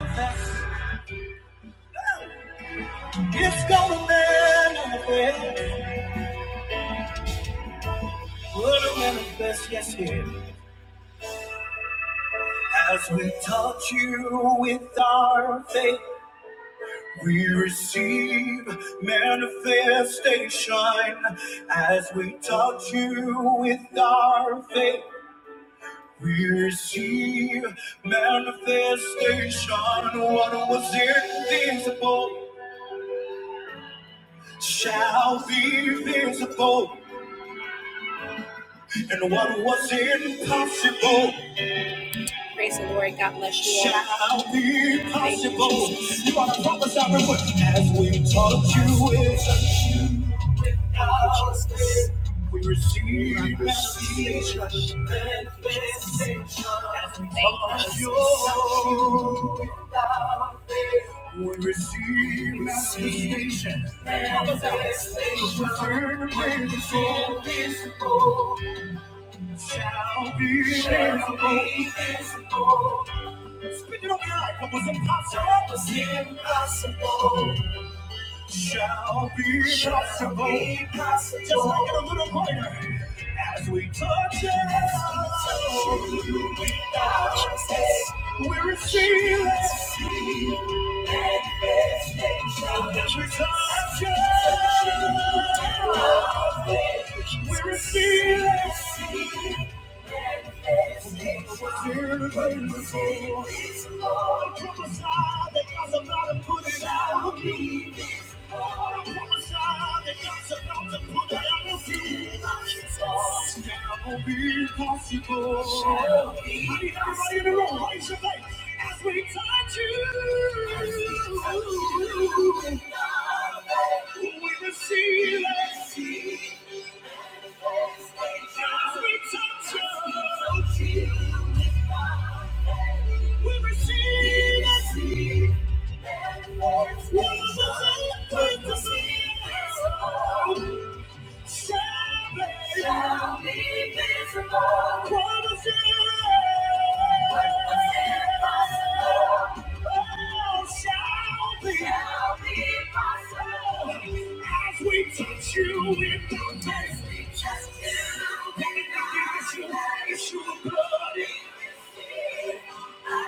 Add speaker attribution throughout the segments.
Speaker 1: It's gonna manifest, gonna manifest, yes, it. As we touch you with our faith, we receive manifestation. As we touch you with our faith, we receive manifestation. What was invisible shall be visible, and what was impossible. Praise the Lord. God bless you. all. Shall be Thank you, possible. You are the promise I remember. As we touch you, it's a we receive manifestation. As we Thank you, touch Jesus. you, we receive manifestation. Return when the soul is full. shall be visible. Speaking on behalf of what's impossible was impossible. Shall be Shall possible. Be possible. Just make it a little greater. As we touch it, As we touch it, we touch it. we receive Manifestation. As we touch it, we receive it. Possible. I need everybody in the room, raise your leg as we touch you. We receive it. Thank you shall be visible. What was it? What was impossible? Oh, shall be. Shall be possible. As we touch you with the mercy, just you. Yes, your blood.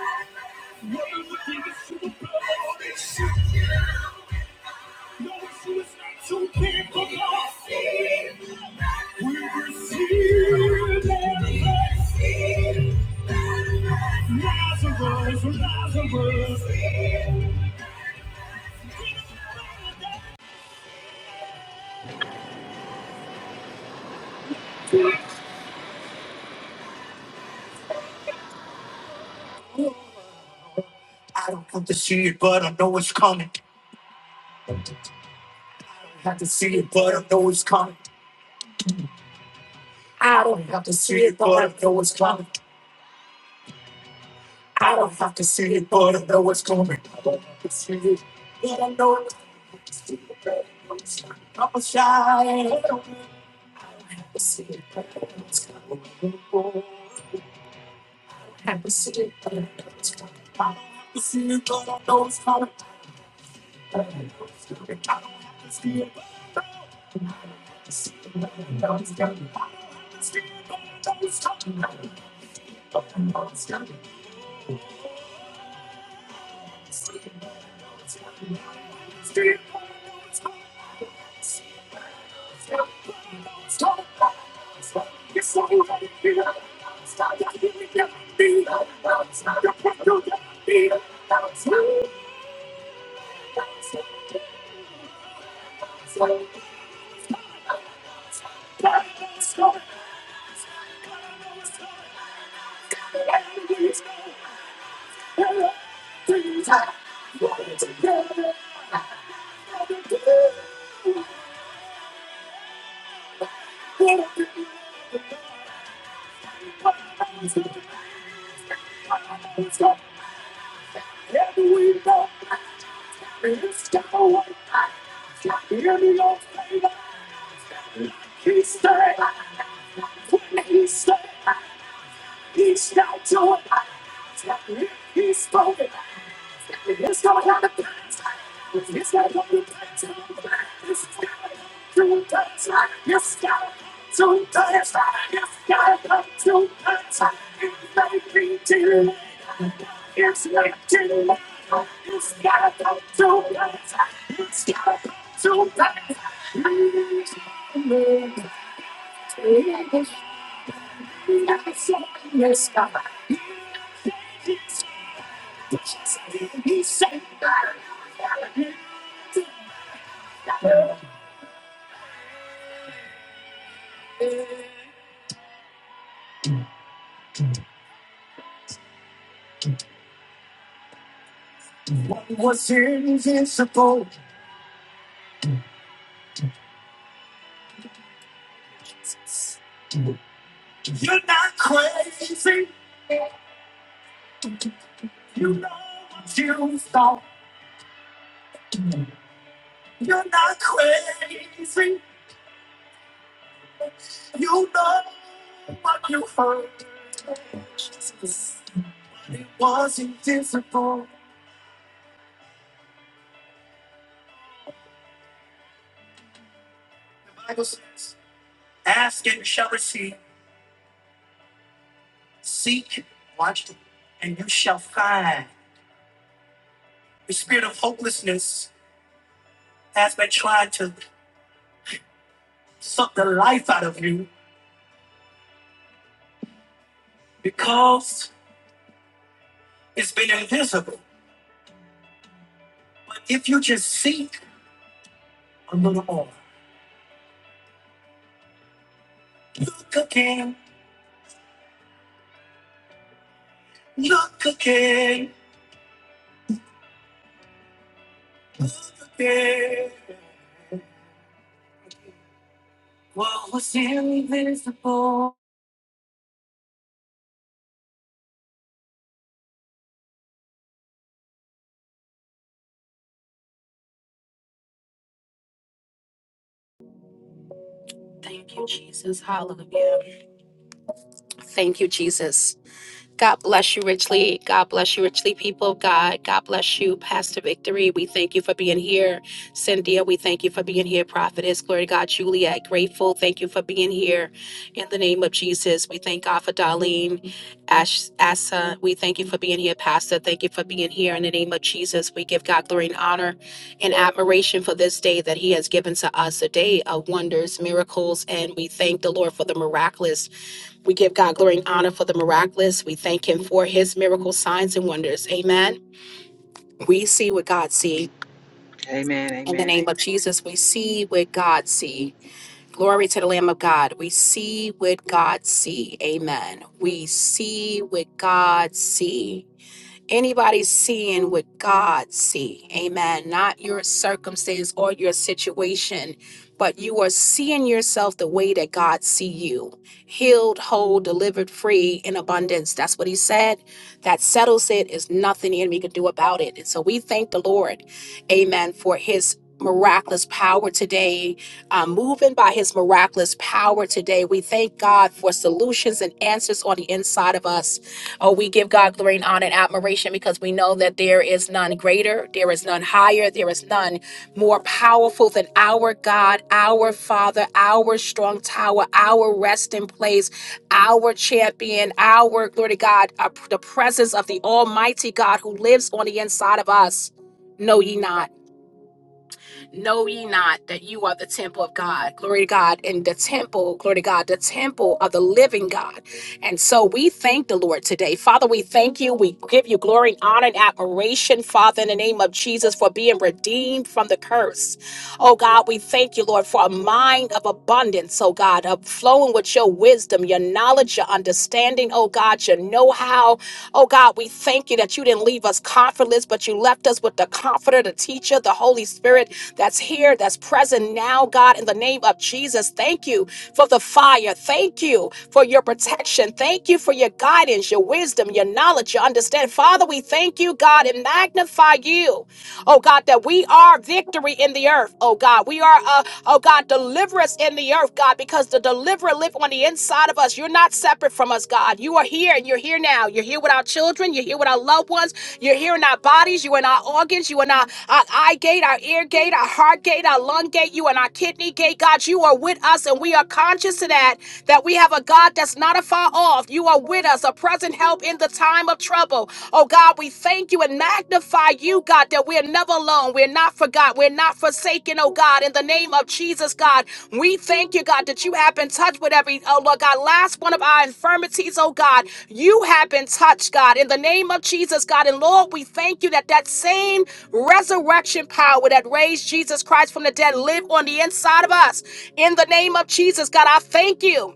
Speaker 1: Thank you, Jesus. Hallelujah. Thank you, Jesus. God bless you richly. God bless you richly, people of God. God bless you, Pastor Victory. We thank you for being here. Cynthia, we thank you for being here. Prophetess, glory to God. Juliet, grateful. Thank you for being here. In the name of Jesus, we thank God for Darlene, Ash, Asa. We thank you for being here, Pastor. Thank you for being here. In the name of Jesus, we give God glory and honor and admiration for this day that He has given to us, a day of wonders, miracles, and we thank the Lord for the miraculous we give God glory and honor for the miraculous. We thank Him for His miracle signs, and wonders. Amen. We see what God see.
Speaker 2: Amen.
Speaker 1: In the
Speaker 2: Amen.
Speaker 1: name of Jesus, we see what God see. Glory to the Lamb of God. We see what God see. Amen. We see what God see anybody seeing what God see. Amen. Not your circumstance or your situation, but you are seeing yourself the way that God see you. Healed, whole, delivered, free in abundance. That's what he said. That settles it. Is nothing the enemy can do about it. And so we thank the Lord. Amen. For his miraculous power today uh, moving by his miraculous power today we thank god for solutions and answers on the inside of us Oh, we give God glory and honor and admiration because we know that there is none greater, there is none higher, there is none more powerful than our God, our Father, our strong tower, our resting place, our champion, our glory to God, uh, the presence of the Almighty God who lives on the inside of us. Know ye not. Know ye not that you are the temple of God? Glory to God. And the temple, glory to God, the temple of the living God. And so we thank the Lord today. Father, we thank you. We give you glory and honor and admiration, Father, in the name of Jesus, for being redeemed from the curse. Oh God, we thank you, Lord, for a mind of abundance, oh God, of flowing with your wisdom, your knowledge, your understanding, oh God, your know how now. Oh God, we thank you that you didn't leave us comfortless, but you left us with the comforter, the teacher, the Holy Spirit that's here, that's present now, God, in the name of Jesus. Thank you for the fire. Thank you for your protection. Thank you for your guidance, your wisdom, your knowledge, your understanding. Father, we thank you, God, and magnify you. Oh God, that we are victory in the earth. Oh God, we are, uh, oh God, delivered deliverance in the earth, God, because the deliverer lives on the inside of us. You're not separate from us, God. You are here and you're here now. You're here with our children. You're here with our loved ones. You're here in our bodies. You're in our organs. You're in our, our eye gate, our ear gate, our heart gate, our lung gate. You in our kidney gate, God. You are with us and we are conscious of that, that we have a God that's not afar off. You are with us, a present help in the time of trouble. Oh, God, we thank you in would magnify you, God, that we're never alone. We're not forgotten. We're not forsaken, oh God. In the name of Jesus, God, we thank you, God, that you have been touched with every, oh Lord God, last one of our infirmities, oh God. You have been touched, God, in the name of Jesus, God. And Lord, we thank you that that same resurrection power that raised Jesus Christ from the dead live on the inside of us. In the name of Jesus, God, I thank you.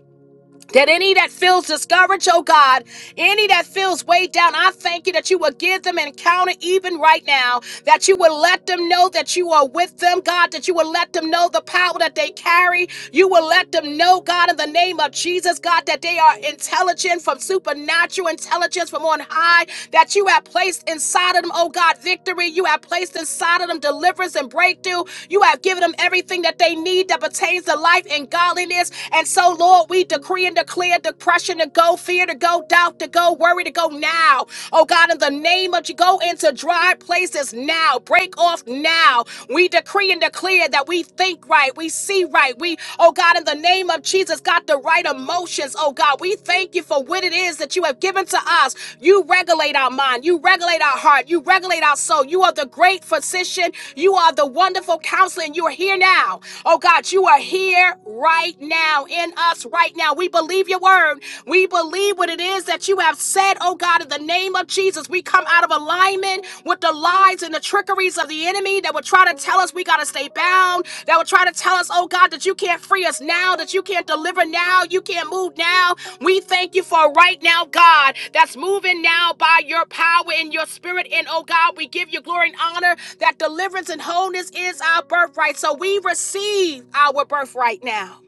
Speaker 1: That any that feels discouraged, oh God, any that feels weighed down, I thank you that you will give them an encounter even right now, that you will let them know that you are with them, God, that you will let them know the power that they carry. You will let them know, God, in the name of Jesus, God, that they are intelligent from supernatural intelligence from on high, that you have placed inside of them, oh God, victory. You have placed inside of them deliverance and breakthrough. You have given them everything that they need that pertains to life and godliness. And so, Lord, Lord, we decree and declare depression to go, fear to go, doubt to go, worry to go now. Oh God, in the name of you, go into dry places now. Break off now. We decree and declare that we think right, we see right. We, oh God, in the name of Jesus, got the right emotions. Oh God, we thank you for what it is that you have given to us. You regulate our mind, you regulate our heart, you regulate our soul. You are the great physician, you are the wonderful counselor, and you are here now. Oh God, you are here right now now, in us right now. We believe your word. We believe what it is that you have said, oh God, in the name of Jesus. We come out of alignment with the lies and the trickeries of the enemy that would try to tell us we got to stay bound, that would try to tell us, oh God, that you can't free us now, that you can't deliver now, you can't move now. We thank you for right now, God, that's moving now by your power and your spirit. And oh God, we give you glory and honor that deliverance and wholeness is our birthright. So we receive our birthright now.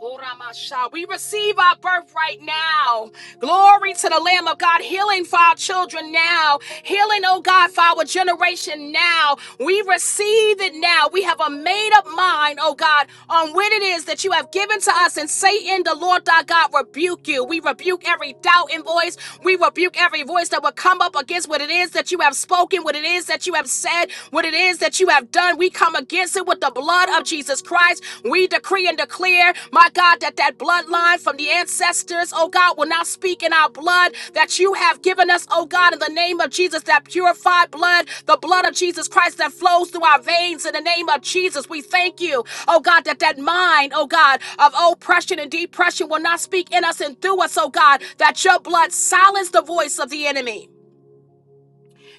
Speaker 1: Uramasha. We receive our birth right now. Glory to the Lamb of God. Healing for our children now. Healing, oh God, for our generation now. We receive it now. We have a made up mind, oh God, on what it is that you have given to us. And Satan, the Lord thy God, rebuke you. We rebuke every doubt in voice. We rebuke every voice that will come up against what it is that you have spoken, what it is that you have said, what it is that you have done done, we come against it with the blood of Jesus Christ. We decree and declare, my God, that that bloodline from the ancestors, oh God, will not speak in our blood that you have given us, oh God, in the name of Jesus, that purified blood, the blood of Jesus Christ that flows through our veins in the name of Jesus. We thank you, oh God, that that mind, oh God, of oppression and depression will not speak in us and through us, oh God, that your blood silence the voice of the enemy.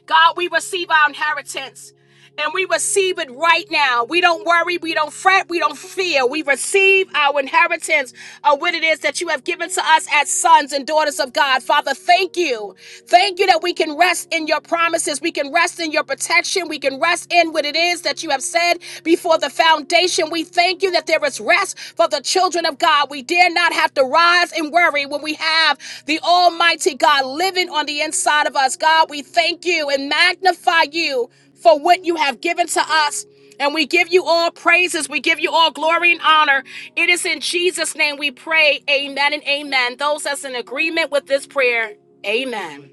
Speaker 1: God, we receive our inheritance. And we receive it right now. We don't worry. We don't fret. We don't fear. We receive our inheritance of what it is that you have given to us as sons and daughters of God. Father, thank you. Thank you that we can rest in your promises. We can rest in your protection. We can rest in what it is that you have said before the foundation. We thank you that there is rest for the children of God. We dare not have to rise and worry when we have the Almighty God living on the inside of us. God, we thank you and magnify you for what you have given to us. And we give you all praises. We give you all glory and honor. It is in Jesus' name we pray. Amen and amen. Those that's in agreement with this prayer, amen.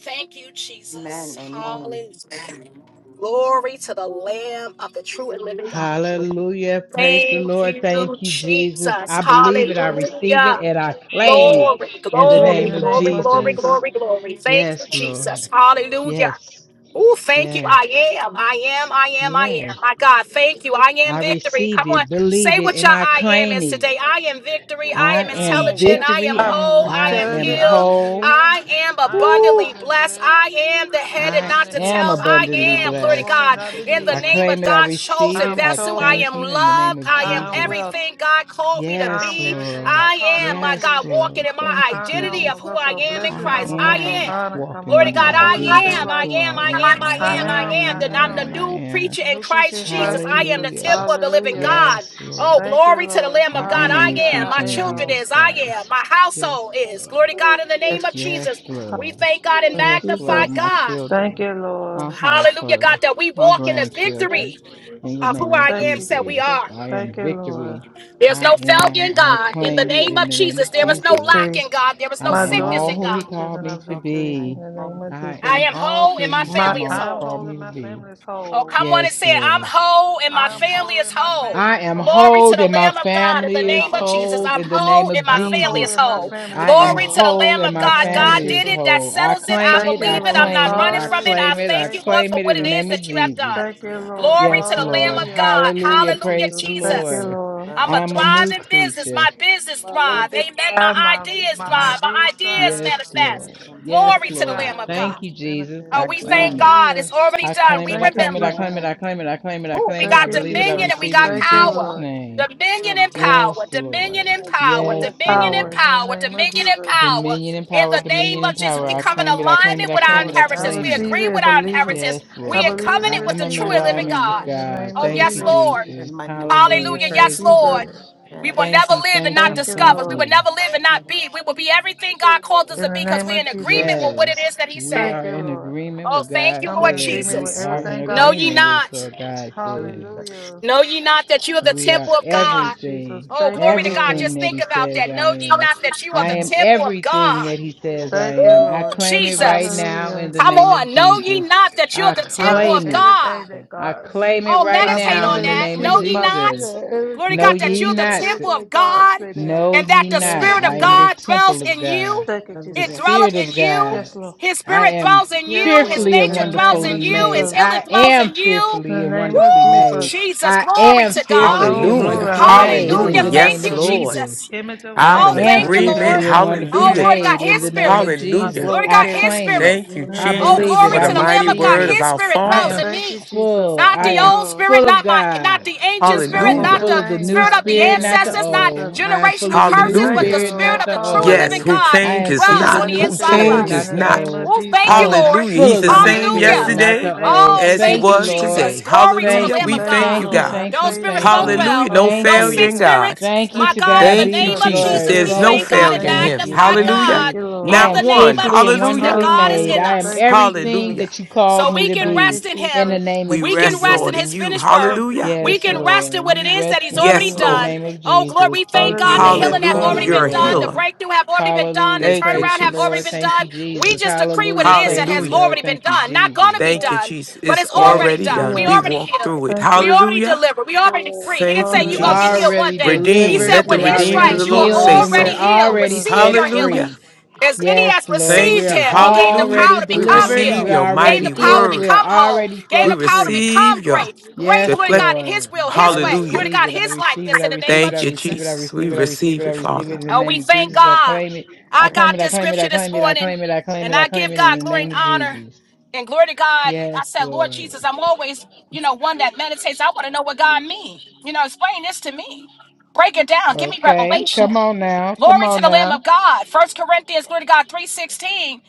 Speaker 1: Thank you,
Speaker 3: Amen.
Speaker 1: Jesus.
Speaker 3: Amen.
Speaker 1: Hallelujah. Glory to the Lamb of the true and living God.
Speaker 2: Hallelujah. Praise the
Speaker 1: Thank
Speaker 2: Lord.
Speaker 1: you,
Speaker 2: Thank you, Jesus.
Speaker 1: Jesus.
Speaker 2: I believe it, I receive it,
Speaker 1: Hallelujah.
Speaker 2: and I claim
Speaker 4: Amen. I
Speaker 2: it
Speaker 1: Glory,
Speaker 4: touch
Speaker 2: in
Speaker 4: and
Speaker 2: the
Speaker 4: agree in
Speaker 1: glory,
Speaker 2: name
Speaker 4: the
Speaker 2: of
Speaker 4: name
Speaker 1: glory,
Speaker 4: of
Speaker 1: glory,
Speaker 4: Jesus.
Speaker 2: Jesus.
Speaker 1: glory, glory. Thank you,
Speaker 2: Yes, Lord.
Speaker 1: Jesus. Hallelujah.
Speaker 2: Yes.
Speaker 1: Oh, thank you.
Speaker 2: Yes.
Speaker 1: I am. I am. I am. I am.
Speaker 2: Yes.
Speaker 1: My God, thank you. I am
Speaker 2: I
Speaker 1: victory. Come
Speaker 2: receive
Speaker 1: on.
Speaker 2: it, believe
Speaker 1: Say
Speaker 2: it,
Speaker 1: what your
Speaker 2: and I
Speaker 1: I am
Speaker 2: claim
Speaker 1: is today.
Speaker 2: it.
Speaker 1: I am victory. I
Speaker 2: I
Speaker 1: am
Speaker 4: I
Speaker 2: am
Speaker 4: am
Speaker 1: intelligent.
Speaker 4: victory.
Speaker 1: I am
Speaker 2: victory.
Speaker 4: I am
Speaker 1: whole. I
Speaker 2: I
Speaker 1: am
Speaker 2: am
Speaker 4: intelligent. I
Speaker 1: healed.
Speaker 4: am
Speaker 2: whole.
Speaker 4: healed.
Speaker 1: I am
Speaker 4: I am
Speaker 2: Woo.
Speaker 1: abundantly
Speaker 4: abundantly
Speaker 1: blessed.
Speaker 4: blessed.
Speaker 1: I am the head and
Speaker 4: I
Speaker 2: I
Speaker 4: am
Speaker 1: not
Speaker 4: the
Speaker 1: the
Speaker 4: head
Speaker 2: am
Speaker 4: and
Speaker 1: tail.
Speaker 4: not the
Speaker 1: I
Speaker 2: abundantly
Speaker 4: tail,
Speaker 1: am, glory
Speaker 4: above
Speaker 1: to
Speaker 4: only
Speaker 2: blessed.
Speaker 4: and
Speaker 1: God,
Speaker 3: I'm
Speaker 4: not
Speaker 3: so
Speaker 1: in
Speaker 3: believe
Speaker 1: the
Speaker 2: I
Speaker 4: beneath.
Speaker 3: one
Speaker 1: name of
Speaker 2: claim it, I
Speaker 1: God's
Speaker 4: I
Speaker 2: receive
Speaker 1: chosen
Speaker 2: it.
Speaker 4: am
Speaker 2: I
Speaker 1: vessel. I
Speaker 4: chosen.
Speaker 2: thank
Speaker 1: am
Speaker 2: you in the name
Speaker 1: loved.
Speaker 2: of
Speaker 1: I am
Speaker 4: I am
Speaker 2: Jesus.
Speaker 4: wealth.
Speaker 1: everything God called me to
Speaker 4: I am
Speaker 2: Yes,
Speaker 1: be.
Speaker 4: everything
Speaker 2: Lord.
Speaker 4: God called
Speaker 1: I
Speaker 4: me
Speaker 1: am,
Speaker 4: to
Speaker 1: my
Speaker 4: be.
Speaker 2: Yes,
Speaker 1: God, walking
Speaker 2: Lord.
Speaker 1: in
Speaker 2: Thank
Speaker 1: my
Speaker 2: you,
Speaker 4: I
Speaker 1: identity
Speaker 4: am a
Speaker 1: of
Speaker 2: Jesus.
Speaker 1: who
Speaker 3: of
Speaker 1: I
Speaker 4: vessel of
Speaker 1: am in
Speaker 4: blessing.
Speaker 2: I
Speaker 4: I am
Speaker 1: Christ.
Speaker 4: a
Speaker 1: I
Speaker 4: vessel of
Speaker 2: am
Speaker 1: am.
Speaker 4: honor. I am a
Speaker 2: walking
Speaker 1: Glory to
Speaker 2: in
Speaker 4: vessel
Speaker 1: God,
Speaker 2: the
Speaker 4: of
Speaker 1: I
Speaker 4: holiness and
Speaker 2: identity
Speaker 1: am,
Speaker 2: of
Speaker 1: I
Speaker 2: who I
Speaker 1: am, I
Speaker 4: righteousness.
Speaker 1: am,
Speaker 2: am.
Speaker 1: I
Speaker 2: I
Speaker 4: I
Speaker 1: am,
Speaker 2: am,
Speaker 1: I
Speaker 2: I
Speaker 4: am.
Speaker 1: am.
Speaker 4: I
Speaker 2: am,
Speaker 1: That
Speaker 2: I
Speaker 1: I'm the
Speaker 2: am,
Speaker 4: am
Speaker 2: I
Speaker 1: new
Speaker 2: am.
Speaker 1: creature
Speaker 4: a
Speaker 1: in
Speaker 4: new creature
Speaker 1: Christ
Speaker 4: in
Speaker 1: Jesus.
Speaker 4: Christ
Speaker 1: I am the
Speaker 4: Jesus.
Speaker 2: Hallelujah.
Speaker 1: temple of the living
Speaker 4: Hallelujah.
Speaker 1: God.
Speaker 2: Yes,
Speaker 1: Oh,
Speaker 2: Lord.
Speaker 4: Thank you,
Speaker 1: glory to the
Speaker 4: Lord.
Speaker 1: Lamb
Speaker 2: I
Speaker 1: of God.
Speaker 2: am a
Speaker 1: I
Speaker 2: new
Speaker 4: Hallelujah.
Speaker 1: am. My
Speaker 2: creature
Speaker 4: I
Speaker 2: in
Speaker 1: children
Speaker 2: Jesus
Speaker 4: am.
Speaker 1: is, I am.
Speaker 2: Christ.
Speaker 1: My
Speaker 2: Yes,
Speaker 1: household is. Glory
Speaker 2: Lord.
Speaker 1: to God
Speaker 4: Apostle
Speaker 1: in the
Speaker 4: is
Speaker 1: name of
Speaker 4: blessed.
Speaker 1: Jesus.
Speaker 2: Yes,
Speaker 1: We
Speaker 2: Lord.
Speaker 1: thank God and
Speaker 4: Yeah,
Speaker 2: Yes,
Speaker 1: magnify
Speaker 2: Lord.
Speaker 4: Jesus.
Speaker 2: My
Speaker 1: God.
Speaker 2: children
Speaker 4: Thank you,
Speaker 2: my
Speaker 4: Lord.
Speaker 1: Hallelujah, God,
Speaker 2: household,
Speaker 1: that we
Speaker 2: my
Speaker 1: walk in the
Speaker 4: Yes, Lord.
Speaker 2: grandchildren,
Speaker 1: victory
Speaker 2: in the
Speaker 1: of who
Speaker 2: name of
Speaker 1: I
Speaker 4: thank
Speaker 1: am
Speaker 4: you,
Speaker 1: said we
Speaker 4: Jesus.
Speaker 2: Jesus.
Speaker 1: are.
Speaker 2: I am
Speaker 4: Thank you, Lord.
Speaker 2: victory.
Speaker 1: There's
Speaker 2: I
Speaker 1: no failure
Speaker 2: am,
Speaker 1: in
Speaker 2: I
Speaker 1: God.
Speaker 4: Thank you,
Speaker 1: In the
Speaker 2: claim it
Speaker 4: Jesus.
Speaker 1: name
Speaker 2: in
Speaker 1: of
Speaker 2: the
Speaker 4: We
Speaker 2: name of
Speaker 1: Jesus,
Speaker 4: I
Speaker 1: there
Speaker 4: am
Speaker 1: is no
Speaker 2: Jesus.
Speaker 1: lack
Speaker 4: victory.
Speaker 1: in God. There is
Speaker 2: I
Speaker 1: no
Speaker 4: My
Speaker 2: am
Speaker 1: sickness
Speaker 4: daughters
Speaker 2: all
Speaker 1: in
Speaker 4: and
Speaker 2: who
Speaker 1: God.
Speaker 2: He called
Speaker 4: grandchildren
Speaker 2: me
Speaker 4: are
Speaker 2: to
Speaker 3: healthy
Speaker 4: victory
Speaker 3: and
Speaker 4: in
Speaker 2: be.
Speaker 4: the
Speaker 3: healthy
Speaker 4: name of
Speaker 2: I
Speaker 1: I
Speaker 4: Jesus.
Speaker 2: am
Speaker 1: am
Speaker 2: all
Speaker 1: whole
Speaker 2: who
Speaker 1: and my
Speaker 2: He
Speaker 4: My
Speaker 1: family is
Speaker 4: I am
Speaker 1: whole.
Speaker 2: called
Speaker 4: whole and
Speaker 2: me
Speaker 4: my
Speaker 2: to be.
Speaker 4: family is
Speaker 1: Oh,
Speaker 4: whole.
Speaker 1: come on and
Speaker 2: Yes,
Speaker 1: say, it. I'm
Speaker 4: I,
Speaker 2: Lord.
Speaker 1: whole and my
Speaker 4: I am
Speaker 3: and
Speaker 1: family
Speaker 4: whole
Speaker 1: is
Speaker 4: and my
Speaker 1: whole.
Speaker 4: family
Speaker 2: I
Speaker 4: is
Speaker 2: am
Speaker 1: Glory to
Speaker 4: whole.
Speaker 2: whole
Speaker 1: the
Speaker 2: and my
Speaker 1: Lamb of God in the
Speaker 2: family is
Speaker 4: Thank
Speaker 1: name of
Speaker 4: you,
Speaker 3: um,
Speaker 1: Jesus.
Speaker 4: Jesus.
Speaker 2: whole
Speaker 1: I'm
Speaker 2: in the name
Speaker 1: whole and
Speaker 2: of
Speaker 4: I
Speaker 1: my
Speaker 4: am
Speaker 3: everything
Speaker 1: family
Speaker 3: I
Speaker 4: whole
Speaker 1: is
Speaker 2: Jesus.
Speaker 4: and my
Speaker 1: whole.
Speaker 3: do is
Speaker 4: family is
Speaker 2: I am
Speaker 1: Glory to the
Speaker 4: whole.
Speaker 2: whole
Speaker 1: Lamb
Speaker 2: and
Speaker 1: of
Speaker 4: In the
Speaker 2: my
Speaker 3: positive.
Speaker 1: God.
Speaker 4: name of
Speaker 1: God
Speaker 2: family is
Speaker 1: did
Speaker 4: Jesus.
Speaker 1: it. That
Speaker 2: whole. I
Speaker 1: settles it. I
Speaker 2: claim
Speaker 4: Thank
Speaker 2: it,
Speaker 4: you,
Speaker 2: I
Speaker 1: believe it. I'm
Speaker 4: Lord.
Speaker 1: not
Speaker 2: claim it,
Speaker 1: running
Speaker 2: I
Speaker 1: from it. I
Speaker 2: claim
Speaker 4: Hallelujah.
Speaker 2: it, I
Speaker 1: thank you,
Speaker 4: Thank you,
Speaker 1: Lord,
Speaker 2: claim
Speaker 1: for
Speaker 2: it
Speaker 1: what
Speaker 2: in
Speaker 1: it
Speaker 2: the
Speaker 1: is
Speaker 4: Jesus.
Speaker 2: name of
Speaker 1: that you have
Speaker 2: Jesus.
Speaker 1: done.
Speaker 4: Thank you,
Speaker 3: Yeah, I
Speaker 4: Lord.
Speaker 3: am
Speaker 1: Glory to
Speaker 2: Yes,
Speaker 1: the Lamb
Speaker 2: Lord.
Speaker 1: of
Speaker 4: Hallelujah.
Speaker 1: God.
Speaker 4: Thank
Speaker 2: Hallelujah.
Speaker 4: you,
Speaker 1: Hallelujah,
Speaker 2: Praise the
Speaker 4: Jesus. Thank you,
Speaker 1: Jesus.
Speaker 2: Lord.
Speaker 4: Lord.
Speaker 1: I'm a
Speaker 3: well.
Speaker 2: I'm a new
Speaker 1: thriving business. My
Speaker 2: creature.
Speaker 1: business
Speaker 4: My
Speaker 3: And
Speaker 1: thrive.
Speaker 4: ministry
Speaker 1: Amen.
Speaker 4: strive,
Speaker 1: My
Speaker 4: my
Speaker 1: ideas
Speaker 4: my
Speaker 1: thrive.
Speaker 3: so,
Speaker 4: ideal
Speaker 1: My ideas
Speaker 4: strive,
Speaker 2: Yes,
Speaker 4: my
Speaker 3: yeah,
Speaker 1: manifest.
Speaker 2: Lord.
Speaker 4: business
Speaker 3: I'm
Speaker 2: Yes,
Speaker 1: Glory
Speaker 3: successful.
Speaker 1: to the
Speaker 3: I
Speaker 2: Lord.
Speaker 1: Lamb
Speaker 4: strive,
Speaker 1: of
Speaker 3: you
Speaker 4: my
Speaker 3: know,
Speaker 2: Thank
Speaker 1: God.
Speaker 2: you, Jesus.
Speaker 3: I
Speaker 4: manifest.
Speaker 1: Oh,
Speaker 2: I
Speaker 3: am
Speaker 1: we
Speaker 2: claim
Speaker 1: thank
Speaker 3: blessed.
Speaker 2: it.
Speaker 1: God.
Speaker 4: Hallelujah.
Speaker 1: It's already
Speaker 2: I
Speaker 1: done.
Speaker 2: claim
Speaker 1: We
Speaker 2: it. I
Speaker 4: Thank you,
Speaker 2: claim it. I
Speaker 3: Man,
Speaker 1: remember.
Speaker 2: claim it.
Speaker 4: Jesus.
Speaker 2: I claim it. I claim it. I
Speaker 1: Ooh, we
Speaker 2: claim it.
Speaker 4: Thank
Speaker 2: I
Speaker 1: got
Speaker 4: you,
Speaker 2: believe it.
Speaker 3: I
Speaker 2: I
Speaker 1: dominion and
Speaker 4: Jesus.
Speaker 1: we
Speaker 2: receive
Speaker 3: am
Speaker 2: it
Speaker 1: got
Speaker 2: in
Speaker 4: Thank you,
Speaker 1: power.
Speaker 2: Jesus'
Speaker 4: Lord.
Speaker 3: positive.
Speaker 2: name.
Speaker 3: I
Speaker 1: Dominion
Speaker 3: am
Speaker 1: and
Speaker 4: We
Speaker 2: Yes,
Speaker 1: power, dominion
Speaker 2: Lord.
Speaker 1: and
Speaker 4: have
Speaker 1: power,
Speaker 4: dominion
Speaker 2: Yes,
Speaker 4: and
Speaker 1: dominion and
Speaker 3: wealthy.
Speaker 4: power
Speaker 2: Lord.
Speaker 4: in the
Speaker 1: power,
Speaker 4: name of
Speaker 1: dominion and
Speaker 4: Jesus.
Speaker 1: power.
Speaker 2: Dominion and
Speaker 1: In the
Speaker 2: power.
Speaker 1: name
Speaker 2: Dominion
Speaker 1: of
Speaker 2: and
Speaker 3: Hallelujah,
Speaker 1: Jesus,
Speaker 2: power.
Speaker 1: we
Speaker 2: I
Speaker 1: come in
Speaker 2: claim
Speaker 3: hallelujah,
Speaker 2: it. I claim it.
Speaker 1: alignment
Speaker 2: I
Speaker 1: with
Speaker 3: hallelujah,
Speaker 1: our
Speaker 2: claim it.
Speaker 4: Lord,
Speaker 2: I
Speaker 4: I
Speaker 1: inheritance.
Speaker 3: hallelujah,
Speaker 1: We
Speaker 2: claim it.
Speaker 4: receive
Speaker 1: agree
Speaker 4: it
Speaker 1: with
Speaker 4: and
Speaker 3: hallelujah.
Speaker 1: our
Speaker 4: believe it.
Speaker 1: inheritance.
Speaker 2: Yes,
Speaker 4: I
Speaker 1: We
Speaker 3: Yes,
Speaker 1: in
Speaker 2: Lord.
Speaker 4: believe it
Speaker 3: I
Speaker 4: and
Speaker 1: covenant
Speaker 2: I
Speaker 1: with
Speaker 2: am
Speaker 1: the
Speaker 2: in
Speaker 4: receive
Speaker 1: true
Speaker 4: it,
Speaker 1: and living
Speaker 4: Lord.
Speaker 2: alignment with
Speaker 1: God.
Speaker 4: In
Speaker 3: believe
Speaker 4: the
Speaker 2: God.
Speaker 4: name
Speaker 3: I
Speaker 1: Oh,
Speaker 4: of
Speaker 3: believe
Speaker 2: Thank
Speaker 1: yes,
Speaker 2: you,
Speaker 3: in
Speaker 4: Jesus.
Speaker 1: Lord.
Speaker 3: Jesus
Speaker 2: Jesus.
Speaker 3: and my name.
Speaker 4: In
Speaker 2: Hallelujah.
Speaker 4: the
Speaker 1: Hallelujah.
Speaker 3: is
Speaker 4: name of
Speaker 2: Praise
Speaker 1: Yes,
Speaker 3: Jesus.
Speaker 2: the
Speaker 1: Lord.
Speaker 4: Jesus.
Speaker 2: Lord.
Speaker 1: We will
Speaker 3: Yes.
Speaker 2: Thank
Speaker 1: never
Speaker 2: you,
Speaker 1: live and
Speaker 2: thank
Speaker 1: not
Speaker 2: you,
Speaker 4: Thank you,
Speaker 1: discover.
Speaker 2: thank
Speaker 1: We
Speaker 4: Lord.
Speaker 1: will
Speaker 2: you.
Speaker 1: never live and not be. We will be everything God
Speaker 4: you,
Speaker 1: called
Speaker 4: Lord.
Speaker 1: us
Speaker 3: yes,
Speaker 4: In
Speaker 1: to be
Speaker 4: the
Speaker 1: because
Speaker 4: name
Speaker 1: we're
Speaker 4: of
Speaker 1: in agreement
Speaker 4: Jesus.
Speaker 1: with what
Speaker 3: Hallelujah.
Speaker 1: it is
Speaker 2: Yes,
Speaker 1: that He
Speaker 2: we
Speaker 4: Thank
Speaker 1: said.
Speaker 2: are
Speaker 4: you,
Speaker 2: in
Speaker 4: Lord.
Speaker 2: agreement
Speaker 1: Oh,
Speaker 2: with
Speaker 1: thank
Speaker 2: God
Speaker 1: you,
Speaker 4: I'm
Speaker 1: Lord
Speaker 4: in
Speaker 2: says.
Speaker 4: agreement
Speaker 2: We
Speaker 4: with
Speaker 1: Jesus.
Speaker 2: are
Speaker 3: Hallelujah.
Speaker 2: in
Speaker 4: everything
Speaker 1: Know
Speaker 4: God
Speaker 1: ye
Speaker 2: agreement
Speaker 4: says.
Speaker 2: with
Speaker 1: not.
Speaker 2: what God
Speaker 3: Hallelujah.
Speaker 2: says.
Speaker 4: Hallelujah.
Speaker 1: Know ye not that you are the
Speaker 2: We are
Speaker 1: temple of
Speaker 4: Thank you,
Speaker 1: God?
Speaker 4: Jesus.
Speaker 2: everything,
Speaker 1: Oh,
Speaker 4: Thank you,
Speaker 1: glory to God.
Speaker 4: Lord.
Speaker 2: everything
Speaker 1: Just
Speaker 2: that
Speaker 1: think
Speaker 2: He
Speaker 1: about
Speaker 2: says
Speaker 1: that.
Speaker 2: I
Speaker 1: Know ye
Speaker 2: am.
Speaker 1: not
Speaker 3: Hallelujah.
Speaker 1: that you are
Speaker 2: I
Speaker 1: the
Speaker 4: Mm.
Speaker 2: am
Speaker 1: temple of
Speaker 4: Thank
Speaker 2: everything
Speaker 4: you,
Speaker 1: God?
Speaker 2: that He
Speaker 4: Jesus.
Speaker 2: says I
Speaker 4: Thank you,
Speaker 2: am. I
Speaker 1: Ooh,
Speaker 4: Lord.
Speaker 2: claim it right
Speaker 1: Jesus.
Speaker 2: now in
Speaker 4: Hallelujah.
Speaker 2: the
Speaker 1: Come
Speaker 3: Hallelujah.
Speaker 2: name of
Speaker 1: on. Know ye
Speaker 2: Jesus.
Speaker 1: not that you're
Speaker 2: I
Speaker 1: the
Speaker 4: I
Speaker 1: temple
Speaker 4: am
Speaker 1: of
Speaker 2: claim it.
Speaker 1: God?
Speaker 4: everything that
Speaker 2: I
Speaker 4: God
Speaker 2: claim it
Speaker 4: says.
Speaker 1: Oh,
Speaker 2: right
Speaker 4: I
Speaker 1: meditate
Speaker 2: now
Speaker 4: believe
Speaker 1: on
Speaker 2: in
Speaker 4: and
Speaker 2: the
Speaker 1: that.
Speaker 2: name of
Speaker 4: receive
Speaker 1: Know
Speaker 4: it.
Speaker 1: ye
Speaker 4: My
Speaker 1: not,
Speaker 4: children
Speaker 2: Jesus.
Speaker 4: are every,
Speaker 1: glory to
Speaker 2: Know
Speaker 4: and
Speaker 1: God, that
Speaker 2: ye
Speaker 1: you're the
Speaker 4: grandchildren are
Speaker 2: not,
Speaker 1: temple
Speaker 2: th-
Speaker 1: of
Speaker 4: everything God
Speaker 1: God
Speaker 4: say they are.
Speaker 2: know
Speaker 1: and
Speaker 4: In
Speaker 1: that
Speaker 2: ye
Speaker 1: the
Speaker 4: the name
Speaker 2: not,
Speaker 1: Spirit
Speaker 4: of
Speaker 1: of
Speaker 2: I am
Speaker 4: Jesus.
Speaker 2: the
Speaker 1: God
Speaker 2: temple
Speaker 1: dwells
Speaker 2: of
Speaker 1: in you.
Speaker 2: God,
Speaker 4: Thank you,
Speaker 2: the
Speaker 1: It
Speaker 4: Jesus.
Speaker 1: dwelleth
Speaker 2: Spirit
Speaker 1: in
Speaker 2: of
Speaker 1: you.
Speaker 2: God.
Speaker 4: Yes, Lord.
Speaker 1: His
Speaker 2: I
Speaker 1: Spirit
Speaker 2: am
Speaker 1: dwells in
Speaker 4: Yes,
Speaker 1: you. His
Speaker 4: Lord.
Speaker 2: fearfully and
Speaker 4: In
Speaker 1: nature
Speaker 4: the
Speaker 1: dwells
Speaker 4: name
Speaker 1: in
Speaker 2: wonderfully
Speaker 4: of
Speaker 1: you.
Speaker 2: made.
Speaker 1: His
Speaker 4: Jesus.
Speaker 1: healing
Speaker 2: I
Speaker 1: dwells
Speaker 2: am
Speaker 1: in you.
Speaker 4: In
Speaker 2: fearfully
Speaker 4: the
Speaker 2: and
Speaker 4: name of
Speaker 2: wonderfully
Speaker 1: Woo!
Speaker 2: made.
Speaker 4: Jesus.
Speaker 1: Jesus,
Speaker 2: I
Speaker 1: glory
Speaker 2: am
Speaker 1: to God.
Speaker 4: Oh,
Speaker 2: fearfully and
Speaker 4: glory.
Speaker 5: Hallelujah.
Speaker 2: wonderfully made
Speaker 4: Hallelujah.
Speaker 2: in
Speaker 5: Hallelujah.
Speaker 1: Hallelujah.
Speaker 4: I
Speaker 2: the
Speaker 1: Thank
Speaker 2: name
Speaker 5: Yes,
Speaker 2: of
Speaker 1: you,
Speaker 4: am the
Speaker 5: Lord.
Speaker 4: gl-
Speaker 2: Jesus.
Speaker 1: Jesus.
Speaker 4: image of
Speaker 2: I
Speaker 5: I'm
Speaker 1: Oh,
Speaker 5: in
Speaker 4: God.
Speaker 2: am
Speaker 1: thank
Speaker 4: I
Speaker 1: you,
Speaker 4: am
Speaker 1: Lord.
Speaker 5: agreement.
Speaker 4: a
Speaker 2: fearfully and
Speaker 4: glory
Speaker 2: wonderfully
Speaker 1: Oh,
Speaker 5: Hallelujah.
Speaker 4: carrier.
Speaker 1: glory to
Speaker 4: My
Speaker 1: God,
Speaker 2: made in
Speaker 1: His
Speaker 2: the
Speaker 4: children,
Speaker 2: name
Speaker 1: Spirit.
Speaker 2: of
Speaker 4: grandchildren are
Speaker 5: Hallelujah.
Speaker 2: Jesus.
Speaker 1: Glory to
Speaker 4: glory
Speaker 2: I
Speaker 1: God, His
Speaker 2: claim
Speaker 4: carriers.
Speaker 2: it.
Speaker 1: Spirit.
Speaker 5: Thank you,
Speaker 4: In the
Speaker 2: I
Speaker 1: Oh,
Speaker 4: name
Speaker 5: Jesus,
Speaker 4: of
Speaker 2: believe it.
Speaker 5: for
Speaker 1: glory
Speaker 2: I
Speaker 5: the
Speaker 1: to the Lamb
Speaker 5: mighty
Speaker 4: Jesus.
Speaker 1: of
Speaker 2: receive
Speaker 1: God.
Speaker 5: word
Speaker 2: it.
Speaker 5: of
Speaker 1: His
Speaker 5: our
Speaker 1: Spirit
Speaker 2: I
Speaker 1: dwells
Speaker 5: Father.
Speaker 2: am
Speaker 1: in
Speaker 4: Thank
Speaker 1: me.
Speaker 4: you, Jesus.
Speaker 2: full.
Speaker 1: Not
Speaker 2: I
Speaker 1: the
Speaker 4: Thank you,
Speaker 2: am
Speaker 1: old
Speaker 4: Lord.
Speaker 1: spirit,
Speaker 2: full of
Speaker 1: not my, not
Speaker 2: God.
Speaker 1: the ancient
Speaker 4: Bless your
Speaker 2: I
Speaker 1: spirit,
Speaker 2: am
Speaker 1: not
Speaker 4: holy
Speaker 5: Hallelujah.
Speaker 2: full
Speaker 1: the
Speaker 2: of the
Speaker 4: name,
Speaker 2: new
Speaker 1: spirit of
Speaker 4: God, in
Speaker 1: the
Speaker 2: spirit,
Speaker 4: the
Speaker 2: not
Speaker 4: name
Speaker 2: the
Speaker 4: of
Speaker 1: ancestors, not
Speaker 4: Jesus.
Speaker 2: old. I am full
Speaker 1: generational
Speaker 2: of the new
Speaker 1: curses, but
Speaker 4: Thank
Speaker 5: Hallelujah.
Speaker 1: the
Speaker 4: you,
Speaker 2: spirit,
Speaker 1: spirit
Speaker 2: not
Speaker 4: Lord.
Speaker 1: of the
Speaker 2: the
Speaker 1: true and
Speaker 5: Yes,
Speaker 1: living
Speaker 2: old.
Speaker 5: who
Speaker 4: Hallelujah.
Speaker 1: God
Speaker 3: Hallelujah.
Speaker 2: I
Speaker 4: Thank
Speaker 2: am
Speaker 4: you,
Speaker 5: changes
Speaker 2: full
Speaker 4: Jesus.
Speaker 2: of
Speaker 1: dwells
Speaker 2: the
Speaker 5: not,
Speaker 1: on
Speaker 4: I
Speaker 1: the
Speaker 2: new
Speaker 5: who
Speaker 4: touch and
Speaker 1: inside of
Speaker 2: spirit,
Speaker 4: agree in
Speaker 1: us.
Speaker 5: changes
Speaker 2: not
Speaker 4: the
Speaker 2: the
Speaker 5: not.
Speaker 4: name
Speaker 2: old.
Speaker 4: of
Speaker 1: Oh, thank
Speaker 2: I
Speaker 1: you,
Speaker 4: Jesus.
Speaker 2: am
Speaker 1: Lord.
Speaker 5: Hallelujah.
Speaker 2: full
Speaker 5: He's
Speaker 2: of
Speaker 5: the
Speaker 2: the
Speaker 4: I
Speaker 2: new
Speaker 3: House
Speaker 5: same
Speaker 4: thank you,
Speaker 2: spirit,
Speaker 1: Hallelujah.
Speaker 4: Lord.
Speaker 2: not
Speaker 4: I
Speaker 2: the
Speaker 5: yesterday
Speaker 4: thank
Speaker 3: and
Speaker 4: you,
Speaker 2: old.
Speaker 1: Oh,
Speaker 5: as he
Speaker 1: thank
Speaker 2: Thank
Speaker 1: you,
Speaker 2: you,
Speaker 4: Jesus.
Speaker 5: was
Speaker 2: Lord.
Speaker 5: today.
Speaker 1: Jesus. Glory to the
Speaker 2: Thank
Speaker 5: Hallelujah.
Speaker 1: Lamb
Speaker 5: We
Speaker 1: of
Speaker 2: you.
Speaker 4: Thank you,
Speaker 5: thank
Speaker 1: God.
Speaker 5: you,
Speaker 2: Thank you,
Speaker 4: Lord.
Speaker 5: God.
Speaker 4: I
Speaker 2: thank
Speaker 1: Those
Speaker 2: you,
Speaker 4: praise
Speaker 1: spirits
Speaker 4: you,
Speaker 2: thank
Speaker 1: won't
Speaker 4: God.
Speaker 2: you.
Speaker 5: Hallelujah.
Speaker 1: dwell.
Speaker 5: No
Speaker 2: Thank
Speaker 1: Those
Speaker 5: failure
Speaker 1: sick
Speaker 2: you.
Speaker 5: in
Speaker 4: Hallelujah.
Speaker 5: God.
Speaker 1: spirits,
Speaker 2: Thank you
Speaker 1: my
Speaker 2: to
Speaker 4: Thank you,
Speaker 1: God, in
Speaker 2: God
Speaker 1: the
Speaker 5: Thank
Speaker 2: be
Speaker 5: you,
Speaker 2: the
Speaker 1: name
Speaker 4: Jesus.
Speaker 1: of
Speaker 5: Jesus.
Speaker 4: Thank
Speaker 1: Jesus,
Speaker 2: glory.
Speaker 4: you,
Speaker 1: we
Speaker 5: There's no
Speaker 1: thank
Speaker 2: Thank
Speaker 4: Lord.
Speaker 2: you,
Speaker 1: God and
Speaker 5: failure in
Speaker 4: Thank you,
Speaker 2: thank
Speaker 5: him.
Speaker 2: you,
Speaker 1: magnify
Speaker 4: Jesus.
Speaker 2: thank
Speaker 5: Hallelujah.
Speaker 4: Thank
Speaker 1: God
Speaker 2: you.
Speaker 4: you, Lord.
Speaker 2: I
Speaker 1: in
Speaker 5: Not
Speaker 2: am
Speaker 1: the name
Speaker 5: one.
Speaker 1: of
Speaker 2: fearfully and
Speaker 1: Jesus that
Speaker 5: Hallelujah.
Speaker 2: wonderfully
Speaker 1: God is
Speaker 2: made.
Speaker 1: in
Speaker 4: Hallelujah.
Speaker 2: I am
Speaker 1: us.
Speaker 4: Thank you,
Speaker 2: everything
Speaker 5: Hallelujah.
Speaker 2: that
Speaker 4: Jesus.
Speaker 2: you called
Speaker 1: So
Speaker 2: me
Speaker 1: we
Speaker 2: to
Speaker 1: can
Speaker 4: Thank
Speaker 2: be
Speaker 4: you,
Speaker 1: rest in
Speaker 2: in the
Speaker 1: him.
Speaker 4: Jesus.
Speaker 2: name
Speaker 5: We
Speaker 2: of
Speaker 1: We can
Speaker 5: rest,
Speaker 1: rest in
Speaker 5: Lord,
Speaker 2: Jesus.
Speaker 5: in
Speaker 1: his
Speaker 5: you.
Speaker 1: finished work.
Speaker 4: Thank you,
Speaker 5: Hallelujah.
Speaker 1: We
Speaker 2: Yes,
Speaker 1: can
Speaker 4: Jesus.
Speaker 1: rest in
Speaker 2: Lord.
Speaker 1: what it
Speaker 2: We
Speaker 1: is that
Speaker 2: rest
Speaker 1: he's
Speaker 2: in
Speaker 1: already
Speaker 5: Yes,
Speaker 2: you in the
Speaker 5: Lord.
Speaker 1: done.
Speaker 2: name of
Speaker 1: Oh, glory,
Speaker 2: Jesus.
Speaker 1: we thank
Speaker 2: Thank you,
Speaker 1: God. The
Speaker 4: Hallelujah.
Speaker 1: healing
Speaker 2: Lord.
Speaker 1: have
Speaker 5: Hallelujah.
Speaker 2: Thank
Speaker 1: already
Speaker 2: you,
Speaker 5: You're
Speaker 1: been
Speaker 5: a
Speaker 1: done. The
Speaker 5: healer.
Speaker 4: Hallelujah.
Speaker 2: Lord.
Speaker 1: breakthrough have already been done. The
Speaker 2: Hallelujah.
Speaker 5: Thank you,
Speaker 2: Praise
Speaker 1: turnaround
Speaker 2: the
Speaker 1: have already
Speaker 2: Lord.
Speaker 1: been
Speaker 5: Jesus.
Speaker 2: Thank
Speaker 1: done.
Speaker 2: you,
Speaker 1: We
Speaker 2: Jesus.
Speaker 1: just decree what it
Speaker 2: Hallelujah.
Speaker 1: is that
Speaker 2: Praise the
Speaker 1: has
Speaker 5: Hallelujah.
Speaker 2: Lord.
Speaker 1: already been
Speaker 2: Thank you,
Speaker 1: done. Not going to
Speaker 2: Jesus.
Speaker 1: be
Speaker 5: Thank
Speaker 4: Thank
Speaker 5: you,
Speaker 1: done,
Speaker 4: you,
Speaker 5: Jesus.
Speaker 1: but
Speaker 5: It's
Speaker 1: it's
Speaker 4: Lord.
Speaker 1: already
Speaker 2: Yes,
Speaker 5: already
Speaker 1: done.
Speaker 5: done.
Speaker 1: We
Speaker 4: Hallelujah.
Speaker 5: We
Speaker 1: already
Speaker 5: walk
Speaker 2: Lord.
Speaker 1: healed.
Speaker 5: through it.
Speaker 4: Thank you.
Speaker 1: We already
Speaker 5: Hallelujah.
Speaker 1: delivered. We
Speaker 4: Thank you,
Speaker 1: already
Speaker 4: Lord.
Speaker 1: free. He didn't
Speaker 5: Thank you,
Speaker 1: say
Speaker 2: We
Speaker 1: you're going to be
Speaker 4: Hallelujah.
Speaker 1: healed
Speaker 5: Jesus.
Speaker 1: one
Speaker 2: already
Speaker 1: day. He
Speaker 4: Thank
Speaker 5: Redeem.
Speaker 4: you,
Speaker 1: said
Speaker 5: Let
Speaker 2: delivered.
Speaker 5: the
Speaker 1: with
Speaker 2: We're
Speaker 1: his
Speaker 4: Jesus.
Speaker 5: redeemed
Speaker 2: already
Speaker 5: of the
Speaker 1: stripes,
Speaker 4: Thank
Speaker 1: you
Speaker 4: you,
Speaker 1: are
Speaker 5: Lord
Speaker 2: healed
Speaker 5: say
Speaker 4: Lord.
Speaker 2: and we're
Speaker 1: already
Speaker 5: so.
Speaker 4: Thank you,
Speaker 1: healed.
Speaker 2: already
Speaker 4: Jesus.
Speaker 1: Receive
Speaker 2: set
Speaker 1: your healing.
Speaker 5: Hallelujah.
Speaker 2: free.
Speaker 1: As many
Speaker 2: Yes,
Speaker 1: as
Speaker 2: Lord.
Speaker 5: Thank
Speaker 2: We
Speaker 1: received
Speaker 5: you.
Speaker 2: are
Speaker 1: him, he gave them
Speaker 5: Hallelujah.
Speaker 1: power
Speaker 2: already
Speaker 1: to
Speaker 5: We
Speaker 1: become
Speaker 2: delivered.
Speaker 5: receive
Speaker 2: We're
Speaker 1: healed,
Speaker 5: your
Speaker 4: Hallelujah.
Speaker 1: gave
Speaker 2: already
Speaker 5: mighty
Speaker 1: them power to
Speaker 2: healed.
Speaker 5: word.
Speaker 2: We are
Speaker 1: become whole,
Speaker 2: already
Speaker 1: gave
Speaker 5: We
Speaker 1: them
Speaker 2: set
Speaker 1: power to
Speaker 2: free.
Speaker 1: become
Speaker 5: receive your
Speaker 1: great. Great,
Speaker 2: Yes,
Speaker 1: glory to
Speaker 5: declare.
Speaker 1: God, in his
Speaker 2: Lord.
Speaker 1: will,
Speaker 2: I
Speaker 1: his way, glory to
Speaker 5: Hallelujah.
Speaker 2: receive
Speaker 1: God,
Speaker 2: it. I
Speaker 1: his
Speaker 2: receive it.
Speaker 1: likeness
Speaker 2: I
Speaker 1: in the name
Speaker 2: receive it.
Speaker 1: of
Speaker 2: I
Speaker 5: Thank you,
Speaker 2: receive it. I
Speaker 1: Jesus.
Speaker 5: Jesus. We
Speaker 2: receive it. I receive
Speaker 5: receive
Speaker 2: it. I
Speaker 5: it,
Speaker 2: receive it
Speaker 5: Father.
Speaker 2: in the
Speaker 1: Oh,
Speaker 2: name
Speaker 1: we
Speaker 2: of
Speaker 1: thank
Speaker 2: Jesus. I
Speaker 1: God.
Speaker 2: claim it. I
Speaker 1: I
Speaker 2: claim
Speaker 1: got
Speaker 2: it. I
Speaker 1: this
Speaker 2: claim it. I
Speaker 1: scripture this
Speaker 2: claim it. I
Speaker 1: morning,
Speaker 2: claim it. I claim
Speaker 1: and
Speaker 2: it. I
Speaker 1: I
Speaker 2: claim
Speaker 1: give
Speaker 2: it
Speaker 1: God
Speaker 2: in the
Speaker 1: glory
Speaker 2: name
Speaker 1: and
Speaker 2: of
Speaker 1: honor.
Speaker 2: Jesus.
Speaker 1: And glory to God, I
Speaker 2: Yes,
Speaker 1: said, Lord
Speaker 2: Lord.
Speaker 1: Jesus, I'm always, you know, one that meditates. I want to know what God means. You know, explain this to me. Break it down. Give me
Speaker 2: Okay.
Speaker 1: revelation.
Speaker 2: Come on now. Come
Speaker 1: Glory to
Speaker 2: on
Speaker 1: the Lamb
Speaker 2: now.
Speaker 1: of God. First Corinthians, glory to God, 3.16.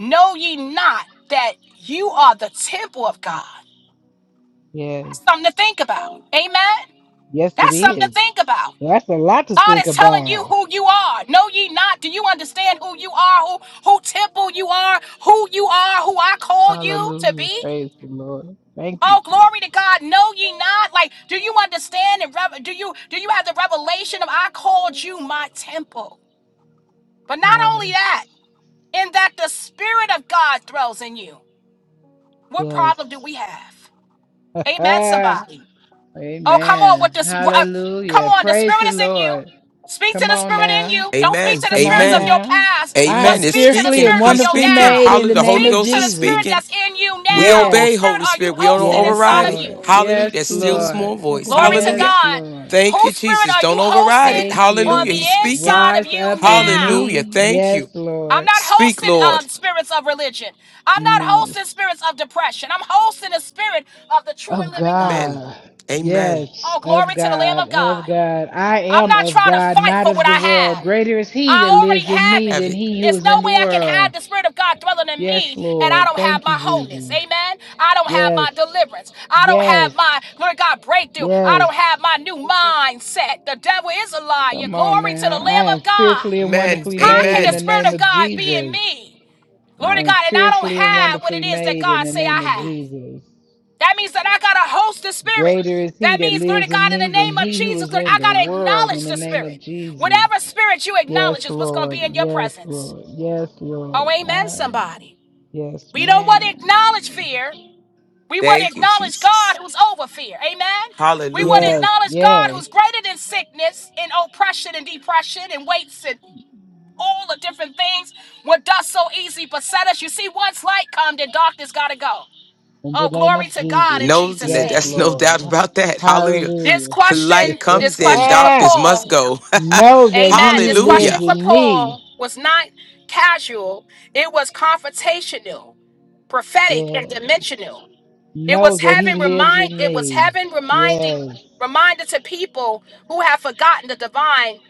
Speaker 1: Know ye not that you are the temple of God.
Speaker 2: Yes.
Speaker 1: That's something to think about. Amen.
Speaker 2: Yes, it
Speaker 1: That's something to
Speaker 2: is.
Speaker 1: think about.
Speaker 2: Well, That's a lot to
Speaker 1: God
Speaker 2: think
Speaker 1: is telling you
Speaker 2: about.
Speaker 1: who you are. Know ye not. Do you understand who you are? Who who temple you are? Who you are? Who I call you to
Speaker 2: Hallelujah.
Speaker 1: be?
Speaker 2: Praise the Lord. Thank you,
Speaker 1: Oh,
Speaker 2: Jesus.
Speaker 1: glory to God. Know ye not. Like, do you understand and rev- do you do you have the revelation of I called you my temple? But not only
Speaker 2: Yes.
Speaker 1: that. and that the Spirit of God dwells in you. What
Speaker 2: Yes.
Speaker 1: problem do we have? Amen, somebody. Oh, come on
Speaker 2: Amen.
Speaker 1: with this. Uh, come
Speaker 2: Hallelujah.
Speaker 1: on, the
Speaker 2: Praise
Speaker 1: Spirit
Speaker 2: the
Speaker 1: is in you.
Speaker 2: Lord.
Speaker 1: Speak to
Speaker 2: Come
Speaker 1: the
Speaker 2: on
Speaker 1: Spirit in
Speaker 2: now.
Speaker 1: you. Don't speak
Speaker 5: Amen.
Speaker 1: to the
Speaker 2: Come
Speaker 1: spirits
Speaker 2: on
Speaker 1: of
Speaker 5: Amen.
Speaker 1: your
Speaker 2: now.
Speaker 1: past,
Speaker 2: I
Speaker 1: but
Speaker 2: am
Speaker 5: Amen. It's
Speaker 1: speak to the
Speaker 2: fearfully
Speaker 5: speaking.
Speaker 2: and
Speaker 1: Spirit of
Speaker 5: He's
Speaker 1: your
Speaker 2: wonderfully
Speaker 5: speaking.
Speaker 1: now.
Speaker 2: made in
Speaker 5: Hallelujah.
Speaker 2: the
Speaker 5: The
Speaker 2: name
Speaker 5: Holy
Speaker 1: Speak
Speaker 2: of
Speaker 1: to
Speaker 5: Ghost is
Speaker 1: the Spirit
Speaker 2: Jesus.
Speaker 5: speaking.
Speaker 1: that's in you
Speaker 5: We
Speaker 1: now.
Speaker 2: Yes.
Speaker 1: Whose
Speaker 5: obey,
Speaker 1: Spirit
Speaker 5: Holy
Speaker 1: are you
Speaker 5: Spirit. We don't
Speaker 1: hosting
Speaker 2: Yes,
Speaker 1: inside
Speaker 5: override
Speaker 1: of
Speaker 5: it.
Speaker 1: you?
Speaker 2: Lord.
Speaker 4: Lord,
Speaker 5: Hallelujah.
Speaker 2: Yes,
Speaker 5: That still
Speaker 4: Jesus.
Speaker 2: Lord.
Speaker 5: small
Speaker 4: Thank
Speaker 5: voice.
Speaker 4: you,
Speaker 1: Glory to
Speaker 5: Hallelujah.
Speaker 2: Yes,
Speaker 1: God.
Speaker 2: Lord.
Speaker 5: Thank you,
Speaker 1: Whose Spirit
Speaker 5: Jesus.
Speaker 1: are
Speaker 5: Don't
Speaker 1: you
Speaker 5: override
Speaker 1: hosting
Speaker 5: it.
Speaker 2: Thank
Speaker 1: on
Speaker 5: Hallelujah.
Speaker 2: you.
Speaker 1: the
Speaker 5: He's speaking.
Speaker 1: inside of
Speaker 2: Rise
Speaker 1: you
Speaker 2: up in
Speaker 1: now?
Speaker 5: Hallelujah.
Speaker 2: me.
Speaker 5: Thank
Speaker 2: Yes,
Speaker 5: you.
Speaker 1: I'm
Speaker 2: Lord.
Speaker 1: not
Speaker 5: Speak,
Speaker 1: hosting
Speaker 5: Lord.
Speaker 1: um, spirits of religion. I'm not
Speaker 2: No.
Speaker 1: hosting spirits of depression. I'm hosting the spirit of the true and
Speaker 2: Of
Speaker 1: living God.
Speaker 5: Amen.
Speaker 2: God.
Speaker 5: Amen.
Speaker 1: Oh,
Speaker 2: Yes,
Speaker 1: glory
Speaker 2: of
Speaker 1: to the Lamb
Speaker 2: God,
Speaker 1: of
Speaker 2: of
Speaker 1: God.
Speaker 2: God. I
Speaker 1: I'm
Speaker 2: am
Speaker 1: not
Speaker 2: of
Speaker 1: trying to
Speaker 2: God,
Speaker 1: fight
Speaker 2: not
Speaker 1: for
Speaker 2: of
Speaker 1: what I
Speaker 2: the world.
Speaker 1: have.
Speaker 2: Greater is He that
Speaker 1: I already
Speaker 2: lives in
Speaker 1: have
Speaker 2: me
Speaker 1: it.
Speaker 5: Have
Speaker 2: than
Speaker 5: it.
Speaker 2: He who
Speaker 1: There's
Speaker 2: is
Speaker 1: no
Speaker 2: in the
Speaker 1: way I can have
Speaker 2: world.
Speaker 1: the Spirit of God dwelling in
Speaker 2: Yes,
Speaker 1: me and I
Speaker 2: Lord.
Speaker 1: don't have
Speaker 2: Thank
Speaker 1: my
Speaker 2: you,
Speaker 1: wholeness.
Speaker 2: Jesus.
Speaker 1: Amen. I don't have
Speaker 2: Yes,
Speaker 1: my deliverance. I don't
Speaker 2: yes,
Speaker 1: have my, glory to God, breakthrough. I
Speaker 2: yes.
Speaker 1: don't have my new mindset. The devil is a liar.
Speaker 2: Come on
Speaker 1: Glory to
Speaker 2: now.
Speaker 1: the
Speaker 2: I
Speaker 1: Lamb
Speaker 2: am
Speaker 1: of God.
Speaker 2: fearfully and
Speaker 5: Amen.
Speaker 2: wonderfully
Speaker 1: How
Speaker 2: made
Speaker 1: can
Speaker 2: in
Speaker 1: the
Speaker 5: Amen.
Speaker 2: the
Speaker 1: Spirit
Speaker 2: name
Speaker 1: of
Speaker 2: of
Speaker 1: God be in
Speaker 2: Jesus.
Speaker 1: me? Glory
Speaker 2: I
Speaker 1: to
Speaker 2: am
Speaker 1: God. And I don't
Speaker 2: fearfully and
Speaker 1: have what it
Speaker 2: wonderfully
Speaker 1: is that
Speaker 2: made in
Speaker 1: God
Speaker 2: the
Speaker 1: say I
Speaker 2: name of
Speaker 1: have.
Speaker 2: Jesus.
Speaker 1: That means that I got to host the spirit.
Speaker 2: Greater is He
Speaker 1: That
Speaker 2: that
Speaker 1: means, glory to
Speaker 2: lives in
Speaker 1: God, in the
Speaker 2: me than
Speaker 1: name of
Speaker 2: He who
Speaker 1: Jesus,
Speaker 2: is
Speaker 1: Lord,
Speaker 2: in
Speaker 1: I got
Speaker 2: the
Speaker 1: to
Speaker 2: world in
Speaker 1: acknowledge
Speaker 2: the
Speaker 1: the
Speaker 2: name of
Speaker 1: spirit.
Speaker 2: Jesus.
Speaker 1: Whatever spirit you
Speaker 2: Yes,
Speaker 1: acknowledge is what's going to
Speaker 2: Lord.
Speaker 1: be in your
Speaker 2: Yes,
Speaker 1: presence.
Speaker 2: Lord. Yes, Lord.
Speaker 1: Oh, amen,
Speaker 2: I,
Speaker 1: somebody.
Speaker 2: yes,
Speaker 1: We don't want to
Speaker 2: ma'am.
Speaker 1: acknowledge fear. We want to
Speaker 5: Thank you,
Speaker 1: acknowledge
Speaker 5: Jesus.
Speaker 1: God who's over fear. Amen. We want to
Speaker 5: Hallelujah.
Speaker 2: Yes,
Speaker 1: acknowledge God
Speaker 2: yes.
Speaker 1: who's greater than sickness and oppression and depression and weights and all the different things what does so easily beset us. You see, once light come, then darkness got to go.
Speaker 2: In the
Speaker 1: Oh,
Speaker 2: name of
Speaker 1: glory to God in
Speaker 5: No,
Speaker 2: Jesus.
Speaker 1: Jesus'
Speaker 2: Yes,
Speaker 1: name.
Speaker 5: that's no
Speaker 2: Lord.
Speaker 5: doubt about that. Hallelujah.
Speaker 1: This
Speaker 2: Hallelujah.
Speaker 5: Light
Speaker 1: question, this
Speaker 5: comes in,
Speaker 1: question for
Speaker 2: ah,
Speaker 5: darkness must
Speaker 1: Paul,
Speaker 5: go.
Speaker 2: know that he
Speaker 1: amen.
Speaker 2: who
Speaker 1: This
Speaker 2: lives
Speaker 1: question
Speaker 5: Hallelujah.
Speaker 1: for
Speaker 2: in me.
Speaker 1: Paul was not casual, it was confrontational, prophetic,
Speaker 2: Yes.
Speaker 1: and dimensional. It
Speaker 2: Know
Speaker 1: was
Speaker 2: that
Speaker 1: heaven
Speaker 2: he lives
Speaker 1: remind
Speaker 2: in
Speaker 1: it was
Speaker 2: me.
Speaker 1: heaven reminding
Speaker 2: Yes.
Speaker 1: reminder to people who have forgotten the divine,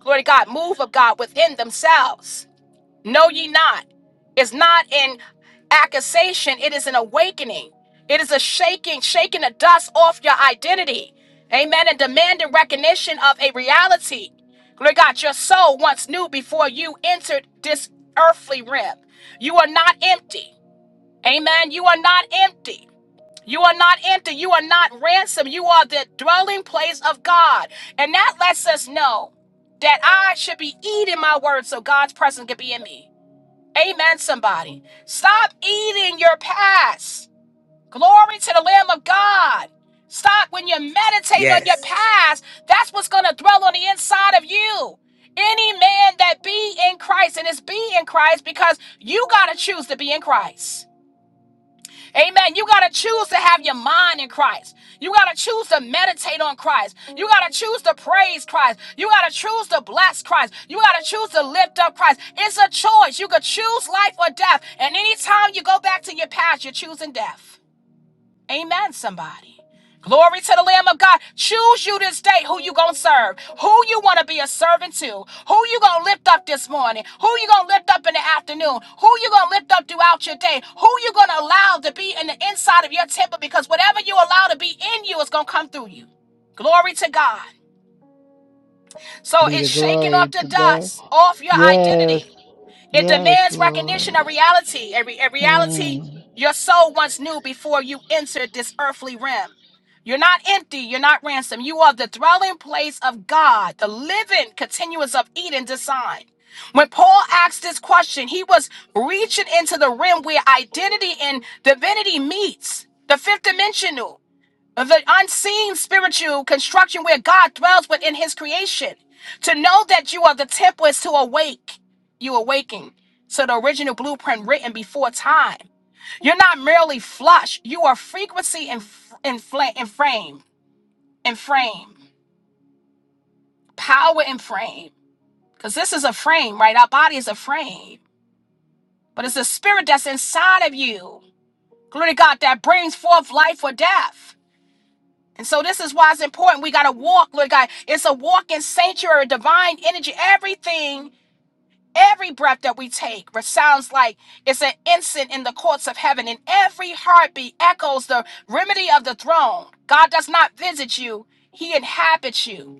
Speaker 1: glory to God, move of God within themselves. Know ye not. It's not an accusation, it is an awakening. It is a shaking, shaking the dust off your identity. Amen. And demanding recognition of a reality. Glory to God, your soul once knew before you entered this earthly realm. You are not empty. Amen. You are not empty. You are not empty. You are not ransom. You are the dwelling place of God. And that lets us know that I should be eating my word so God's presence can be in me. Amen, somebody. Stop eating your past. Glory to the Lamb of God. Stop when you're meditating on your
Speaker 5: Yes.
Speaker 1: past. That's what's going to dwell on the inside of you. Any man that be in Christ, and is be in Christ because you got to choose to be in Christ. Amen. You got to choose to have your mind in Christ. You got to choose to meditate on Christ. You got to choose to praise Christ. You got to choose to bless Christ. You got to choose to lift up Christ. It's a choice. You could choose life or death. And anytime you go back to your past, you're choosing death. Amen, somebody. Glory to the Lamb of God. Choose you this day who you gonna serve, who you wanna be a servant to, who you gonna lift up this morning, who you gonna lift up in the afternoon, who you gonna lift up throughout your day, who you gonna allow to be in the inside of your temple, because whatever you allow to be in you is gonna come through you. Glory to God. So
Speaker 2: Be
Speaker 1: it's
Speaker 2: the
Speaker 1: shaking off
Speaker 2: glory
Speaker 1: the
Speaker 2: to God.
Speaker 1: dust off your
Speaker 2: Yes.
Speaker 1: identity. It
Speaker 2: Yes,
Speaker 1: demands
Speaker 2: Lord.
Speaker 1: recognition of reality. A, re- a reality
Speaker 2: Hmm.
Speaker 1: your soul once knew before you entered this earthly realm. You're not empty. You're not ransomed. You are the dwelling place of God, the living continuance of Eden design. When Paul asked this question, he was reaching into the rim where identity and divinity meets, the fifth dimensional of the unseen spiritual construction where God dwells within his creation. To know that you are the temple is to awake. You awaking. to the original blueprint written before time. You're not merely flush. You are frequency and f- and, fla- and frame and frame, power and frame. Because this is a frame, right? Our body is a frame, but it's the spirit that's inside of you. Glory to God that brings forth life or death. And so this is why it's important. We gotta walk, Lord God. It's a walking sanctuary, divine energy. Everything, every breath that we take resounds like it's an incense in the courts of heaven, and every heartbeat echoes the remedy of the throne. God does not visit you, He inhabits you.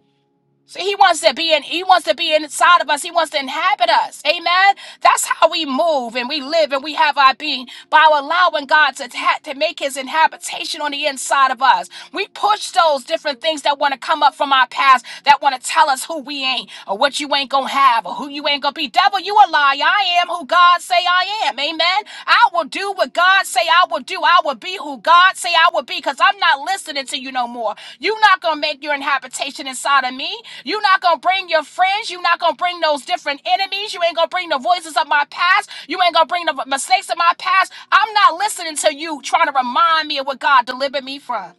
Speaker 1: So he wants to be in, he wants to be inside of us. He wants to inhabit us. Amen. That's how we move and we live and we have our being by allowing God to, ta- to make his inhabitation on the inside of us. We push those different things that want to come up from our past that want to tell us who we ain't or what you ain't gonna have or who you ain't gonna be. Devil, you a liar. I am who God say I am. Amen. I will do what God say I will do. I will be who God say I will be because I'm not listening to you no more. You're not going to make your inhabitation inside of me. You're not going to bring your friends. You're not going to bring those different enemies. You ain't going to bring the voices of my past. You ain't going to bring the mistakes of my past. I'm not listening to you trying to remind me of what God delivered me from.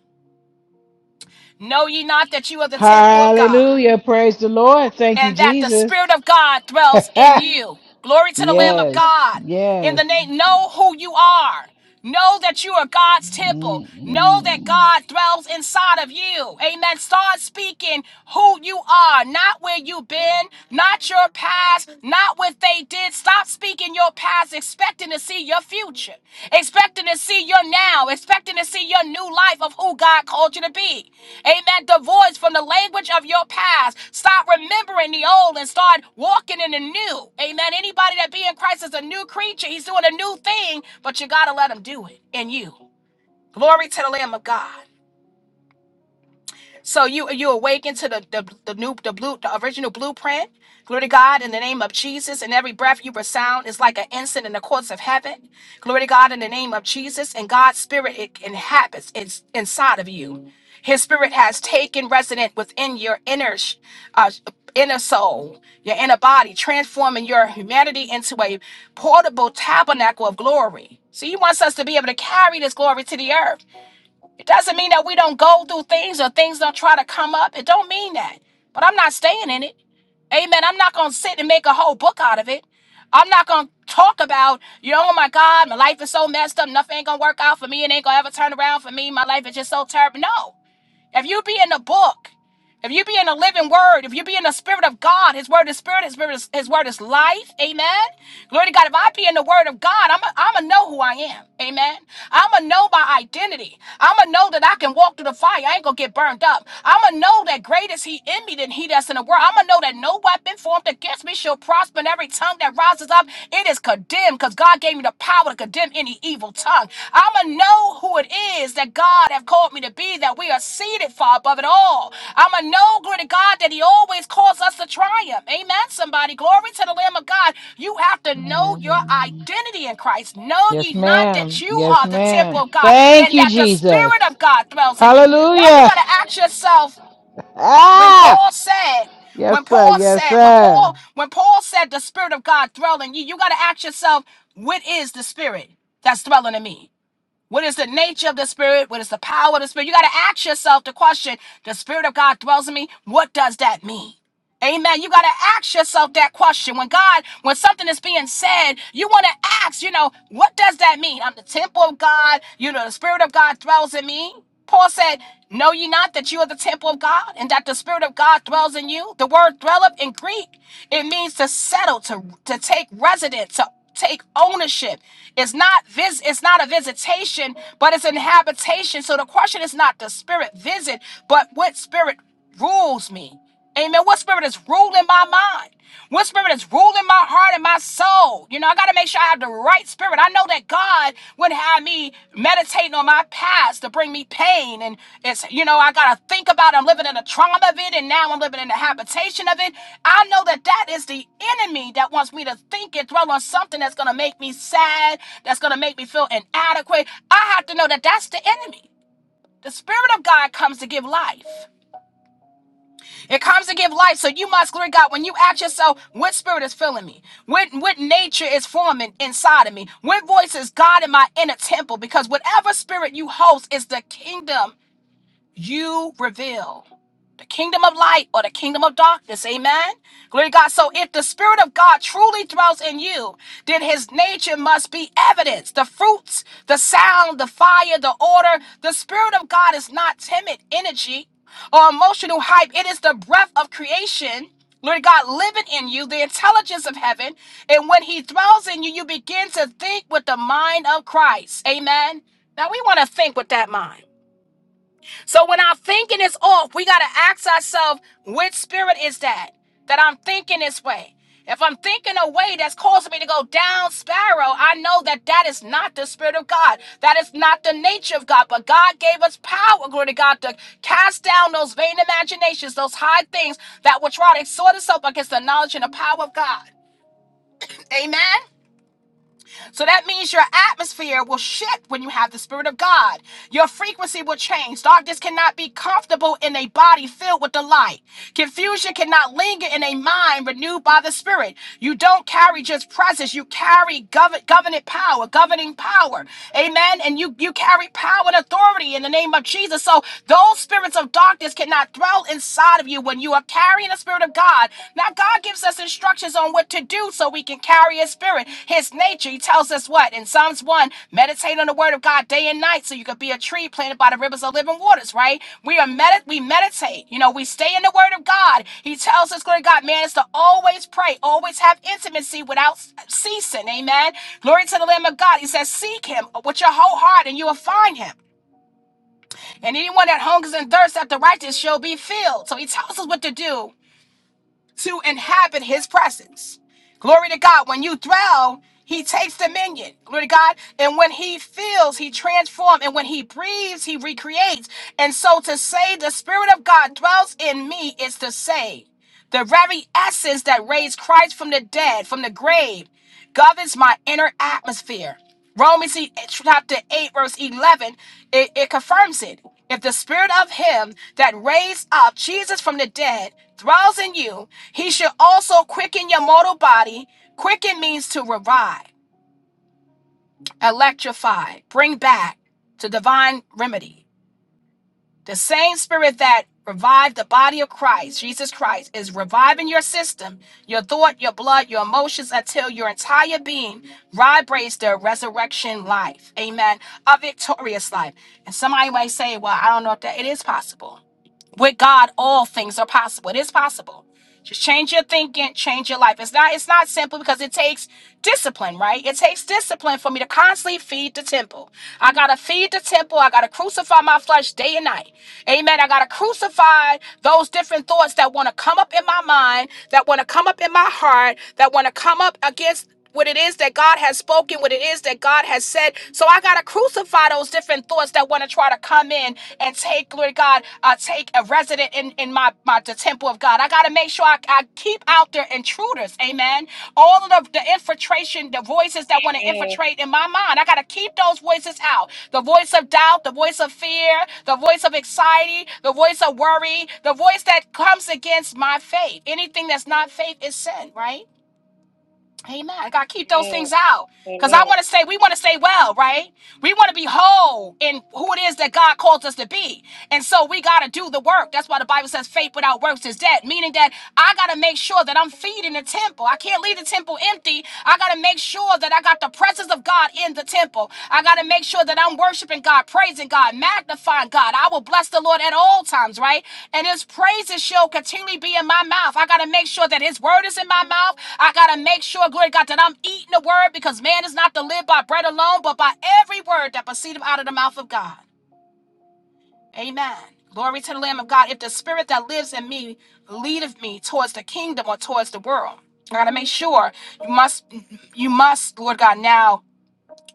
Speaker 1: Know ye not that you are the temple of God?
Speaker 2: Hallelujah. Praise the Lord. Thank you,
Speaker 1: and that the
Speaker 2: Jesus.
Speaker 1: Spirit of God dwells in you. Glory to the Lamb of
Speaker 2: yes,
Speaker 1: God. In
Speaker 2: yes.
Speaker 1: the name, know who you are. Know that you are God's temple. Know that
Speaker 2: Mm-mm.
Speaker 1: God dwells inside of you. Amen. Start speaking who you are, not where you've been, not your past, not what they did. Stop speaking your your past, expecting to see your future, expecting to see your now, expecting to see your new life of who God called you to be. Amen. Divorce from the language of your past. Stop remembering the old and start walking in the new. Amen. Anybody that be in Christ is a new creature. He's doing a new thing, but you got to let him do it in you. Glory to the Lamb of God. So you you awaken to the the, the new the blue the original blueprint. Glory to God in the name of Jesus. And every breath you resound is like an incense in the courts of heaven. Glory to God in the name of Jesus. And God's spirit it inhabits it's inside of you. His spirit has taken resident within your inner sh- uh, inner soul, your inner body, transforming your humanity into a portable tabernacle of glory. So he wants us to be able to carry this glory to the earth. It doesn't mean that we don't go through things or things don't try to come up. It don't mean that. But I'm not staying in it. Amen. I'm not going to sit and make a whole book out of it. I'm not going to talk about, you know, oh my God, my life is so messed up. Nothing ain't going to work out for me. It ain't going to ever turn around for me. My life is just so terrible. No. If you be in the book, if you be in the living word, if you be in the spirit of God, his word is spirit, his, spirit is, his word is life. Amen. Glory to God. If I be in the word of God, I'm going to know who I am. Amen. I'm going to know my identity. I'm going to know that I can walk through the fire. I ain't going to get burned up. I'm going to know that great is he in me than he that's in the world. I'm going to know that no weapon formed against me shall prosper and every tongue that rises up, it is condemned because God gave gave me the power to condemn any evil tongue. I'ma know who it is that God have called me to be, that we are seated far above it all. I'ma know, glory to God, that He always calls us to triumph. Amen, somebody. Glory to the Lamb of God. You have to know
Speaker 2: Amen,
Speaker 1: your
Speaker 2: amen.
Speaker 1: identity in Christ. Know ye
Speaker 2: Yes,
Speaker 1: not that
Speaker 2: ma'am.
Speaker 1: you
Speaker 2: Yes,
Speaker 1: are the
Speaker 2: ma'am.
Speaker 1: temple of God
Speaker 2: Thank
Speaker 1: and
Speaker 2: you,
Speaker 1: that the
Speaker 2: Jesus.
Speaker 1: Spirit of God dwells in you. Now you
Speaker 2: Hallelujah.
Speaker 1: gotta ask yourself when
Speaker 2: Ah,
Speaker 1: Paul said,
Speaker 2: yes,
Speaker 1: when
Speaker 2: sir.
Speaker 1: Paul
Speaker 2: Yes,
Speaker 1: said, when
Speaker 2: sir.
Speaker 1: Paul, when Paul said the spirit of God dwelling you, you got to ask yourself, what is the spirit that's dwelling in me? What is the nature of the spirit? What is the power of the spirit? You got to ask yourself the question, the spirit of God dwells in me. What does that mean? Amen. You got to ask yourself that question. When God, when something is being said, you want to ask, you know, what does that mean? I'm the temple of God. You know, the Spirit of God dwells in me. Paul said, Know ye not that you are the temple of God and that the Spirit of God dwells in you? The word dwelleth in Greek, it means to settle, to, to take residence, to take ownership. It's not vis- it's not a visitation, but it's an habitation. So the question is not the spirit visit, but what spirit rules me. Amen. What spirit is ruling my mind? What spirit is ruling my heart and my soul? You know, I got to make sure I have the right spirit. I know that God wouldn't have me meditating on my past to bring me pain. And it's, you know, I got to think about it. I'm living in the trauma of it. And now I'm living in the habitation of it. I know that that is the enemy that wants me to think and dwell on something that's going to make me sad, that's going to make me feel inadequate. I have to know that that's the enemy. The spirit of God comes to give life. It comes to give life. So you must, glory to God, when you ask yourself, what spirit is filling me? What, what nature is forming inside of me? What voice is God in my inner temple? Because whatever spirit you host is the kingdom you reveal the kingdom of light or the kingdom of darkness. Amen. Glory to God. So if the Spirit of God truly dwells in you, then his nature must be evidenced. The fruits, the sound, the fire, the order. The Spirit of God is not timid energy or emotional hype. It is the breath of creation. Lord God, living in you, the intelligence of heaven. And when he dwells in you, you begin to think with the mind of Christ. Amen. Now we want to think with that mind. So when our thinking is off, we got to ask ourselves, which spirit is that? That I'm thinking this way. If I'm thinking a way that's causing me to go down sparrow, I know that that is not the spirit of God. That is not the nature of God. But God gave us power, glory to God, to cast down those vain imaginations, those high things that will try to exhort us up against the knowledge and the power of God. Amen. So that means your atmosphere will shift when you have the Spirit of God. Your frequency will change. Darkness cannot be comfortable in a body filled with the light. Confusion cannot linger in a mind renewed by the Spirit. You don't carry just presence, you carry gov- covenant power, governing power. Amen. And you, you carry power and authority in the name of Jesus. So those spirits of darkness cannot dwell inside of you when you are carrying Spirit of God. Now, God gives us instructions on what to do so we can carry His Spirit, His nature. He tells us what in Psalms 1 meditate on the Word of God day and night so you could be a tree planted by the rivers of living waters, right? We are medit we meditate, you know, we stay in the Word of God. He tells us, glory to God, man, is to always pray, always have intimacy without ceasing, amen. Glory to the Lamb of God. He says, Seek Him with your whole heart and you will find Him. And anyone that hungers and thirsts after righteousness shall be filled. So he tells us what to do to inhabit his presence. Glory to God. When you dwell, he takes dominion. Glory to God. And when he feels, he transforms. And when he breathes, he recreates. And so to say the Spirit of God dwells in me is to say. The very essence that raised Christ from the dead, from the grave, governs my inner atmosphere. Romans e- chapter 8, verse 11, it, it confirms it. If the spirit of him that raised up Jesus from the dead dwells in you, he should also quicken your mortal body. Quicken means to revive, electrify, bring back to divine remedy. The same spirit that revived the body of Christ, Jesus Christ, is reviving your system, your thought, your blood, your emotions until your entire being vibrates the resurrection life. Amen. A victorious life. And somebody might say, well, I don't know if that it is possible with God, all things are possible. It is possible. Just change your thinking, change your life. It's not it's not simple because it takes discipline, right? It takes discipline for me to constantly feed the temple. I gotta feed the temple. I gotta crucify my flesh day and night. Amen. I gotta crucify those different thoughts that want to come up in my mind, that want to come up in my heart, that want to come up against what it is that God has spoken, what it is that God has said. So I gotta crucify those different thoughts that want to try to come in and take, Lord God, uh, take a resident in, in my, my the temple of God. I gotta make sure I, I keep out their intruders, amen. All of the, the infiltration, the voices that want to
Speaker 4: Jesus.
Speaker 1: infiltrate in my mind. I gotta keep those voices out. The voice of doubt, the voice of fear, the voice of anxiety, the voice of worry, the voice that comes against my faith. Anything that's not faith is sin, right? Amen. I gotta keep those
Speaker 4: Amen.
Speaker 1: things out. Because I
Speaker 4: Amen.
Speaker 1: want to say, we want to say well, right? We want to be whole in who it is that God calls us to be. And so we got to do the work. That's why the Bible says faith without works is dead, meaning that I got to make sure that I'm feeding the temple. I can't leave the temple empty. I got to make sure that I got the presence of God in the temple. I got to make sure that I'm worshiping God, praising God, magnifying God. I will bless the Lord at all times, right? And his praises shall continually be in my mouth. I got to make sure that his word is in my mouth. I got to make sure, glory to God, that I'm eating the word because man is not to live by bread alone, but by every word that proceedeth out of the mouth of God. Amen. Glory to the Lamb of God. If the spirit that lives in me leadeth me towards the kingdom or towards the world, I gotta make sure you must you must, Lord God, now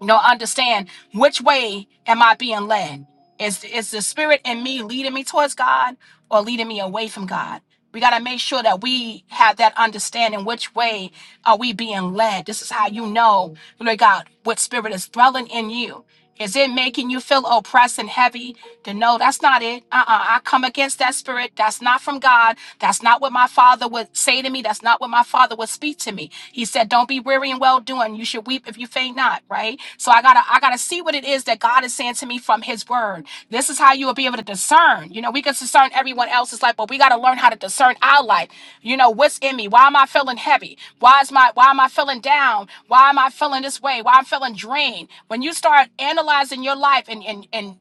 Speaker 1: you know understand which way am i being led is is the spirit in me leading me towards god or leading me away from god we got to make sure that we have that understanding which way are we being led this is how you know lord god what spirit is dwelling in you is it making you feel oppressed and heavy? Then no, that's not it. Uh-uh. I come against that spirit. That's not from God. That's not what my father would say to me. That's not what my father would speak to me. He said, Don't be weary and well doing. You should weep if you faint not, right? So I gotta I gotta see what it is that God is saying to me from his word. This is how you will be able to discern. You know, we can discern everyone else's life, but we got to learn how to discern our life. You know, what's in me? Why am I feeling heavy? Why is my why am I feeling down? Why am I feeling this way? Why I'm feeling drained? When you start analyzing your life and and and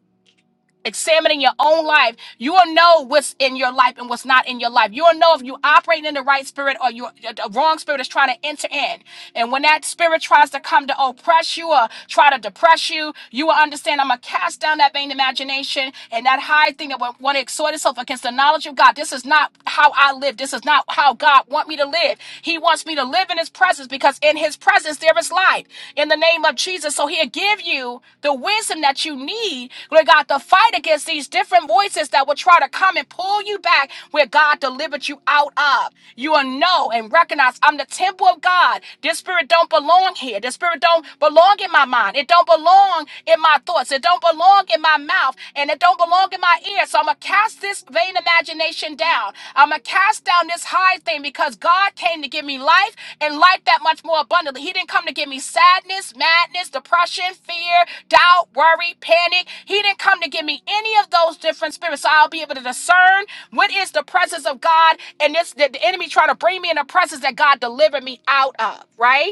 Speaker 1: examining your own life, you will know what's in your life and what's not in your life. You'll know if you're operating in the right spirit or you uh, the wrong spirit is trying to enter in. And when that spirit tries to come to oppress you or try to depress you, you will understand I'm gonna cast down that vain imagination and that high thing that would want to exhort itself against the knowledge of God. This is not how I live. This is not how God want me to live. He wants me to live in his presence presence because in his presence there is light in the name of Jesus. So he'll give you the wisdom that you need, Lord God, to fight against these different voices that will try to come and pull you back where God delivered you out of. You will know and recognize I'm the temple of God. This spirit don't belong here. This spirit don't belong in my mind. It don't belong in my thoughts. It don't belong in my mouth. And it don't belong in my my ear. So I'm going to cast this vain imagination down. I'm going to cast down this high thing because God came to give me life and life that much more abundantly. He didn't come to give me sadness, madness, depression, fear, doubt, worry, panic. He didn't come to give me any of those different spirits. So I'll be able to discern what is the presence of God and this the, the enemy trying to bring me in a presence that God delivered me out of, right?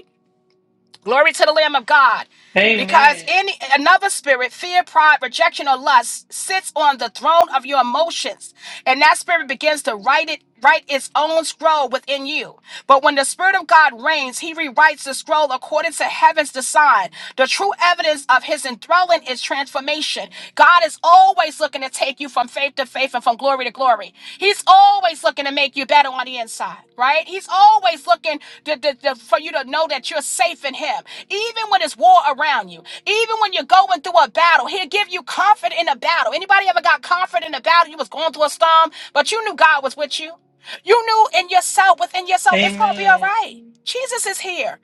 Speaker 1: Glory to the Lamb of God. Because
Speaker 4: Amen.
Speaker 1: any another spirit, fear, pride, rejection, or lust sits on the throne of your emotions. And that spirit begins to write it, write its own scroll within you. But when the Spirit of God reigns, he rewrites the scroll according to heaven's design. The true evidence of his enthralling is transformation. God is always looking to take you from faith to faith and faithful from glory to glory. He's always looking to make you better on the inside, right? He's always looking to, to- to- for you to know that you're safe in Him. Even when it's war around you, even when you're going through a battle, He'll give you comfort in a battle. Anybody ever got comfort in a battle? You was going through a storm, but you knew God was with you. You knew in yourself, within yourself, it's going to be all
Speaker 4: Amen.
Speaker 1: right. Jesus is here.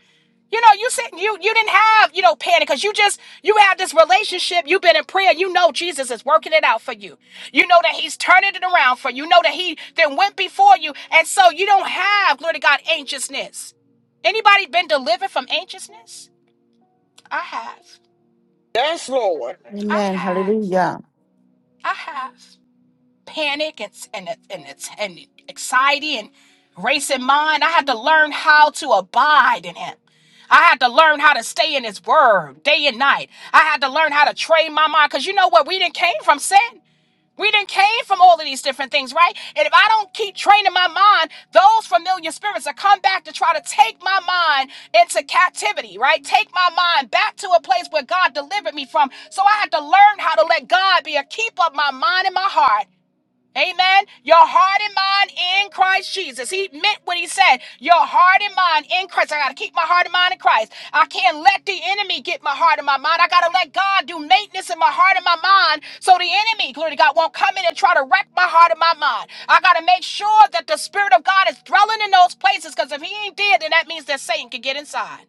Speaker 1: You know, you said you you didn't have, you know, panic because you just you had this relationship, you've been in prayer, you know Jesus is working it out for you. You know that he's turning it around for you. You know that he then went before you, and so you don't have, glory to God, anxiousness. Anybody been delivered from anxiousness? I have.
Speaker 6: Yes, Lord.
Speaker 1: I
Speaker 3: Amen.
Speaker 1: have.
Speaker 3: Hallelujah.
Speaker 1: I have. panic and and and it's and anxiety and race in mind. I had to learn how to abide in Him. I had to learn how to stay in His Word day and night. I had to learn how to train my mind because you know what? We didn't came from sin. We didn't came from all of these different things, right? And if I don't keep training my mind, those familiar spirits will come back to try to take my mind into captivity, right? Take my mind back to a place where God delivered me from. So I had to learn how to let God be a keep of my mind and my heart Amen. Your heart and mind in Christ Jesus. He meant what he said. Your heart and mind in Christ. I got to keep my heart and mind in Christ. I can't let the enemy get my heart and my mind. I got to let God do maintenance in my heart and my mind so the enemy, glory to God, won't come in and try to wreck my heart and my mind. I got to make sure that the Spirit of God is dwelling in those places because if he ain't dead, then that means that Satan can get inside.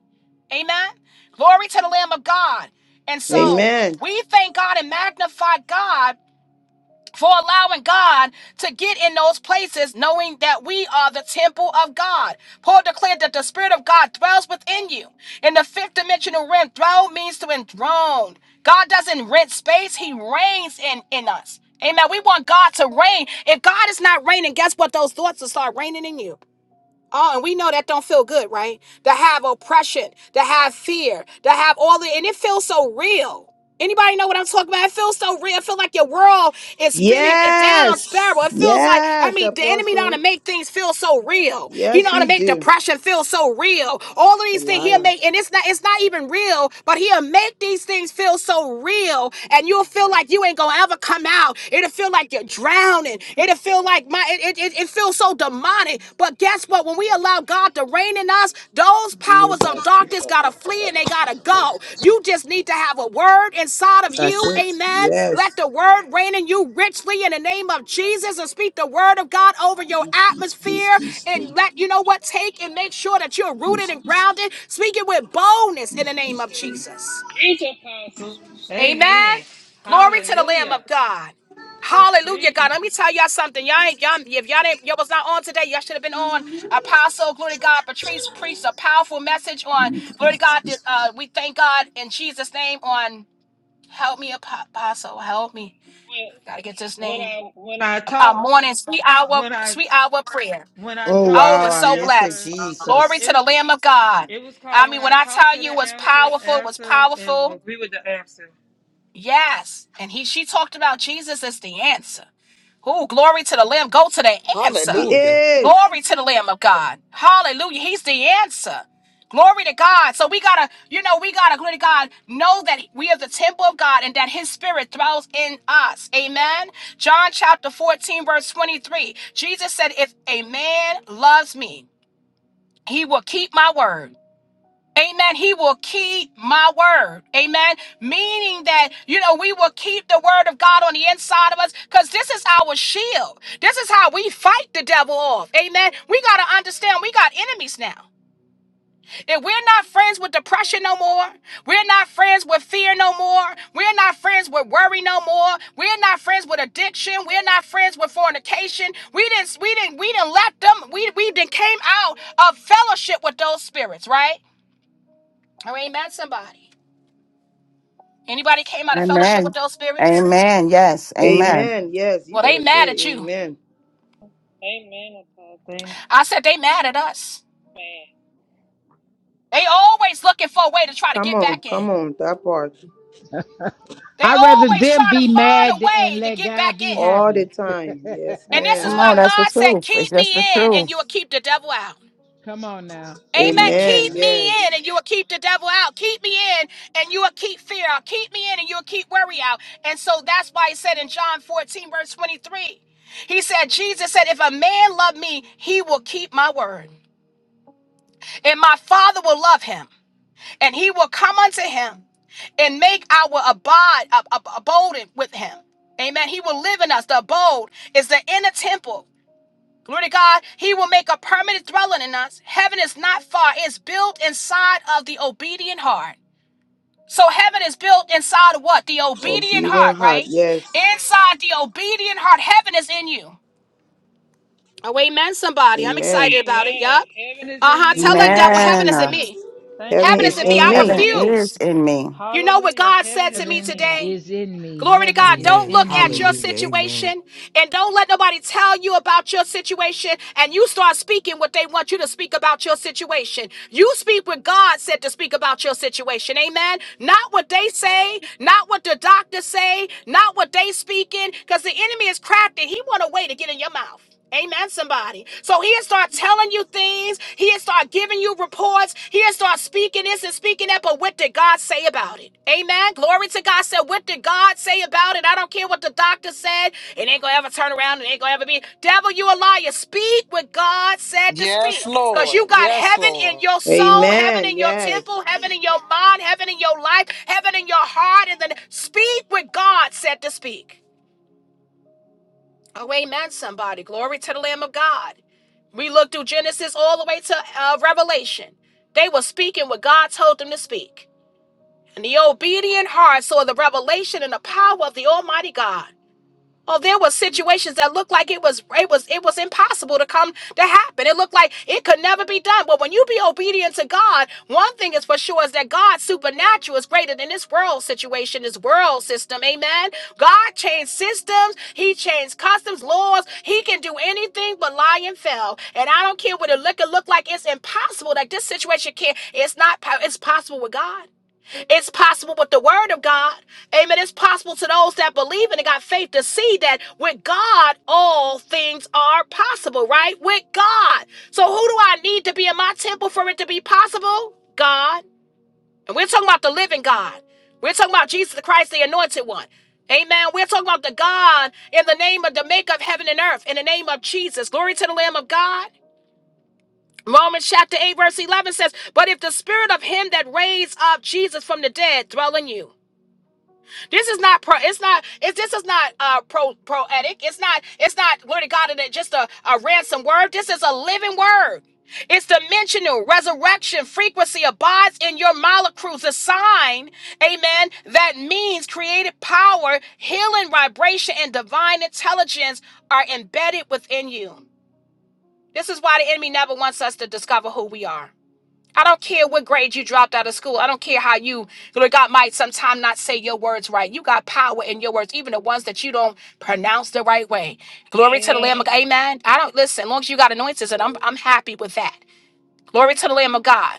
Speaker 1: Amen. Glory to the Lamb of God. And so
Speaker 7: Amen.
Speaker 1: we thank God and magnify God for allowing God to get in those places, knowing that we are the temple of God. Paul declared that the Spirit of God dwells within you. In the fifth dimensional realm, throne means to enthrone. God doesn't rent space, He reigns in, in us. Amen. We want God to reign. If God is not reigning, guess what? Those thoughts will start reigning in you. Oh, and we know that don't feel good, right? To have oppression, to have fear, to have all the, and it feels so real. Anybody know what I'm talking about? It feels so real. It feels like your world is spinning it down spiral.
Speaker 7: Yes.
Speaker 1: It feels like, I
Speaker 7: Yes,
Speaker 1: mean, the enemy know how to
Speaker 7: apostle.
Speaker 1: make things feel so real. He
Speaker 7: Yes,
Speaker 1: know how to
Speaker 7: he
Speaker 1: make
Speaker 7: do.
Speaker 1: depression feel so real. All of
Speaker 7: The
Speaker 1: these things he'll
Speaker 7: lion.
Speaker 1: make, and it's not, it's not even real, but he'll make these things feel so real. And you'll feel like you ain't gonna ever come out. It'll feel like like you're drowning. It'll feel like my it, it, it feels so demonic. But guess what? When we allow God to reign in us, those
Speaker 7: Laid
Speaker 1: powers
Speaker 7: by
Speaker 1: of
Speaker 7: two
Speaker 1: darkness gotta
Speaker 7: people.
Speaker 1: flee and they gotta go. You just need to have a word inside of
Speaker 7: That's
Speaker 1: you.
Speaker 7: it.
Speaker 1: Amen. Let
Speaker 7: Yes.
Speaker 1: the word reign in you richly in the name of Jesus and speak the word of God over your
Speaker 7: Peace,
Speaker 1: atmosphere
Speaker 7: peace,
Speaker 1: and
Speaker 7: too.
Speaker 1: let you know what take and make sure that you're rooted
Speaker 7: peace,
Speaker 1: and
Speaker 7: peace.
Speaker 1: grounded. Speak it with boldness in the name of Jesus.
Speaker 4: Preach, Apostle.
Speaker 1: Amen.
Speaker 4: Amen.
Speaker 1: Glory to the Lamb
Speaker 4: Hallelujah.
Speaker 1: of God. Hallelujah,
Speaker 4: Preach.
Speaker 1: God. Let me tell y'all something. Y'all ain't y'all if y'all didn't y'all was not on today, y'all should have been on Apostle, glory to God, Patrice preached a powerful message
Speaker 7: to
Speaker 1: on
Speaker 7: you,
Speaker 1: glory to God. that,
Speaker 7: Jesus.
Speaker 1: Uh, we thank God in Jesus' name on help me Apo- apostle. Help me. Gotta get this
Speaker 4: When, when
Speaker 1: name.
Speaker 4: I when I
Speaker 1: Our
Speaker 4: talk
Speaker 1: morning, sweet hour,
Speaker 4: when I
Speaker 1: sweet hour prayer.
Speaker 4: when I
Speaker 7: Oh
Speaker 4: talk
Speaker 1: Oh,
Speaker 4: to
Speaker 7: wow,
Speaker 1: we're
Speaker 7: I
Speaker 4: the
Speaker 1: so
Speaker 7: miss it,
Speaker 1: blessed.
Speaker 4: answer,
Speaker 1: Glory
Speaker 7: Jesus.
Speaker 4: it
Speaker 1: to the
Speaker 4: was
Speaker 1: Lamb of God.
Speaker 4: it was
Speaker 1: I
Speaker 4: called when
Speaker 1: mean, when
Speaker 4: I
Speaker 1: I
Speaker 4: talk
Speaker 1: tell
Speaker 4: to
Speaker 1: you it
Speaker 4: the
Speaker 1: was
Speaker 4: answer,
Speaker 1: powerful, it was
Speaker 4: answer and
Speaker 1: powerful.
Speaker 4: agree with the answer.
Speaker 1: Yes. And he she talked about Jesus as the answer. Oh, glory to the Lamb. Go to the
Speaker 7: He
Speaker 1: answer.
Speaker 6: Hallelujah.
Speaker 7: is.
Speaker 1: Glory to the Lamb of God. Hallelujah. He's the answer. Glory to God. So we gotta, you know, we gotta, glory to God, know that we are the temple of God and that his spirit dwells in us. Amen. John chapter 14, verse 23. Jesus said, If a man loves me, he will keep my word Amen. He will keep my word. Amen. Meaning that, you know, we will keep the word of God on the inside of us because this is our shield. This is how we fight the devil off. Amen. We got to understand we got enemies now. If we're not friends with depression no more, we're not friends with fear no more, we're not friends with worry no more, we're not friends with addiction, we're not friends with fornication. We didn't, we didn't, we didn't let them, we, we didn't came out of fellowship with those spirits, right? Or ain't mad at somebody. Anybody came out of fellowship with
Speaker 3: Amen.
Speaker 1: those spirits?
Speaker 3: Amen. Yes. Amen.
Speaker 7: Amen. Yes, you
Speaker 1: Well, they
Speaker 7: better
Speaker 1: mad
Speaker 7: say
Speaker 1: at you.
Speaker 7: amen.
Speaker 4: Amen, Apostle. Amen.
Speaker 1: I said they mad at us. They always looking for a way to try to
Speaker 7: Come
Speaker 1: get
Speaker 7: on,
Speaker 1: back
Speaker 7: come
Speaker 1: in.
Speaker 7: on, that part.
Speaker 1: They
Speaker 2: I'd rather
Speaker 1: always
Speaker 2: them
Speaker 1: trying to
Speaker 2: be
Speaker 1: find a
Speaker 2: mad and
Speaker 1: way to
Speaker 2: let
Speaker 1: get
Speaker 2: God
Speaker 1: back
Speaker 2: be
Speaker 1: in.
Speaker 7: All the
Speaker 2: happy.
Speaker 7: time. Yes,
Speaker 1: And this is
Speaker 3: Come
Speaker 7: ma'am.
Speaker 1: why
Speaker 3: on, that's the
Speaker 1: God said,
Speaker 3: truth. It's
Speaker 1: keep me
Speaker 3: just the
Speaker 1: in and you
Speaker 3: truth.
Speaker 1: will keep the devil out.
Speaker 2: Come on now. Come
Speaker 1: Amen.
Speaker 2: on
Speaker 7: Amen.
Speaker 2: now.
Speaker 1: Keep
Speaker 7: Yes.
Speaker 1: me in and you will keep the devil out. Keep me in and you will keep fear out. Keep me in and you will keep worry out. And so that's why he said in John 14, verse 23, he said, Jesus said, If a man love me, he will keep my word. And my father will love him, and he will come unto him and make our abode ab- ab- abode with him. Amen. He will live in us. The abode is the inner temple. Glory to God. He will make a permanent dwelling in us. Heaven is not far, it's built inside of the obedient heart. So heaven is built inside of what? The obedient
Speaker 7: Obedient
Speaker 1: heart,
Speaker 7: heart.
Speaker 1: right?
Speaker 7: Yes.
Speaker 1: Inside the obedient heart, heaven is in you. Oh, amen, somebody. I'm
Speaker 7: Amen.
Speaker 1: excited about it.
Speaker 4: Amen.
Speaker 1: Yup.
Speaker 4: Heaven is
Speaker 1: Uh
Speaker 4: in
Speaker 1: huh. Tell
Speaker 4: me.
Speaker 7: Amen.
Speaker 1: that devil,
Speaker 4: Heaven is
Speaker 1: heaven
Speaker 4: in
Speaker 1: is in
Speaker 3: Amen.
Speaker 4: me.
Speaker 1: me.
Speaker 4: Thank you,
Speaker 7: Heaven
Speaker 1: Heaven
Speaker 7: is
Speaker 1: is
Speaker 4: Jesus.
Speaker 1: in me.
Speaker 7: in
Speaker 4: Heaven
Speaker 1: I
Speaker 4: is
Speaker 7: me.
Speaker 3: Heaven
Speaker 4: in me.
Speaker 3: is
Speaker 1: refuse.
Speaker 3: in me.
Speaker 1: You know what
Speaker 4: Hallelujah.
Speaker 1: God said
Speaker 4: Heaven
Speaker 1: to
Speaker 4: is
Speaker 1: me
Speaker 4: in
Speaker 2: Heaven
Speaker 4: me.
Speaker 1: today?
Speaker 2: is in me.
Speaker 1: Glory to
Speaker 2: Heaven
Speaker 1: God.
Speaker 2: is
Speaker 1: Don't
Speaker 5: Amen.
Speaker 1: look
Speaker 2: in
Speaker 1: at your
Speaker 2: me.
Speaker 5: Hallelujah. Amen.
Speaker 1: situation and don't let nobody tell you about your situation and you start speaking what they want you to speak about your situation. You speak what God said to speak about your situation. Amen. Not what they say, not what the doctors say, not what they speaking because the enemy is crafty. He want a way to get in your mouth. Amen, somebody. So he'll start telling you things. He'll start giving you reports. He'll start speaking this and speaking that. But what did God say about it? Amen. Glory to God. Said, what did God say about it? I don't care what the doctor said. It ain't gonna ever turn around. It ain't gonna ever be. Devil, you a liar. Speak what God said to speak.
Speaker 6: Yes,
Speaker 1: Because you
Speaker 6: Lord.
Speaker 1: got
Speaker 6: Yes,
Speaker 1: heaven in
Speaker 6: Lord.
Speaker 1: your soul, heaven
Speaker 7: Amen.
Speaker 1: in your
Speaker 7: Yes.
Speaker 1: temple, heaven in your mind, heaven in your life, heaven in your heart. And then speak what God said to speak. Oh, amen, somebody. Glory to the Lamb of God. We look through Genesis all the way to uh, Revelation. They were speaking what God told them to speak. And the obedient heart saw the revelation and the power of the Almighty God. Oh, there were situations that looked like it was it was it was impossible to come to happen. It looked like it could never be done. But when you be obedient to God, one thing is for sure is that God's supernatural is greater than this world situation, this world system. Amen. God changed systems, He changed customs, laws. He can do anything but lie and fail. And I don't care what it look, it look like. It's impossible. Like this situation can't. It's not. po- It's possible with God. It's possible with the word of God. Amen. It's possible to those that believe and got faith to see that with God, all things are possible, right? With God. So who do I need to be in my temple for it to be possible? God. And we're talking about the living God. We're talking about Jesus Christ, the anointed one. Amen. We're talking about the God in the name of the maker of heaven and earth, in the name of Jesus. Glory to the Lamb of God. Romans chapter 8, verse 11 says, But if the spirit of him that raised up Jesus from the dead dwell in you, this is not pro. It's not. It's this is not uh pro proetic. It's not. It's not. Glory to God. And it just a a ransom word. This is a living word. It's dimensional resurrection frequency abides in your molecules. A sign, amen. That means creative power, healing vibration, and divine intelligence are embedded within you. This is why the enemy never wants us to discover who we are. I don't care what grade you dropped out of school. I don't care how you, Lord God, might sometime not say your words right. You got power in your words, even the ones that you don't pronounce the right way. Glory to the Lamb of
Speaker 4: Amen.
Speaker 1: God. Amen. I don't listen. As long as you got anointings, and I'm I'm happy with that. Glory to the Lamb of God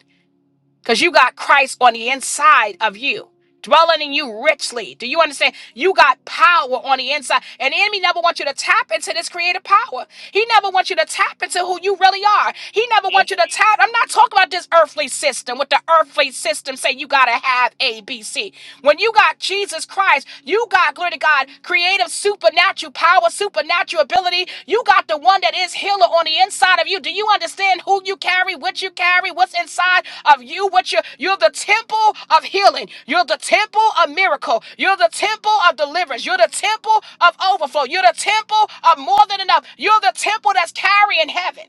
Speaker 1: because you got Christ on the inside of you, dwelling in you richly. Do you understand? You got power on the inside. And the enemy never wants you to tap into this creative power. He never wants you to tap into who you really are. He never
Speaker 4: Yes.
Speaker 1: wants you to tap. I'm not talking about this earthly system with the earthly system say you gotta have A, B, C. When you got Jesus Christ, you got glory to God. God, creative, supernatural power, supernatural ability. You got the one that is healer on the inside of you. Do you understand who you carry, what you carry, what's inside of you? What you you're the temple of healing. You're the temple of miracle. You're the temple of deliverance. You're the temple of overflow. You're the temple of more than enough. You're the temple that's carrying heaven.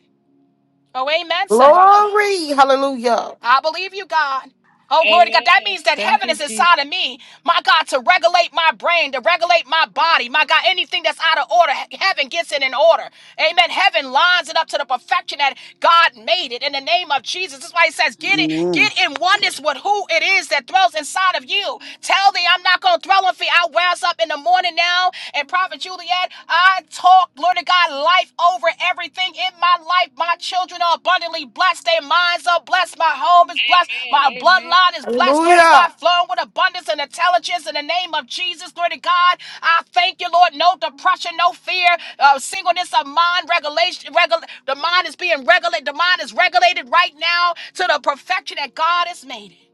Speaker 1: Oh, amen, somebody.
Speaker 3: Glory. Hallelujah.
Speaker 1: I believe you, God. Oh, glory to God. That
Speaker 4: Amen.
Speaker 1: means that
Speaker 4: Thank
Speaker 1: heaven
Speaker 4: you,
Speaker 1: is
Speaker 4: Jesus.
Speaker 1: inside of me, my God, to regulate my brain, to regulate my body. My God, anything that's out of order, he- heaven gets it in order. Amen. Heaven lines it up to the perfection that God made it in the name of Jesus. That's why he says, get it,
Speaker 7: Amen.
Speaker 1: get in oneness with who it is that dwells inside of you. Tell thee I'm not gonna dwell on fear. I rise up in the morning now, and Prophet Juliet, I talk, Lord of God, life over everything in my life. My children are abundantly blessed. Their minds are blessed. My home is blessed. My
Speaker 4: Amen. Amen.
Speaker 1: bloodline is blessed. Lord of
Speaker 3: Hallelujah.
Speaker 1: God, flowing with abundance and intelligence in the name of Jesus. Lord of God, I thank you, Lord. No depression, no fear, uh, singleness of mind, regulation. Regul- the mind is being regulated. The mind is regulated right now to the perfection that God has made it.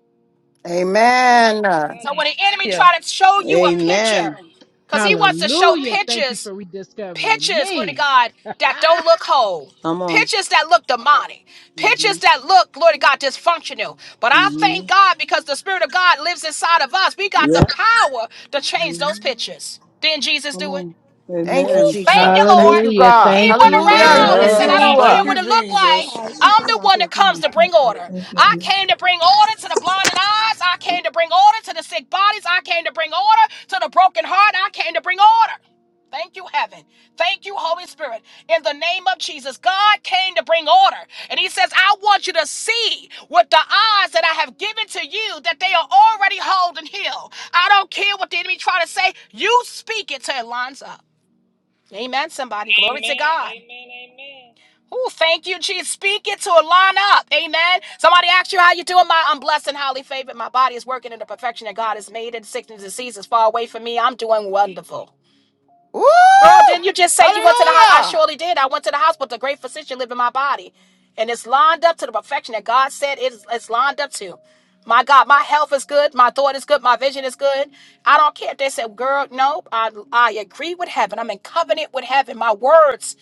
Speaker 3: Amen.
Speaker 1: So when the enemy
Speaker 4: Hallelujah.
Speaker 1: try to show you a
Speaker 7: Amen.
Speaker 1: picture, because he wants to show
Speaker 2: Hallelujah. Thank you
Speaker 1: pictures
Speaker 2: for rediscovering
Speaker 1: Pictures, glory to
Speaker 2: me.
Speaker 1: God, that don't look whole.
Speaker 7: Come on.
Speaker 1: Pictures that look demonic. Pictures that look, glory to God, dysfunctional. But I thank
Speaker 7: Amen.
Speaker 1: God because the Spirit of God lives inside of us. We got
Speaker 7: Yeah.
Speaker 1: the power to change those pictures. Didn't Jesus
Speaker 7: Come
Speaker 1: do it?
Speaker 7: on.
Speaker 3: Thank you,
Speaker 7: Amen.
Speaker 1: Thank
Speaker 3: Jesus.
Speaker 1: you,
Speaker 3: Thank
Speaker 1: Lord.
Speaker 3: you,
Speaker 2: Hallelujah.
Speaker 3: God.
Speaker 1: He
Speaker 2: Thank
Speaker 1: went
Speaker 2: you.
Speaker 6: Thank
Speaker 3: Hallelujah.
Speaker 6: you,
Speaker 2: Thank
Speaker 1: around and
Speaker 3: Thank
Speaker 2: you.
Speaker 1: said,
Speaker 3: you.
Speaker 1: I
Speaker 7: Girl,
Speaker 6: Jesus.
Speaker 1: don't
Speaker 2: Thank
Speaker 1: care
Speaker 6: Thank
Speaker 2: you.
Speaker 1: what
Speaker 6: you,
Speaker 1: it looked like.
Speaker 6: Jesus.
Speaker 1: I'm the one that
Speaker 7: Come
Speaker 1: comes
Speaker 7: on.
Speaker 1: to bring order.
Speaker 7: Thank
Speaker 1: I
Speaker 7: you.
Speaker 1: came to bring order to the blinded eyes. I came to bring order to the sick bodies. I came to bring order to the broken heart. I came to bring order. Thank you, heaven. Thank you, Holy Spirit. In the name of Jesus, God came to bring order. And He says, I want you to see with the eyes that I have given to you that they are already whole and healed. I don't care what the enemy try to say. You speak it till it lines up. Amen. Somebody,
Speaker 4: Amen. Amen.
Speaker 1: glory to God.
Speaker 4: Amen.
Speaker 1: Oh, thank you, Jesus. Speak it to a line up. Amen. Somebody asked you how you doing. My, I'm blessed and highly favored. My body is working in the perfection that God has made it. Sickness and disease is far away from me. I'm doing wonderful.
Speaker 3: Woo!
Speaker 1: Girl, didn't you just say you went to the house? I
Speaker 3: Hallelujah.
Speaker 1: surely did. I went to the hospital. The great physician lived in my body. And it's lined up to the perfection that God said it is, it's lined up to. My God, my health is good. My thought is good. My vision is good. I don't care if they said, girl, no, I, I agree with heaven. I'm in covenant with heaven. My words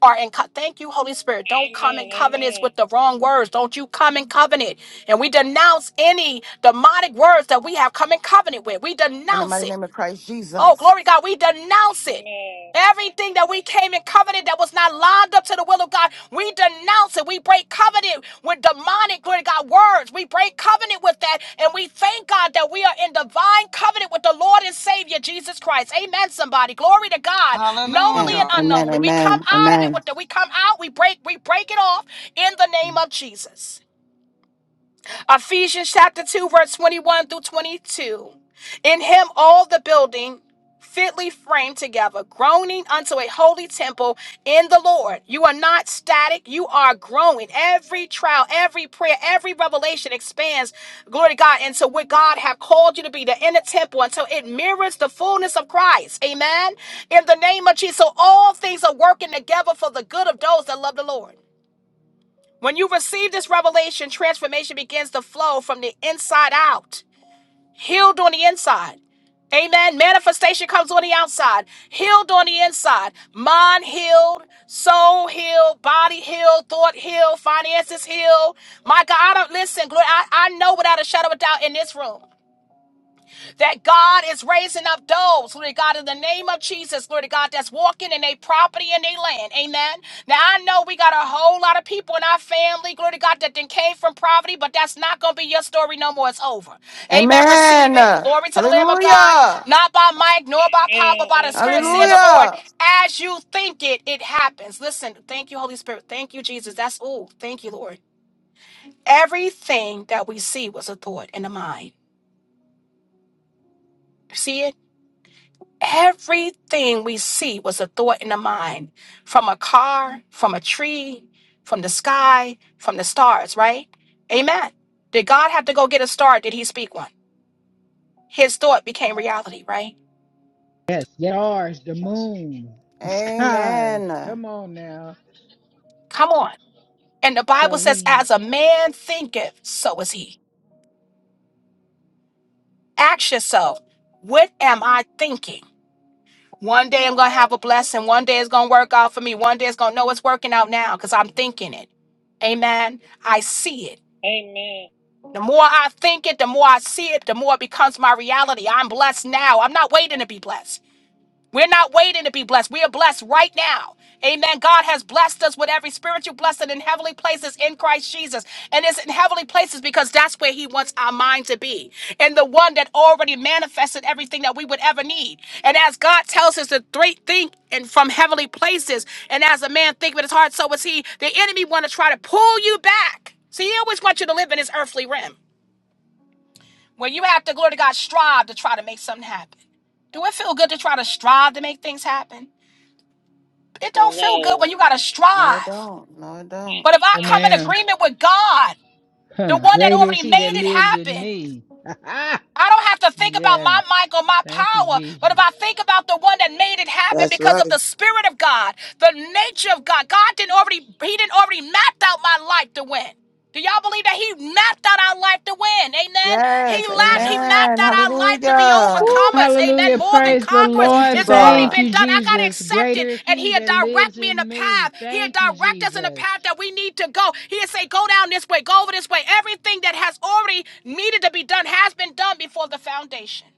Speaker 1: are in co- thank you holy spirit don't come in
Speaker 4: Amen. Amen.
Speaker 1: covenants with the wrong words don't you come in covenant and we denounce any demonic words that we have come in covenant with we
Speaker 3: In the
Speaker 1: denounce
Speaker 3: mighty
Speaker 1: it
Speaker 3: name of Christ
Speaker 1: Oh,
Speaker 3: Jesus.
Speaker 1: glory God, we denounce it.
Speaker 4: Amen.
Speaker 1: Everything that we came in covenant that was not lined up to the will of God, we denounce it. We break covenant with demonic, glory to God, words. We break covenant with that. And we thank God that we are in divine covenant with the Lord and Savior, Jesus Christ. Amen, somebody. Glory to God. Knowingly
Speaker 6: Hallelujah.
Speaker 1: and
Speaker 3: Amen. Amen.
Speaker 1: unknowingly. We come out of it
Speaker 3: Amen.
Speaker 1: with the, we come out, we break, we break it off in the name
Speaker 3: Amen.
Speaker 1: of Jesus. Ephesians chapter 2, verse 21 through 22. In him, all the building fitly framed together, groaning unto a holy temple in the Lord. You are not static, you are growing. Every trial, every prayer, every revelation expands, glory to God, into what God have called you to be, the inner temple, until it mirrors the fullness of Christ. Amen. In the name of Jesus, so all things are working together for the good of those that love the Lord. When you receive this revelation, transformation begins to flow from the inside out, healed on the inside. Amen. Manifestation comes on the outside, healed on the inside. Mind healed, soul healed, body healed, thought healed, finances healed. My God, I don't listen. Glory, I, I know without a shadow of doubt in this room that God is raising up those, Lord God, in the name of Jesus, Lord God, that's walking in their property and their land. Amen. Now I know we got a whole lot of people in our family, glory to God, that then came from poverty, but that's not gonna be your story no more. It's over. Amen. Receive it.
Speaker 3: Amen.
Speaker 1: Glory to the Lamb of God.
Speaker 3: Hallelujah.
Speaker 1: Not by might, nor by power, but by the
Speaker 4: Amen.
Speaker 1: Spirit, Said the Lord.
Speaker 3: Hallelujah.
Speaker 1: As you think it, it happens. Listen, thank you, Holy Spirit. Thank you, Jesus. That's oh, Thank you, Lord. Everything that we see was a thought in the mind. See it? Everything we see was a thought in the mind from a car, from a tree, from the sky, from the stars, right? Amen. Did God have to go get a star? Did he speak one? His thought became reality, right?
Speaker 2: Yes, the stars, the moon, the skies.
Speaker 3: Amen.
Speaker 2: Come on now.
Speaker 1: Come on. And the Bible
Speaker 2: So
Speaker 1: says,
Speaker 2: he,
Speaker 1: as a man thinketh, so is he. Ask yourself, what am I thinking? One day I'm going to have a blessing. One day it's going to work out for me. One day it's going to know it's working out now because I'm thinking it. Amen. I see it.
Speaker 4: Amen. Amen.
Speaker 1: The more I think it, the more I see it, the more it becomes my reality. I'm blessed now. I'm not waiting to be blessed. We're not waiting to be blessed. We are blessed right now. Amen. God has blessed us with every spiritual blessing in heavenly places in Christ Jesus. And it's in heavenly places because that's where He wants our mind to be. And the one that already manifested everything that we would ever need. And as God tells us to th- think and from heavenly places, and as a man think with his heart, so is he. The enemy want to try to pull you back. See, he always wants you to live in his earthly realm. When you have to, glory to God, strive to try to make something happen. Do it feel good to try to strive to make things happen? It don't feel good
Speaker 4: No.
Speaker 1: when you got to
Speaker 3: No, it
Speaker 1: strive.
Speaker 3: don't. No, it
Speaker 4: I
Speaker 3: don't.
Speaker 1: But
Speaker 4: do
Speaker 1: if I
Speaker 2: Oh,
Speaker 1: come
Speaker 4: not.
Speaker 1: in
Speaker 2: man.
Speaker 1: agreement with God, the
Speaker 2: huh,
Speaker 1: one that
Speaker 2: great is
Speaker 1: already
Speaker 2: he that
Speaker 1: made it
Speaker 2: lives in
Speaker 1: happen,
Speaker 2: me.
Speaker 1: I don't have to think about
Speaker 2: yes.
Speaker 1: my mic or my
Speaker 2: Thank you,
Speaker 1: power, but if
Speaker 2: Jesus.
Speaker 1: I think about the one that made it happen
Speaker 7: that's
Speaker 1: because of
Speaker 7: right.
Speaker 1: the Spirit of God, the nature of God, God didn't already, He didn't already mapped out my life to win. Do y'all believe that He mapped out our life to win? Amen. He
Speaker 3: Yes.
Speaker 1: lapped,
Speaker 2: Yes.
Speaker 1: He mapped
Speaker 3: Amen.
Speaker 1: out our life to be
Speaker 3: Hallelujah.
Speaker 2: Woo,
Speaker 1: overcomers. Amen.
Speaker 2: hallelujah.
Speaker 1: More than
Speaker 2: Praise the
Speaker 1: conquerors.
Speaker 3: Thank
Speaker 2: Lord.
Speaker 3: you,
Speaker 1: It's already
Speaker 2: Thank
Speaker 3: God.
Speaker 1: been
Speaker 2: you,
Speaker 1: done. I got to
Speaker 2: Jesus.
Speaker 1: accept it.
Speaker 2: Greater is
Speaker 1: And
Speaker 2: he
Speaker 1: he'll
Speaker 2: that lives
Speaker 1: direct me in the
Speaker 2: in
Speaker 1: path.
Speaker 2: me.
Speaker 1: He'll
Speaker 2: Thank you,
Speaker 1: direct us in the
Speaker 2: Jesus.
Speaker 1: path that we need to go. He'll say, go down this way, go over this way. Everything that has already needed to be done has been done before the foundation.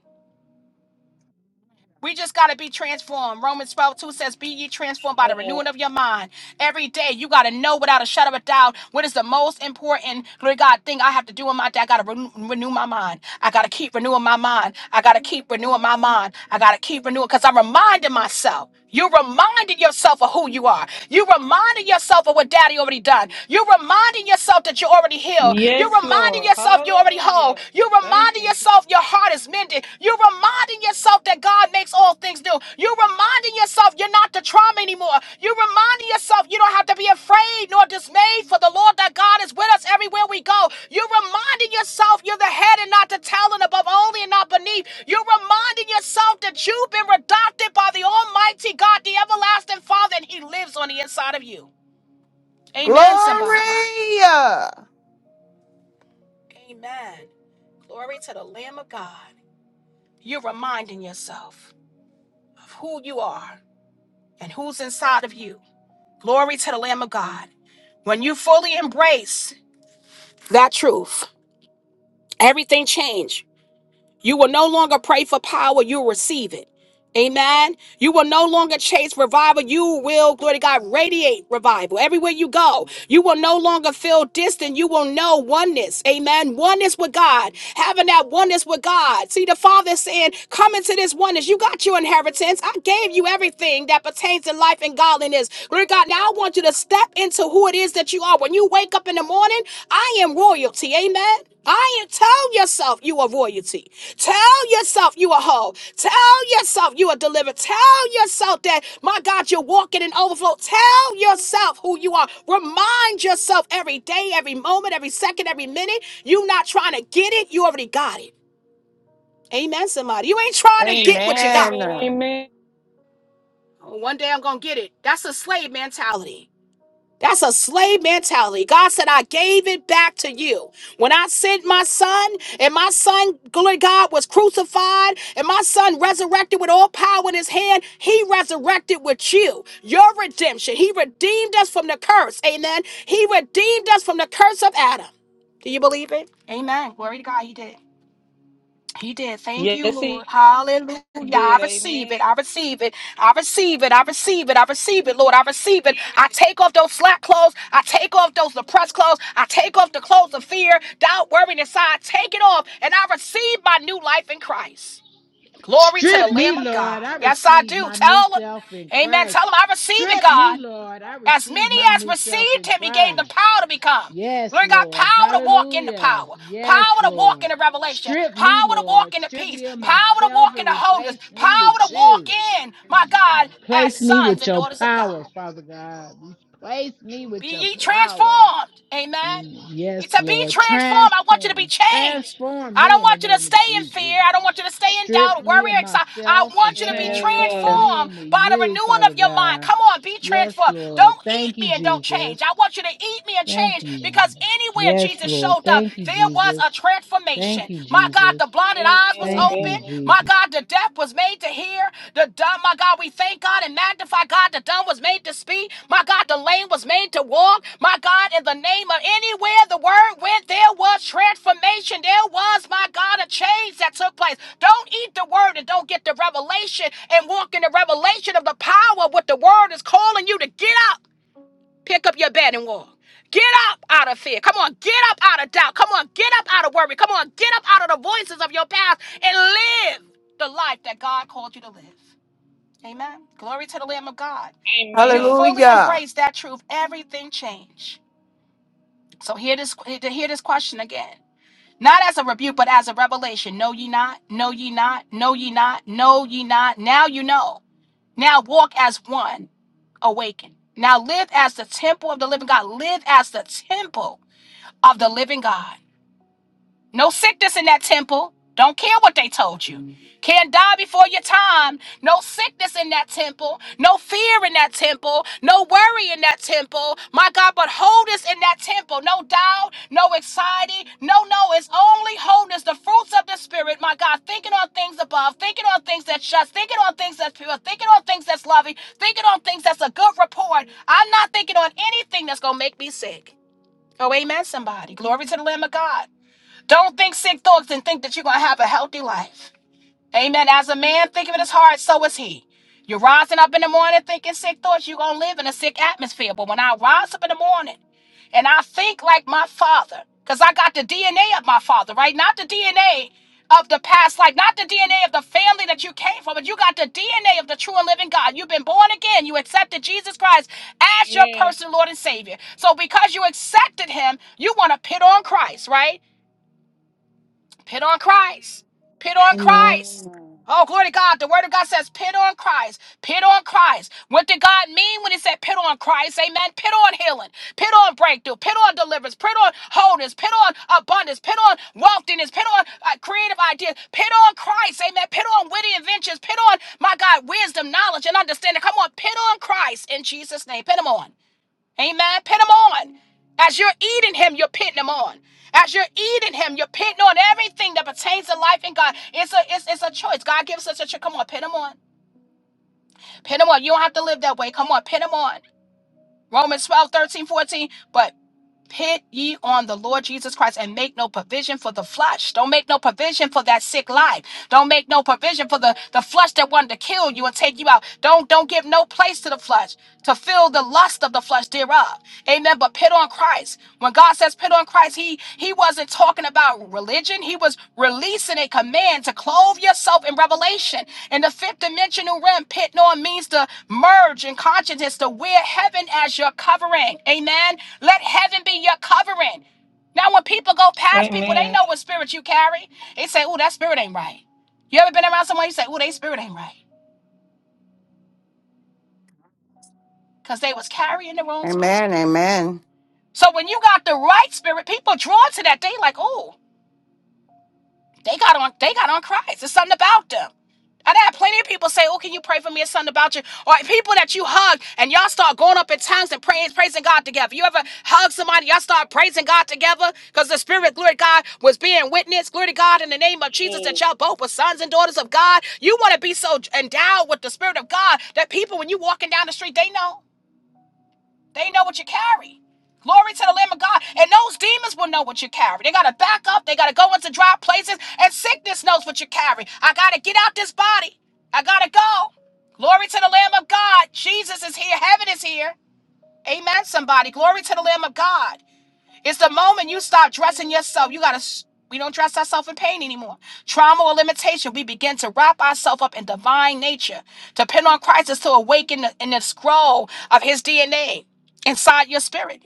Speaker 1: We just got to be transformed. Romans 12 2 says, Be ye transformed by the
Speaker 4: Amen.
Speaker 1: renewing of your mind. Every day, you got to know without a shadow of a doubt what is the most important, glory to God, thing I have to do in my day. I got to renew, renew my mind. I got to keep renewing my mind. I got to keep renewing my mind. I got to keep renewing because I'm reminding myself. You reminded yourself of who you are. You reminded yourself of what daddy already done. You reminding yourself that you're already healed. You
Speaker 4: Yes,
Speaker 1: reminding
Speaker 4: Lord.
Speaker 1: yourself you're already whole.
Speaker 4: Hallelujah.
Speaker 1: You're
Speaker 4: Well, thank
Speaker 1: reminding
Speaker 4: you.
Speaker 1: yourself your heart is mended. You're reminding yourself that God makes all things new. You're reminding yourself you're not the trauma anymore. You're reminding yourself you don't have to be afraid nor dismayed for the Lord that God is with us everywhere we go. You're reminding yourself you're the head and not the tail and above only and not beneath. You're reminding yourself that you've been adopted by the Almighty God, the everlasting Father, and He lives on the inside of you. Amen,
Speaker 3: Glory.
Speaker 1: somebody. Amen. Glory to the Lamb of God. You're reminding yourself of who you are and who's inside of you. Glory to the Lamb of God. When you fully embrace that truth, everything changed. You will no longer pray for power, you'll receive it. Amen. You will no longer chase revival. You will, glory to God, radiate revival everywhere you go. You will no longer feel distant. You will know oneness. Amen. Oneness with God. Having that oneness with God. See, the Father is saying, Come into this oneness. You got your inheritance. I gave you everything that pertains to life and godliness. Glory to God. Now I want you to step into who it is that you are. When you wake up in the morning, I am royalty. Amen. I ain't tell yourself you are royalty. Tell yourself you are whole. Tell yourself you are delivered. Tell yourself that, my God, you're walking in overflow. Tell yourself who you are. Remind yourself every day, every moment, every second, every minute. you not trying to get it. You already got it. Amen, somebody. You ain't trying to get what you got.
Speaker 4: Amen. Amen.
Speaker 3: Amen.
Speaker 4: Amen.
Speaker 1: "Oh, One day I'm going to get it. That's a slave mentality. That's a slave mentality. God said, I gave it back to you. When I sent my son, and my son, glory to God, was crucified, and my son resurrected with all power in his hand, he resurrected with you. Your redemption. He redeemed us from the curse. Amen. He redeemed us from the curse of Adam. Do you believe it? Amen. Glory to God, he did. He did. Thank you,
Speaker 4: Yes,
Speaker 1: Lord.
Speaker 4: he
Speaker 1: Hallelujah. I
Speaker 4: did.
Speaker 1: receive
Speaker 4: Amen.
Speaker 1: it. I receive it. I receive it. I receive it. I receive it, Lord. I receive it. I take off those slack clothes. I take off those depressed clothes. I take off the clothes of fear, doubt, worry, and desire. I take it off and I receive my new life in Christ. Glory to the
Speaker 2: Strip me,
Speaker 1: Lamb of God.
Speaker 2: Lord. I
Speaker 1: Yes, I
Speaker 2: receive
Speaker 1: do.
Speaker 2: my new
Speaker 1: Tell him.
Speaker 2: self in
Speaker 1: Amen.
Speaker 2: Christ.
Speaker 1: Tell him I receive it,
Speaker 2: Strip me,
Speaker 1: God.
Speaker 2: Lord. I
Speaker 1: As
Speaker 2: receive
Speaker 1: many
Speaker 2: my
Speaker 1: as
Speaker 2: new self
Speaker 1: received
Speaker 2: in
Speaker 1: him, he gave them
Speaker 2: Christ.
Speaker 1: power to become.
Speaker 2: Yes,
Speaker 1: Glory to God,
Speaker 2: Lord.
Speaker 1: power to walk in the
Speaker 2: Hallelujah.
Speaker 1: power,
Speaker 2: Yes,
Speaker 1: power to walk in
Speaker 2: Lord.
Speaker 1: the revelation,
Speaker 2: Strip me,
Speaker 1: power to walk
Speaker 2: Lord.
Speaker 1: in the
Speaker 2: Strip
Speaker 1: peace,
Speaker 2: me of
Speaker 1: power to
Speaker 2: myself
Speaker 1: walk in
Speaker 2: and
Speaker 1: the wholeness,
Speaker 2: replace
Speaker 1: power
Speaker 2: me with
Speaker 1: to walk
Speaker 2: you.
Speaker 1: in, my God, as
Speaker 2: Place me
Speaker 1: sons
Speaker 2: with
Speaker 1: and
Speaker 2: your
Speaker 1: daughters of God.
Speaker 2: power, Father God. Place me
Speaker 1: Be
Speaker 2: with your
Speaker 1: ye
Speaker 2: power.
Speaker 1: transformed.
Speaker 2: And
Speaker 1: Amen. It's
Speaker 2: yes,
Speaker 1: a be
Speaker 2: Lord.
Speaker 1: transformed. I want you to be
Speaker 2: Transform.
Speaker 1: changed.
Speaker 2: Transform
Speaker 1: I
Speaker 2: me
Speaker 1: don't
Speaker 2: in the
Speaker 1: want you to
Speaker 2: name of
Speaker 1: stay in fear.
Speaker 2: Jesus.
Speaker 1: I don't want you to stay in
Speaker 2: Strip
Speaker 1: doubt,
Speaker 2: me
Speaker 1: worry,
Speaker 2: of
Speaker 1: or excited. I
Speaker 2: myself and
Speaker 1: want you to
Speaker 4: Amen.
Speaker 1: be
Speaker 2: transform
Speaker 4: Amen.
Speaker 2: me
Speaker 1: transformed
Speaker 2: into
Speaker 1: by the
Speaker 2: you,
Speaker 1: renewing
Speaker 2: Father
Speaker 1: of your mind.
Speaker 2: God.
Speaker 1: Come on, be
Speaker 2: Yes,
Speaker 1: transformed.
Speaker 2: Lord.
Speaker 1: Don't eat
Speaker 2: Thank you,
Speaker 1: me and don't
Speaker 2: Jesus.
Speaker 1: change. I want you to eat me and
Speaker 2: Thank
Speaker 1: change
Speaker 2: you.
Speaker 1: because anywhere
Speaker 2: Yes,
Speaker 1: Jesus
Speaker 2: Lord.
Speaker 1: showed up,
Speaker 2: Thank you,
Speaker 1: there was
Speaker 2: Jesus.
Speaker 1: a transformation.
Speaker 2: Thank you,
Speaker 1: My God, the
Speaker 2: Jesus.
Speaker 1: blinded
Speaker 4: Amen.
Speaker 1: eyes was
Speaker 2: Thank you,
Speaker 1: open. My
Speaker 2: Jesus.
Speaker 1: God, God, the deaf was made to hear. The dumb, my God, we thank God and magnify God. The dumb was made to speak. My God, the lame was made to walk. My God, in the name of anywhere the word went, there was transformation. There was, my God, a change that took place. Don't eat the word and don't get the revelation and walk in the revelation of the power of what the word is calling you to get up. Pick up your bed and walk. Get up out of fear. Come on, get up out of doubt. Come on, get up out of worry. Come on, get up out of the voices of your past and live the life that God called you to live. Amen. Glory to the Lamb of God. When you
Speaker 4: Amen.
Speaker 1: fully
Speaker 3: Hallelujah.
Speaker 1: embrace that truth, everything changes. So hear this hear this question again. Not as a rebuke, but as a revelation. Know ye not, know ye not, know ye not, know ye not. Now you know. Now walk as one, awaken. Now live as the temple of the living God. Live as the temple of the living God. No sickness in that temple. Don't care what they told you. Can't die before your time. No sickness in that temple. No fear in that temple. No worry in that temple. My God, but wholeness in that temple. No doubt. No anxiety. No, no. It's only wholeness. The fruits of the Spirit. My God, thinking on things above. Thinking on things that's just. Thinking on things that's pure. Thinking on things that's loving. Thinking on things that's a good report. I'm not thinking on anything that's going to make me sick. Oh, amen, somebody. Glory to the Lamb of God. Don't think sick thoughts and think that you're going to have a healthy life. Amen. As a man thinking in his heart, so is he. You're rising up in the morning thinking sick thoughts, you're going to live in a sick atmosphere. But when I rise up in the morning and I think like my father, because I got the DNA of my father, right? Not the DNA of the past life, not the DNA of the family that you came from, but you got the DNA of the true and living God. You've been born again. You accepted Jesus Christ as your
Speaker 4: Amen.
Speaker 1: personal Lord and Savior. So because you accepted him, you want to pit on Christ, right? Pit on Christ. Pit on Christ.
Speaker 3: Amen.
Speaker 1: Oh, glory to God. The word of God says, pit on Christ. Pit on Christ. What did God mean when he said pit on Christ? Amen. Pit on healing. Pit on breakthrough. Pit on deliverance. Pit on wholeness. Pit on abundance. Pit on wealthiness. Pit on uh, creative ideas. Pit on Christ. Amen. Pit on witty inventions. Pit on, my God, wisdom, knowledge, and understanding. Come on. Pit on Christ in Jesus' name. Pit him on. Amen. Pin him on. As you're eating him, you're pinning him on. As you're eating him, you're pinning on everything that pertains to life in God. It's a it's, it's a choice. God gives us a choice. Come on, pin him on. Pin him on. You don't have to live that way. Come on, pin him on. Romans 12, 13, 14. But. Pit ye on the Lord Jesus Christ and make no provision for the flesh. Don't make no provision for that sick life. Don't make no provision for the, the flesh that wanted to kill you and take you out. Don't don't give no place to the flesh to fill the lust of the flesh thereof. Amen. But pit on Christ. When God says put on Christ, he he wasn't talking about religion. He was releasing a command to clothe yourself in revelation. In the fifth dimensional realm, put on means to merge in consciousness, to wear heaven as your covering. Amen. Let heaven be your covering. Now, when people go past people,
Speaker 4: Amen.
Speaker 1: they
Speaker 4: Amen.
Speaker 1: know what spirit you carry. They say, "Oh, that spirit ain't right." You ever been around someone you say, "Oh, they spirit ain't right," because they was carrying the wrong spirit.
Speaker 3: Amen.
Speaker 1: So when you got the right spirit, people drawn to that. They like, "Oh." They got on they got on Christ. There's something about them. I've had plenty of people say, Oh, can you pray for me? It's something about you. Or people that you hug and y'all start going up in tongues and praying, praising God together. You ever hug somebody, y'all start praising God together? Because the Spirit, glory to God, was being witnessed, glory to God, in the name of Jesus, that
Speaker 4: Yes.
Speaker 1: y'all both were sons and daughters of God. You want to be so endowed with the Spirit of God that people, when you walking down the street, they know. They know what you carry. Glory to the Lamb of God. And those demons will know what you carry. They got to back up. They got to go into dry places. And sickness knows what you carry. I got to get out this body. I got to go. Glory to the Lamb of God. Jesus is here. Heaven is here. Amen, somebody. Glory to the Lamb of God. It's the moment you stop dressing yourself. You gotta. s- We don't dress ourselves in pain anymore. Trauma or limitation. We begin to wrap ourselves up in divine nature. Depend on Christ is to awaken the- in the scroll of His DNA inside your spirit.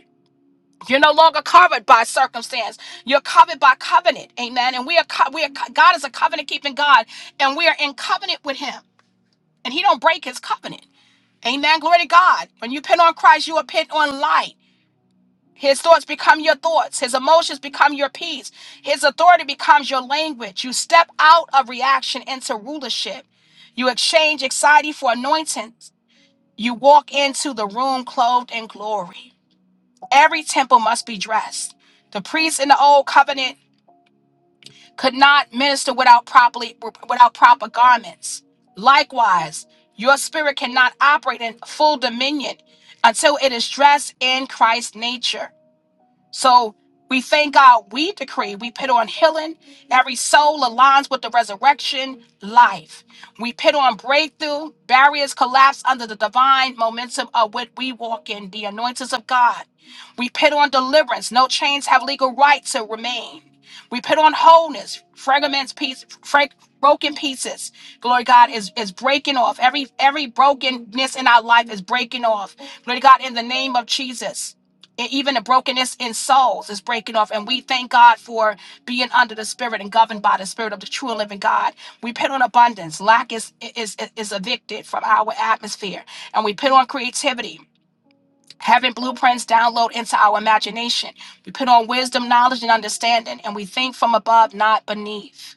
Speaker 1: You're no longer covered by circumstance. You're covered by covenant. Amen. And we are. co- We are. co- God is a covenant keeping God, and we are in covenant with Him, and He don't break His covenant. Amen. Glory to God. When you pin on Christ, you are pinned on light. His thoughts become your thoughts. His emotions become your peace. His authority becomes your language. You step out of reaction into rulership. You exchange anxiety for anointings. You walk into the room clothed in glory. Every temple must be dressed. The priests in the old covenant could not minister without properly without proper garments. Likewise, your spirit cannot operate in full dominion until it is dressed in Christ's nature. So we thank God we decree, we put on healing. Every soul aligns with the resurrection life. We put on breakthrough, barriers collapse under the divine momentum of what we walk in, the anointings of God. We put on deliverance, no chains have legal right to remain. We put on wholeness, fragments, piece, frag, broken pieces. Glory to God is, is breaking off. Every every brokenness in our life is breaking off. Glory to God in the name of Jesus and even the brokenness in souls is breaking off. And we thank God for being under the Spirit and governed by the Spirit of the true and living God. We put on abundance. Lack is is is evicted from our atmosphere, and we put on creativity. Having blueprints download into our imagination. We put on wisdom, knowledge, and understanding, and we think from above, not beneath.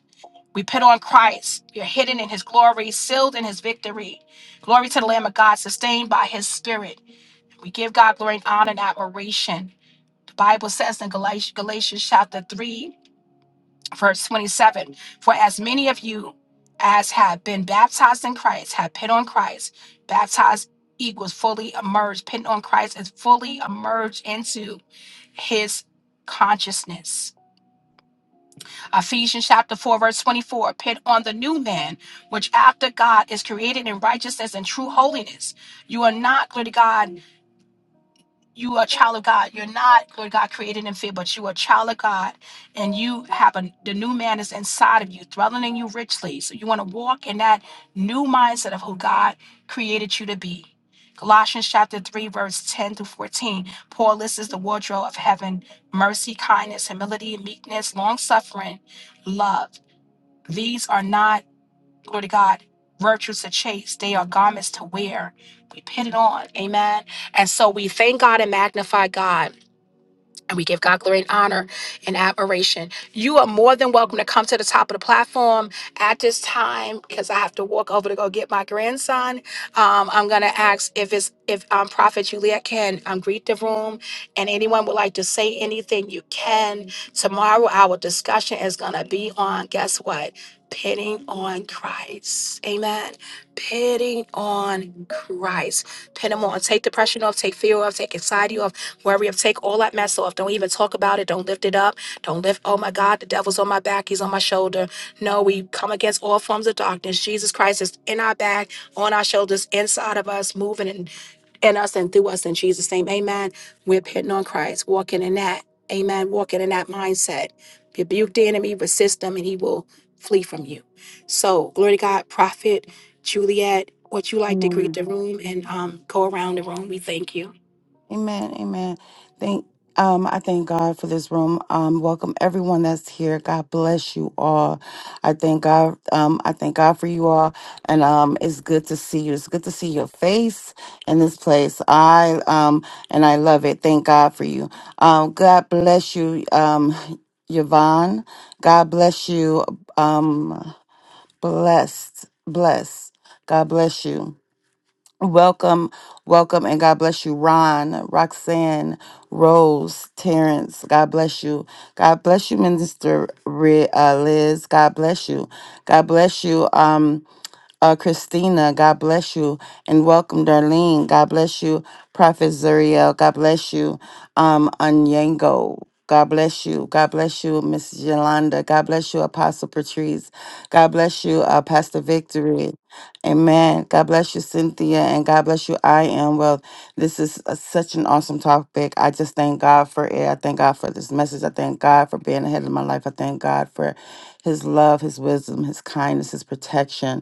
Speaker 1: We put on Christ. You're hidden in his glory, sealed in his victory. Glory to the Lamb of God, sustained by his spirit. We give God glory and honor and admiration Bible says in Galatians, Galatians chapter 3, verse 27, for as many of you as have been baptized in Christ have put on Christ. Baptized equals fully immersed. Put on Christ is fully immersed into his consciousness. Ephesians chapter 4, verse 24, put on the new man, which after God is created in righteousness and true holiness. You are not, glory to God. you are a child of God. You're not, Lord God, created in fear, but you are a child of God. And you have a, the new man is inside of you, dwelling in you richly. So you want to walk in that new mindset of who God created you to be. Colossians chapter 3, verse 10 to 14. Paul lists the wardrobe of heaven mercy, kindness, humility, meekness, long suffering, love. These are not Glory to God. Virtues to chase. They are garments to wear. We put it on. Amen. And so we thank God and magnify God. And we give God glory and honor and admiration. You are more than welcome to come to the top of the platform at this time because I have to walk over to go get my grandson. Um, I'm gonna ask if it's if um, Prophet Juliet can um, greet the room, and anyone would like to say anything, you can. Tomorrow, our discussion is gonna be on guess what? Pitting on Christ. Amen. Putting on Christ. Put him on. Take depression off. Take fear off. Take anxiety off. Worry off. Take all that mess off. Don't even talk about it. Don't lift it up. Don't lift, oh my God, the devil's on my back. He's on my shoulder. No, we come against all forms of darkness. Jesus Christ is in our back, on our shoulders, inside of us, moving and in us and through us in Jesus' name. Amen. We're putting on Christ, walking in that. Amen. Walking in that mindset. Rebuke the enemy, resist him, and he will flee from you. So, glory to God, Prophet Juliet, would you like to greet
Speaker 3: Amen.
Speaker 1: the room and um, go around the room? We thank you.
Speaker 3: Amen. Amen. Thank um I thank God for this room. Um welcome everyone that's here. God bless you all. I thank God um I thank God for you all and um it's good to see you. It's good to see your face in this place. I um and I love it. Thank God for you. Um God bless you um Yvonne. God bless you um blessed blessed. God bless you. Welcome, welcome, and God bless you, Ron, Roxanne, Rose, Terrence. God bless you. God bless you, Minister Ri- uh, Liz. God bless you. God bless you. um, uh, Christina, God bless you. And welcome, Darlene. God bless you. Prophet Zuriel, God bless you. Um, Onyango, God bless you. God bless you, Miss Yolanda. God bless you, Apostle Patrice. God bless you, uh, Pastor Victory. Amen. God bless you, Cynthia, and God bless you. I am well. This is a, such an awesome topic. I just thank God for it. I thank God for this message. I thank God for being ahead of my life. I thank God for His love, His wisdom, His kindness, His protection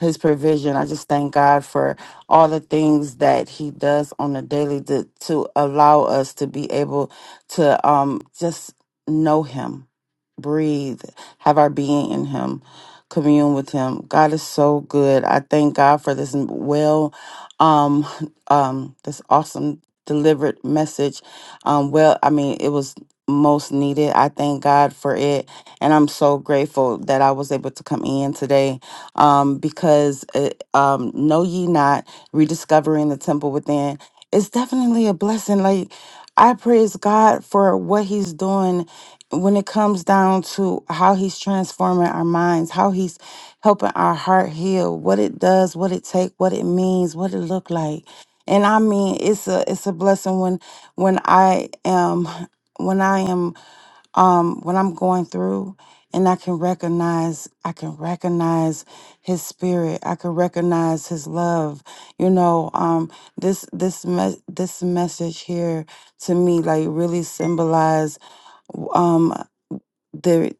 Speaker 3: his provision. I just thank God for all the things that he does on a daily to, to allow us to be able to um, just know him, breathe, have our being in him, commune with him. God is so good. I thank God for this well, um, um, this awesome delivered message. Um, well, I mean, it was most needed. I thank God for it. And I'm so grateful that I was able to come in today um, because it, um, know ye not rediscovering the temple within is definitely a blessing. Like I praise God for what He's doing when it comes down to how He's transforming our minds, how He's helping our heart heal, what it does, what it take, what it means, what it look like. And I mean, it's a it's a blessing when when I am when I am um what I'm going through and I can recognize I can recognize his spirit. I can recognize his love. You know, um this this me- this message here to me like really symbolize um the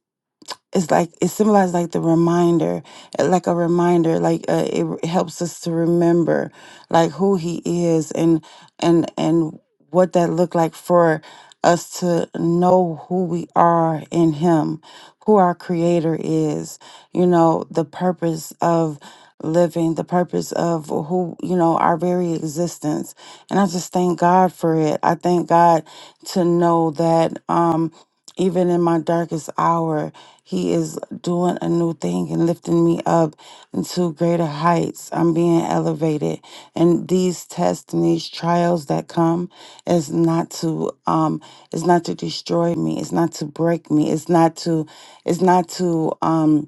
Speaker 3: it's like it symbolizes like the reminder uh, like a reminder like uh, it r- helps us to remember like who he is and and and what that looked like for us to know who we are in him who our creator is you know the purpose of living the purpose of who you know our very existence and i just thank god for it i thank god to know that um even in my darkest hour, He is doing a new thing and lifting me up into greater heights. I'm being elevated. And these tests and these trials that come is not to um is not to destroy me. It's not to break me. It's not to it's not to um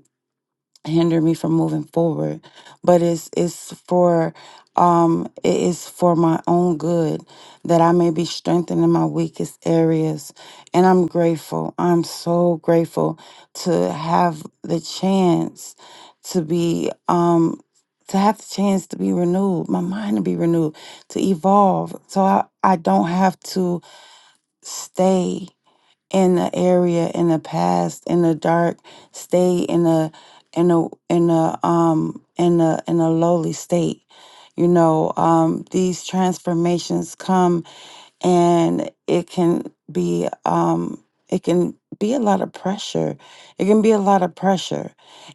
Speaker 3: hinder me from moving forward but it's it's for um it is for my own good that i may be strengthened in my weakest areas and i'm grateful i'm so grateful to have the chance to be um to have the chance to be renewed my mind to be renewed to evolve so i, I don't have to stay in the area in the past in the dark state in a in a in a um in a in a lowly state you know um these transformations come and it can be um it can be a lot of pressure it can be a lot of pressure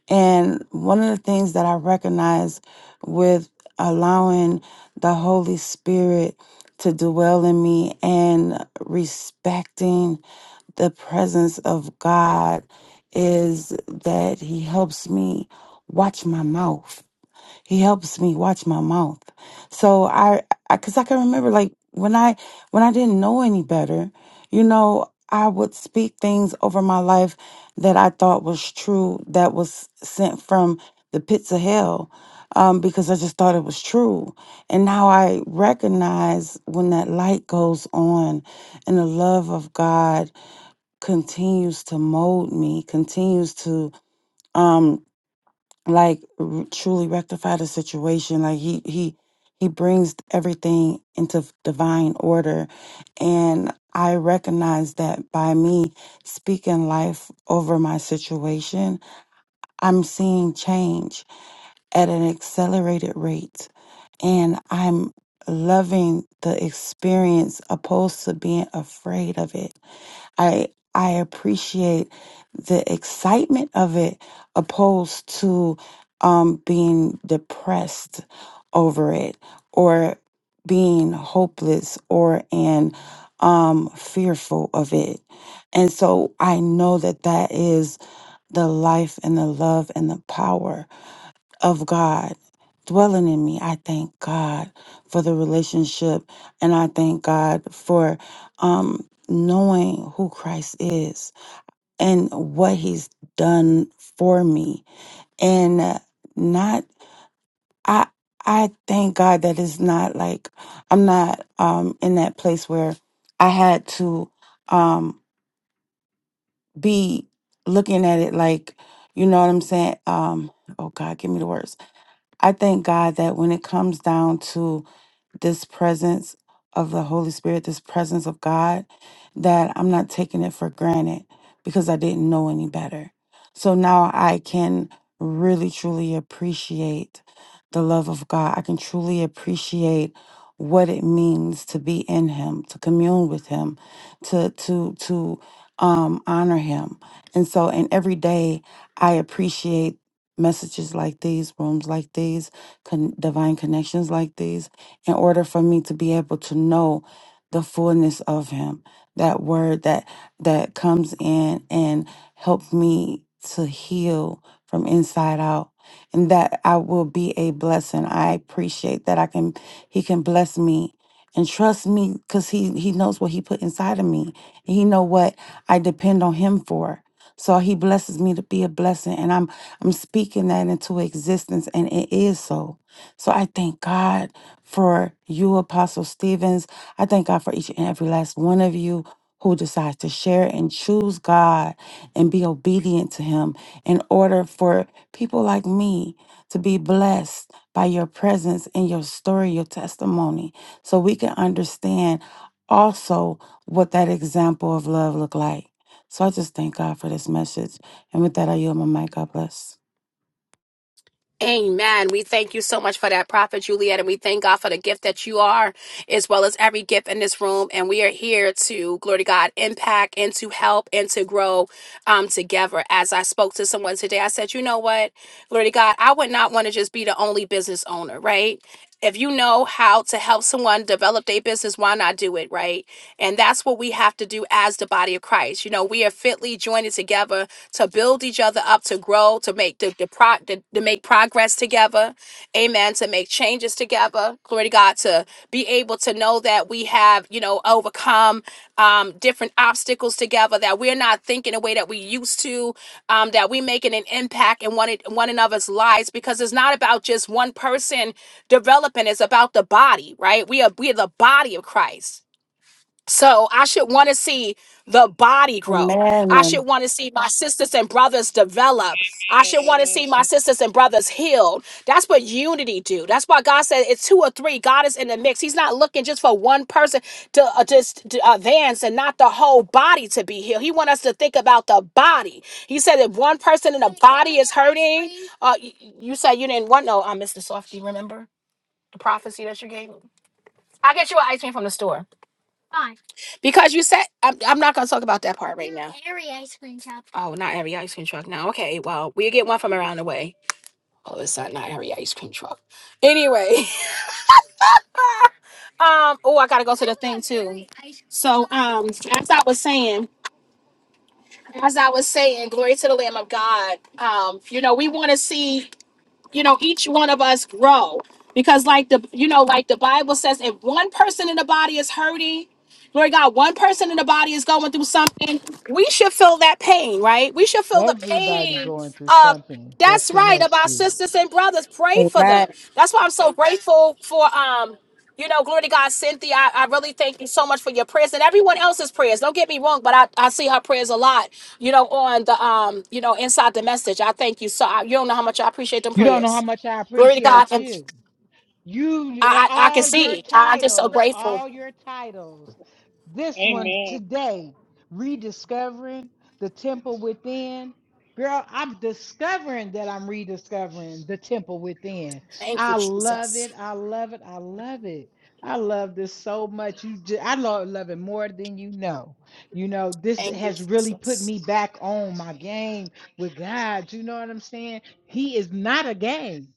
Speaker 3: and one of the things that i recognize with allowing the holy spirit to dwell in me and respecting the presence of God is that He helps me watch my mouth. He helps me watch my mouth. So I, I, cause I can remember like when I, when I didn't know any better, you know, I would speak things over my life that I thought was true, that was sent from the pits of hell, um, because I just thought it was true. And now I recognize when that light goes on and the love of God continues to mold me, continues to um like r- truly rectify the situation. Like he he he brings everything into divine order and I recognize that by me speaking life over my situation, I'm seeing change at an accelerated rate and I'm loving the experience opposed to being afraid of it I I appreciate the excitement of it opposed to um being depressed over it or being hopeless or and um fearful of it. And so I know that that is the life and the love and the power of God dwelling in me. I thank God for the relationship and I thank God for um knowing who Christ is and what he's done for me and uh, not I I thank God that it's not like I'm not um in that place where I had to um be looking at it like you know what I'm saying um oh God give me the words I thank God that when it comes down to this presence of the Holy Spirit, this presence of God, that I'm not taking it for granted because I didn't know any better. So now I can really truly appreciate the love of God. I can truly appreciate what it means to be in him, to commune with him, to to to um honor him. And so and every day I appreciate messages like these, rooms like these, con- divine connections like these in order for me to be able to know the fullness of him that word that that comes in and help me to heal from inside out and that I will be a blessing I appreciate that I can he can bless me and trust me cuz he he knows what he put inside of me he know what I depend on him for so he blesses me to be a blessing and I'm I'm speaking that into existence and it is so so I thank God for you, Apostle Stevens. I thank God for each and every last one of you who decides to share and choose God and be obedient to Him in order for people like me to be blessed by your presence and your story, your testimony, so we can understand also what that example of love look like. So I just thank God for this message. And with that, I yield my mic. God bless.
Speaker 1: Amen. We thank you so much for that, Prophet Juliet, and we thank God for the gift that you are, as well as every gift in this room. And we are here to, glory to God, impact and to help and to grow um, together. As I spoke to someone today, I said, you know what, glory to God, I would not want to just be the only business owner, right? if you know how to help someone develop their business, why not do it, right? And that's what we have to do as the body of Christ. You know, we are fitly joined together to build each other up, to grow, to make the, the pro to, to make progress together, amen, to make changes together. Glory to God, to be be able to know that we have, you know, overcome um, different obstacles together, that we're not thinking the way that we used to, um, that we're making an impact in one, one another's lives because it's not about just one person developing, it's about the body, right? We are, we are the body of Christ. So I should want to see the body grow. I should
Speaker 3: Amen.
Speaker 1: want to see my sisters and brothers develop. I should want to see my
Speaker 4: Amen.
Speaker 1: sisters and brothers healed. That's what unity do. That's why God said it's two or three. God is in the mix. He's not looking just for one person to uh, just to advance and not the whole body to be healed. He want us to think about the body. He said if one person in the body is hurting, uh, y- y- you said you didn't want no. I missed the softie. Remember the prophecy that you gave me. I get you an ice cream from the store. Because you said I'm, I'm not gonna talk about that part right now. Every ice cream shop. Oh, not every ice cream truck now. Okay, well, we'll get one from around the way. Oh, it's not not every ice cream truck. Anyway, um, oh, I gotta go to the thing too. So, um, as I was saying, as I was saying, glory to the Lamb of God. Um, you know, we want to see. you know each one of us grow because like the you know like the bible says if one person in the body is hurting Lord God, one person in the body is going through something. We should feel that pain, right? We should feel the
Speaker 2: Everybody
Speaker 1: pain
Speaker 2: going through something that's
Speaker 1: that's right. Of our
Speaker 2: connected.
Speaker 1: sisters and brothers, pray for
Speaker 8: Amen.
Speaker 1: them. That's why I'm so grateful for um, you know, glory to God, Cynthia. I, I really thank you so much for your prayers and everyone else's prayers. Don't get me wrong, but I, I see her prayers a lot, you know, on the um, you know, inside the message. I thank you so. I, you don't know how much I appreciate them
Speaker 2: You don't know how
Speaker 1: prayers.
Speaker 2: much I
Speaker 1: Glory to God,
Speaker 2: appreciate
Speaker 1: and
Speaker 2: you. You eh,
Speaker 1: I I, I can
Speaker 2: all your
Speaker 1: see. I, I'm just so
Speaker 2: titles,
Speaker 1: grateful.
Speaker 2: all your titles. This one
Speaker 4: Amen.
Speaker 2: today, rediscovering the temple within. Girl, I'm discovering that I'm rediscovering the temple within.
Speaker 1: Thank you,
Speaker 2: I love it.
Speaker 1: Jesus.
Speaker 2: I love it. I love it. I love this so much. You, ju- I love, love it more than you know. You know, this
Speaker 1: Thank you,
Speaker 2: has really put
Speaker 1: Jesus.
Speaker 2: me back on my game with God. You know what I'm saying? He is not a game.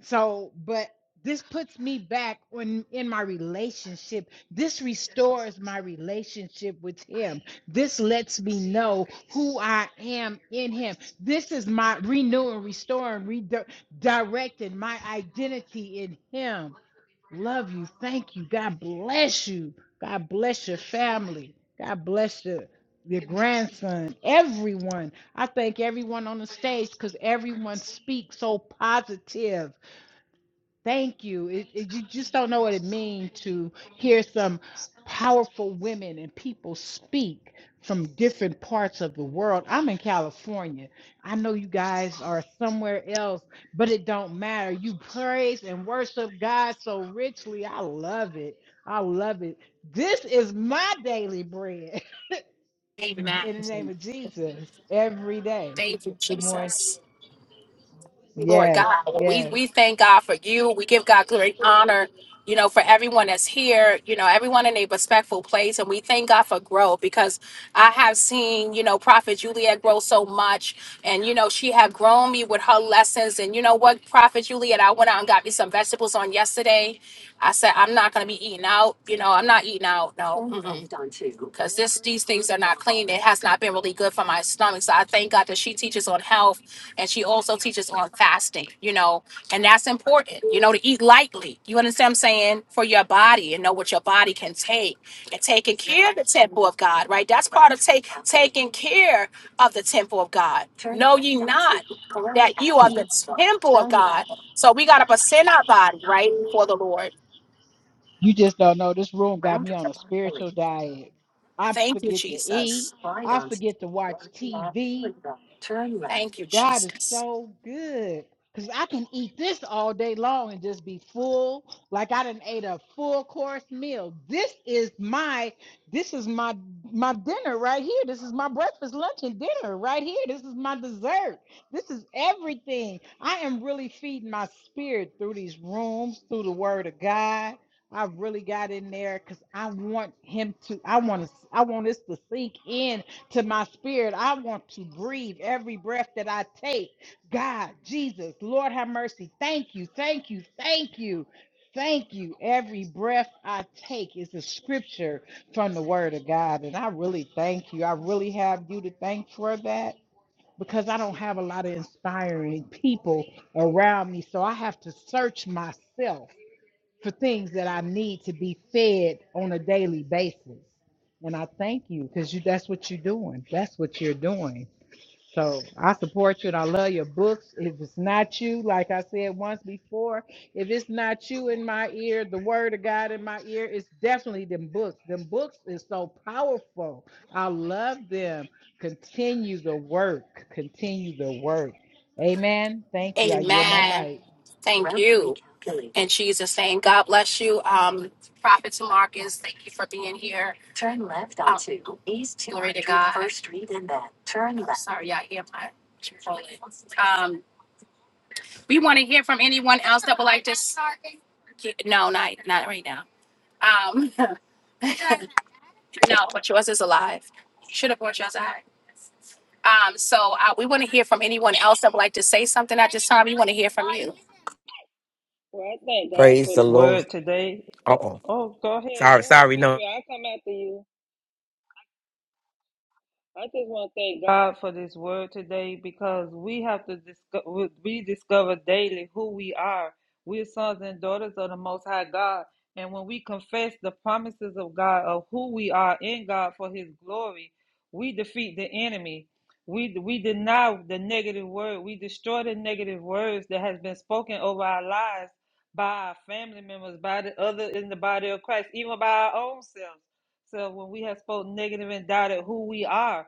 Speaker 2: So, but this puts me back on in my relationship. This restores my relationship with him. This lets me know who I am in him. This is my renewing, restoring, redirecting my identity in him. Love you. Thank you. God bless you. God bless your family. God bless your your grandson, everyone. I thank everyone on the stage because everyone speaks so positive Thank you. It, it, you just don't know what it means to hear some powerful women and people speak from different parts of the world. I'm in California. I know you guys are somewhere else, but it don't matter. You praise and worship God so richly. I love it. I love it. This is my daily bread in the name of Jesus every day. Good morning.
Speaker 1: Jesus. Lord
Speaker 2: Yes,
Speaker 1: God. We
Speaker 2: yes.
Speaker 1: we thank God for you. We give God great honor, you know, for everyone that's here, you know, everyone in a respectful place. And we thank God for growth because I have seen, you know, Prophet Juliet grow so much. And, you know, she had grown me with her lessons. And you know what, Prophet Juliet, I went out and got me some vegetables on yesterday. I said, I'm not gonna be eating out, you know, I'm not eating out, no because this these things are not clean. It has not been really good for my stomach. So I thank God that she teaches on health and she also teaches on fasting, you know, and that's important, you know, to eat lightly. You understand what I'm saying? For your body and know what your body can take and taking care of the temple of God, right? That's part of take taking care of the temple of God. Know ye not that you are the temple of God. So we gotta present our body, right, for the Lord.
Speaker 2: You just don't know. This room got me on a spiritual diet. I
Speaker 1: Thank you,
Speaker 2: forget to eat.
Speaker 1: Jesus.
Speaker 2: I forget to watch TV.
Speaker 1: Thank you,
Speaker 2: God is
Speaker 1: Jesus.
Speaker 2: so good. Cause I can eat this all day long and just be full. Like I done ate a full course meal. This is my this is my my dinner right here. This is my breakfast, lunch, and dinner right here. This is my dessert. This is everything. I am really feeding my spirit through these rooms, through the word of God. I really got in there because I want him to, I want to I want this to sink in to my spirit. I want to breathe every breath that I take. God, Jesus, Lord have mercy. Thank you, thank you, thank you, thank you. Every breath I take is a scripture from the Word of God. And I really thank you. I really have you to thank for that because I don't have a lot of inspiring people around me. So I have to search myself for things that I need to be fed on a daily basis. And I thank you because you that's what you're doing. That's what you're doing. So I support you and I love your books. If it's not you, like I said once before, if it's not you in my ear, the word of God in my ear, it's definitely them books. Them books is so powerful. I love them. Continue the work. Continue the work. Amen. Thank you. I yield my
Speaker 1: Amen.
Speaker 2: mic.
Speaker 1: Thank you. In Jesus' name, God bless you. Um, Prophet Marcus, thank you for being here. Um, Glory to God. Sorry, I hear my controller. Um, we want to hear from anyone else that would like to. s- No, not not right now. Um, no, but yours is alive. Should have brought yours out. Um, so uh, we want to hear from anyone else that would like to say something at this time. We want to hear from you.
Speaker 4: Well, I thank God
Speaker 5: Praise
Speaker 4: for
Speaker 5: the
Speaker 4: the
Speaker 5: Lord.
Speaker 4: word today.
Speaker 5: Uh
Speaker 4: Oh,
Speaker 5: oh.
Speaker 4: oh, go ahead,
Speaker 5: Sorry,
Speaker 4: go ahead,
Speaker 5: sorry. No.
Speaker 4: Victoria. I'll come after you. I just want to thank God for this word today because we have to discover, we discover daily who we are. We're sons and daughters of the Most High God. And when we confess the promises of God, of who we are in God for His glory, we defeat the enemy. We, we deny the negative word. We destroy the negative words that has been spoken over our lives by our family members, by the other in the body of Christ, even by our own selves. So when we have spoken negative and doubted who we are,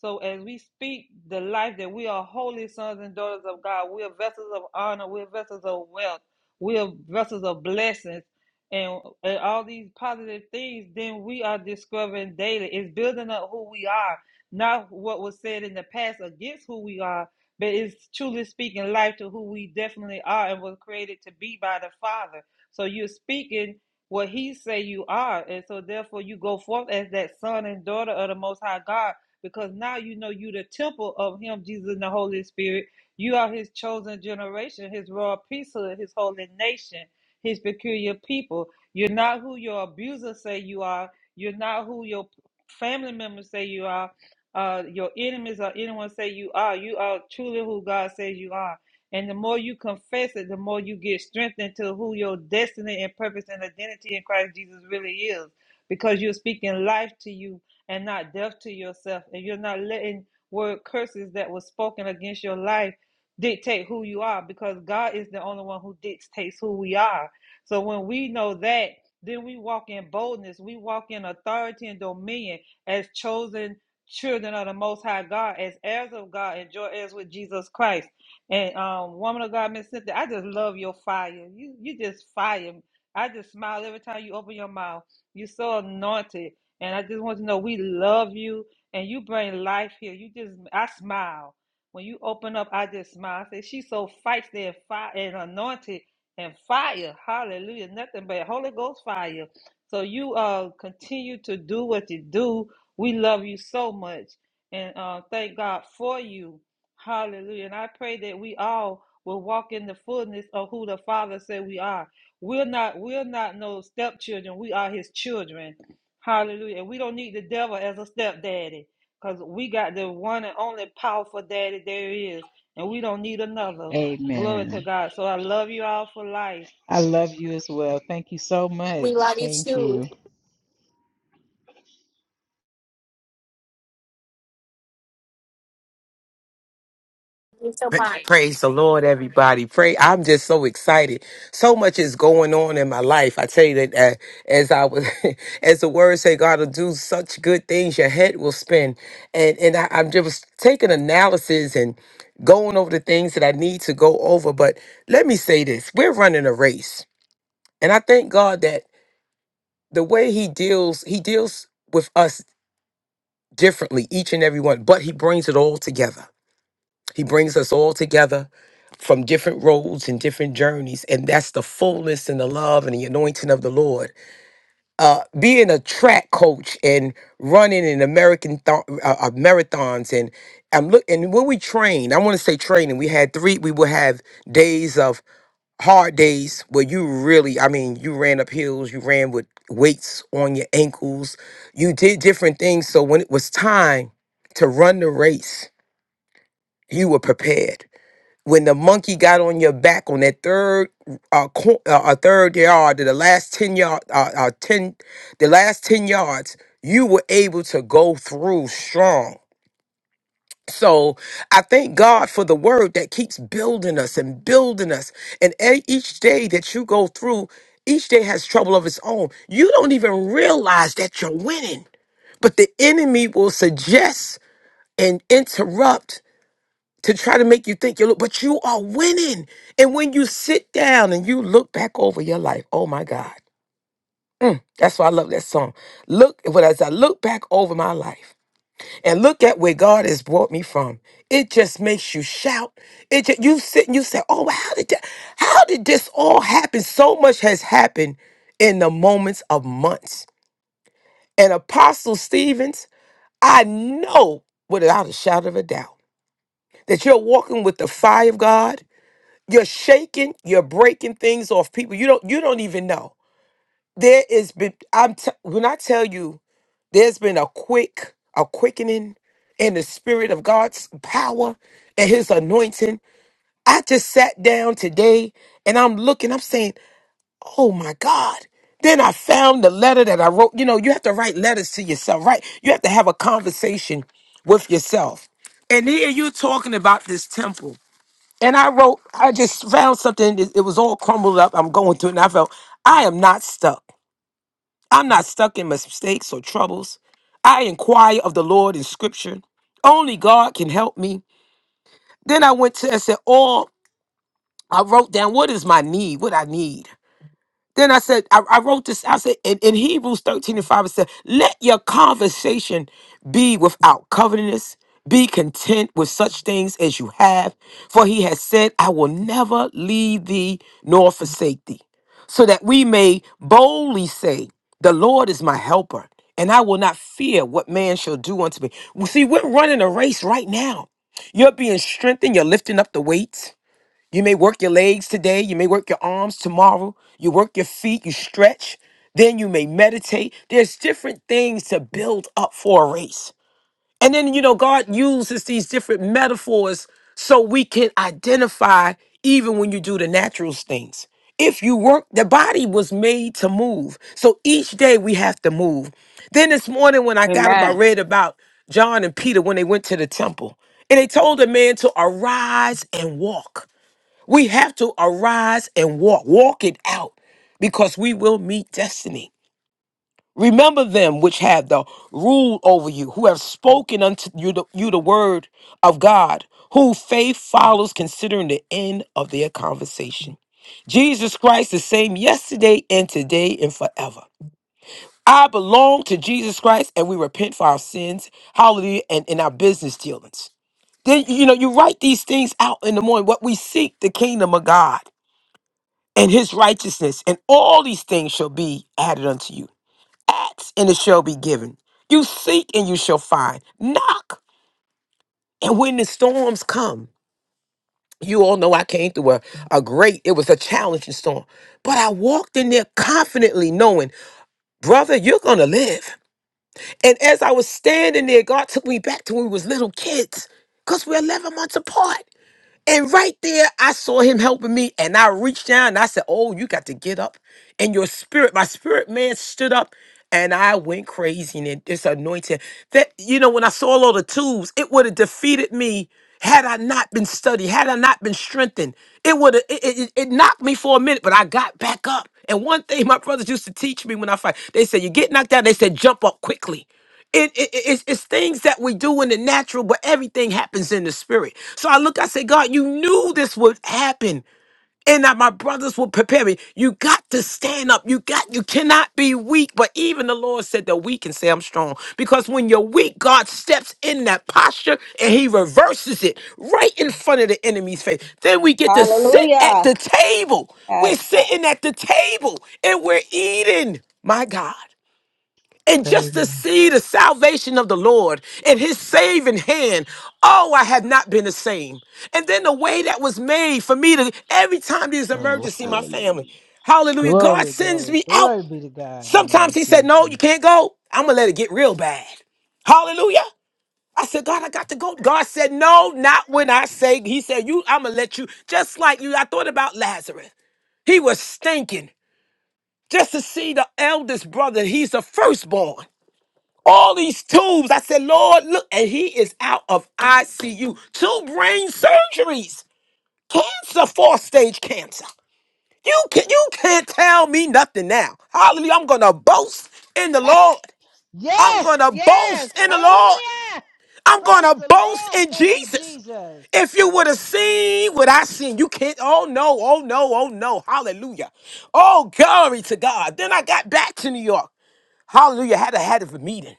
Speaker 4: so as we speak the life that we are holy sons and daughters of God, we are vessels of honor, we are vessels of wealth, we are vessels of blessings, and, and all these positive things, then we are discovering daily. It's building up who we are, not what was said in the past against who we are, but it's truly speaking life to who we definitely are and was created to be by the Father. So you're speaking what He say you are, and so therefore you go forth as that son and daughter of the Most High God because now you know you the temple of him, Jesus and the Holy Spirit. You are his chosen generation, his royal priesthood, his holy nation, his peculiar people. You're not who your abusers say you are. You're not who your family members say you are. Uh, your enemies or anyone say you are. You are truly who God says you are. And the more you confess it, the more you get strengthened to who your destiny and purpose and identity in Christ Jesus really is. Because you're speaking life to you and not deaf to yourself, and you're not letting word curses that was spoken against your life dictate who you are because God is the only one who dictates who we are. So when we know that, then we walk in boldness, we walk in authority and dominion as chosen children of the Most High God, as heirs of God, and joint heirs with Jesus Christ. And um, woman of God, Miss Cynthia, I just love your fire. You you just fire. I just smile every time you open your mouth. You're so anointed. And I just want to know we love you and you bring life here. You just, I smile. When you open up, I just smile. I say, she's so feisty and, fire and anointed and fire. Hallelujah. Nothing but Holy Ghost fire. So you uh continue to do what you do. We love you so much. And uh, thank God for you. Hallelujah. And I pray that we all will walk in the fullness of who the Father said we are. We're not we're not no stepchildren. We are his children. Hallelujah. And we don't need the devil as a stepdaddy because we got the one and only powerful daddy there is. And we don't need another. Glory to
Speaker 2: Amen.
Speaker 4: God. So I love you all for life.
Speaker 2: I love you as well. Thank you so much. Thank you.
Speaker 5: Pra- Praise the Lord, everybody. Pray. I'm just so excited. So much is going on in my life. I tell you that uh, as I was, as the word say, God will do such good things, your head will spin. And and I, I'm just taking analysis and going over the things that I need to go over. But let me say this: we're running a race, and I thank God that the way He deals, He deals with us differently, each and every one. But He brings it all together. He brings us all together from different roads and different journeys. And that's the fullness and the love and the anointing of the Lord. Uh, being a track coach and running in American th- uh, uh, marathons and I'm look and when we train, I want to say training, we had three, we would have days of hard days where you really, I mean, you ran up hills, you ran with weights on your ankles, you did different things. So when it was time to run the race, you were prepared when the monkey got on your back on that third uh, cor- uh, uh third yard to the last 10 yard uh, uh 10 the last 10 yards you were able to go through strong so i thank god for the word that keeps building us and building us and e- each day that you go through each day has trouble of its own you don't even realize that you're winning but the enemy will suggest and interrupt to try to make you think you look, but you are winning. And when you sit down and you look back over your life, oh my God. That's why I love that song. Look, when as I look back over my life and look at where God has brought me from, it just makes you shout. It just, you sit and you say, "Oh, well, how did that? How did this all happen?" So much has happened in the moments of months. And Apostle Stevens, I know without a shadow of a doubt that you're walking with the fire of God You're shaking, you're breaking things off people. You don't you don't even know. There is been I'm t- when I tell you there's been a quick a quickening in the spirit of God's power and his anointing. I just sat down today and I'm looking, I'm saying, "Oh my God." Then I found the letter that I wrote. You know, you have to write letters to yourself, right? You have to have a conversation with yourself. And here you're talking about this temple. And I wrote, I just found something. It it was all crumbled up. I'm going through it, and I felt I am not stuck. I'm not stuck in mistakes or troubles. I inquire of the Lord in Scripture. Only God can help me. Then I went to I said, all I wrote down. What is my need? What I need? Then I said, I, I wrote this, I said, in, in Hebrews 13 and 5, it said, let your conversation be without covetousness. Be content with such things as you have, for he has said, I will never leave thee nor forsake thee. So that we may boldly say, The Lord is my helper, and I will not fear what man shall do unto me. Well, See, we're running a race right now. You're being strengthened, you're lifting up the weights. You may work your legs today, you may work your arms tomorrow, you work your feet, you stretch, then you may meditate. There's different things to build up for a race. And then, you know, God uses these different metaphors so we can identify even when you do the natural things. If you work, the body was made to move. So each day we have to move. Then this morning when I got up, I
Speaker 8: Amen.
Speaker 5: read about John and Peter when they went to the temple. And they told the man to arise and walk. We have to arise and walk, walk it out because we will meet destiny. Remember them which have the rule over you, who have spoken unto you the, you the word of God, who faith follows considering the end of their conversation. Jesus Christ, the same yesterday and today and forever. I belong to Jesus Christ and we repent for our sins, hallelujah, and in our business dealings. Then, you know, you write these things out in the morning, what we seek, the kingdom of God and his righteousness, and all these things shall be added unto you. Ask, and it shall be given. You seek, and you shall find. Knock, and when the storms come, you all know I came through a, a great, it was a challenging storm, but I walked in there confidently knowing, brother, you're going to live. And as I was standing there, God took me back to when we was little kids because we're 11 months apart. And right there, I saw him helping me, and I reached down and I said, Oh, you got to get up. And your spirit, my spirit man stood up, and I went crazy. And then this anointing that, you know, when I saw all the tools, it would have defeated me had I not been studied, had I not been strengthened. It would have, it, it, it it knocked me for a minute, but I got back up. And one thing my brothers used to teach me when I fight, they said, You get knocked down, they said, Jump up quickly. It, it, it- it's, it's things that we do in the natural, but everything happens in the spirit. So I look, I say, God, you knew this would happen. And that my brothers would prepare me. You got to stand up. You got you cannot be weak. But even the Lord said the weak can say I'm strong. Because when you're weak, God steps in that posture and he reverses it right in front of the enemy's face. Then we get to sit at the
Speaker 8: Hallelujah.
Speaker 5: table. We're
Speaker 8: Yes, God.
Speaker 5: sitting at the table and we're eating. My God and
Speaker 2: Praise
Speaker 5: just to see the salvation of the Lord and his saving hand, oh, I have not been the same. And then the way that was made for me to, every time there's
Speaker 2: the
Speaker 5: an
Speaker 2: Lord.
Speaker 5: emergency, my family, hallelujah, God
Speaker 2: Glory,
Speaker 5: sends
Speaker 2: glory,
Speaker 5: me out.
Speaker 2: glory be to God in the name
Speaker 5: Sometimes
Speaker 2: of
Speaker 5: he said, no, you
Speaker 2: Jesus.
Speaker 5: can't go. I'm going to let it get real bad. Hallelujah. I said, God, I got to go. God said, no, not when I say, he said, you, I'm going to let you, just like you. I thought about Lazarus. He was stinking just to see the eldest brother. He's the firstborn all these tubes. I said, Lord, look, and he is out of ICU. Two brain surgeries, cancer, fourth stage cancer. You can you can't tell me nothing now. Hallelujah. I'm gonna boast in the Lord. I'm
Speaker 2: yes,
Speaker 5: gonna
Speaker 2: yes.
Speaker 5: boast in the Lord.
Speaker 2: Hallelujah.
Speaker 5: I'm gonna
Speaker 2: Praise the
Speaker 5: boast
Speaker 2: Lord.
Speaker 5: in
Speaker 2: Thank you,
Speaker 5: Jesus.
Speaker 2: Jesus.
Speaker 5: If you would have seen what I seen, you can't. Oh no, oh no, oh no. Hallelujah. Oh, glory to God. Then I got back to New York. Hallelujah. Had a had a meeting.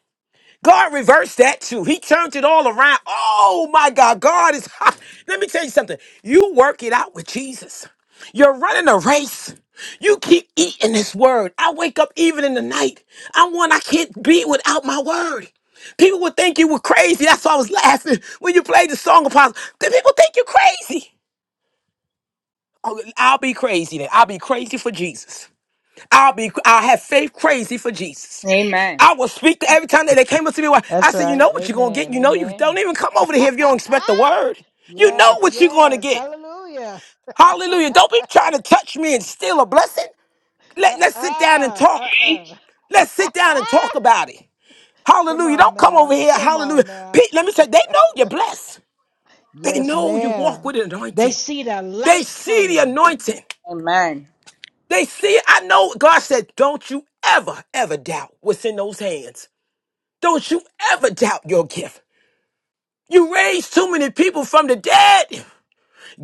Speaker 5: God reversed that too. He turned it all around. Oh my God, God is. hot. Let me tell you something. You work it out with Jesus. You're running a race. You keep eating this word. I wake up even in the night. I'm one I can't be without my word. People would think you were crazy. That's why I was laughing when you played the song apostle. The People think you're crazy. Oh, I'll be crazy then. I'll be crazy for Jesus. I'll be I'll have faith crazy for Jesus.
Speaker 8: Amen.
Speaker 5: I will speak to every time that they came up to me. why- I
Speaker 2: That's
Speaker 5: said, you
Speaker 2: right.
Speaker 5: know what you're gonna get.
Speaker 2: Amen.
Speaker 5: You know you don't
Speaker 2: Amen.
Speaker 5: even come over to here if you don't expect the word. You
Speaker 2: yes,
Speaker 5: know what you're gonna
Speaker 2: yes.
Speaker 5: get.
Speaker 2: Hallelujah.
Speaker 5: Hallelujah. Don't be trying to touch me and steal a blessing. Let, let's sit down and
Speaker 2: Uh-uh.
Speaker 5: talk.
Speaker 2: Uh-uh.
Speaker 5: Let's sit down and talk about it.
Speaker 2: Come
Speaker 5: Hallelujah.
Speaker 2: on
Speaker 5: Don't come
Speaker 2: now.
Speaker 5: over here.
Speaker 2: Come
Speaker 5: Hallelujah.
Speaker 2: on now.
Speaker 5: Pete, let me say, they know you're blessed. They
Speaker 2: Yes,
Speaker 5: know you walk
Speaker 2: ma'am.
Speaker 5: with an
Speaker 2: They
Speaker 5: anointing.
Speaker 2: see the
Speaker 5: They
Speaker 2: light
Speaker 5: see the
Speaker 2: coming.
Speaker 5: anointing.
Speaker 8: Amen.
Speaker 5: They see, I know God said, don't you ever, ever doubt what's in those hands. Don't you ever doubt your gift. You raised too many people from the dead.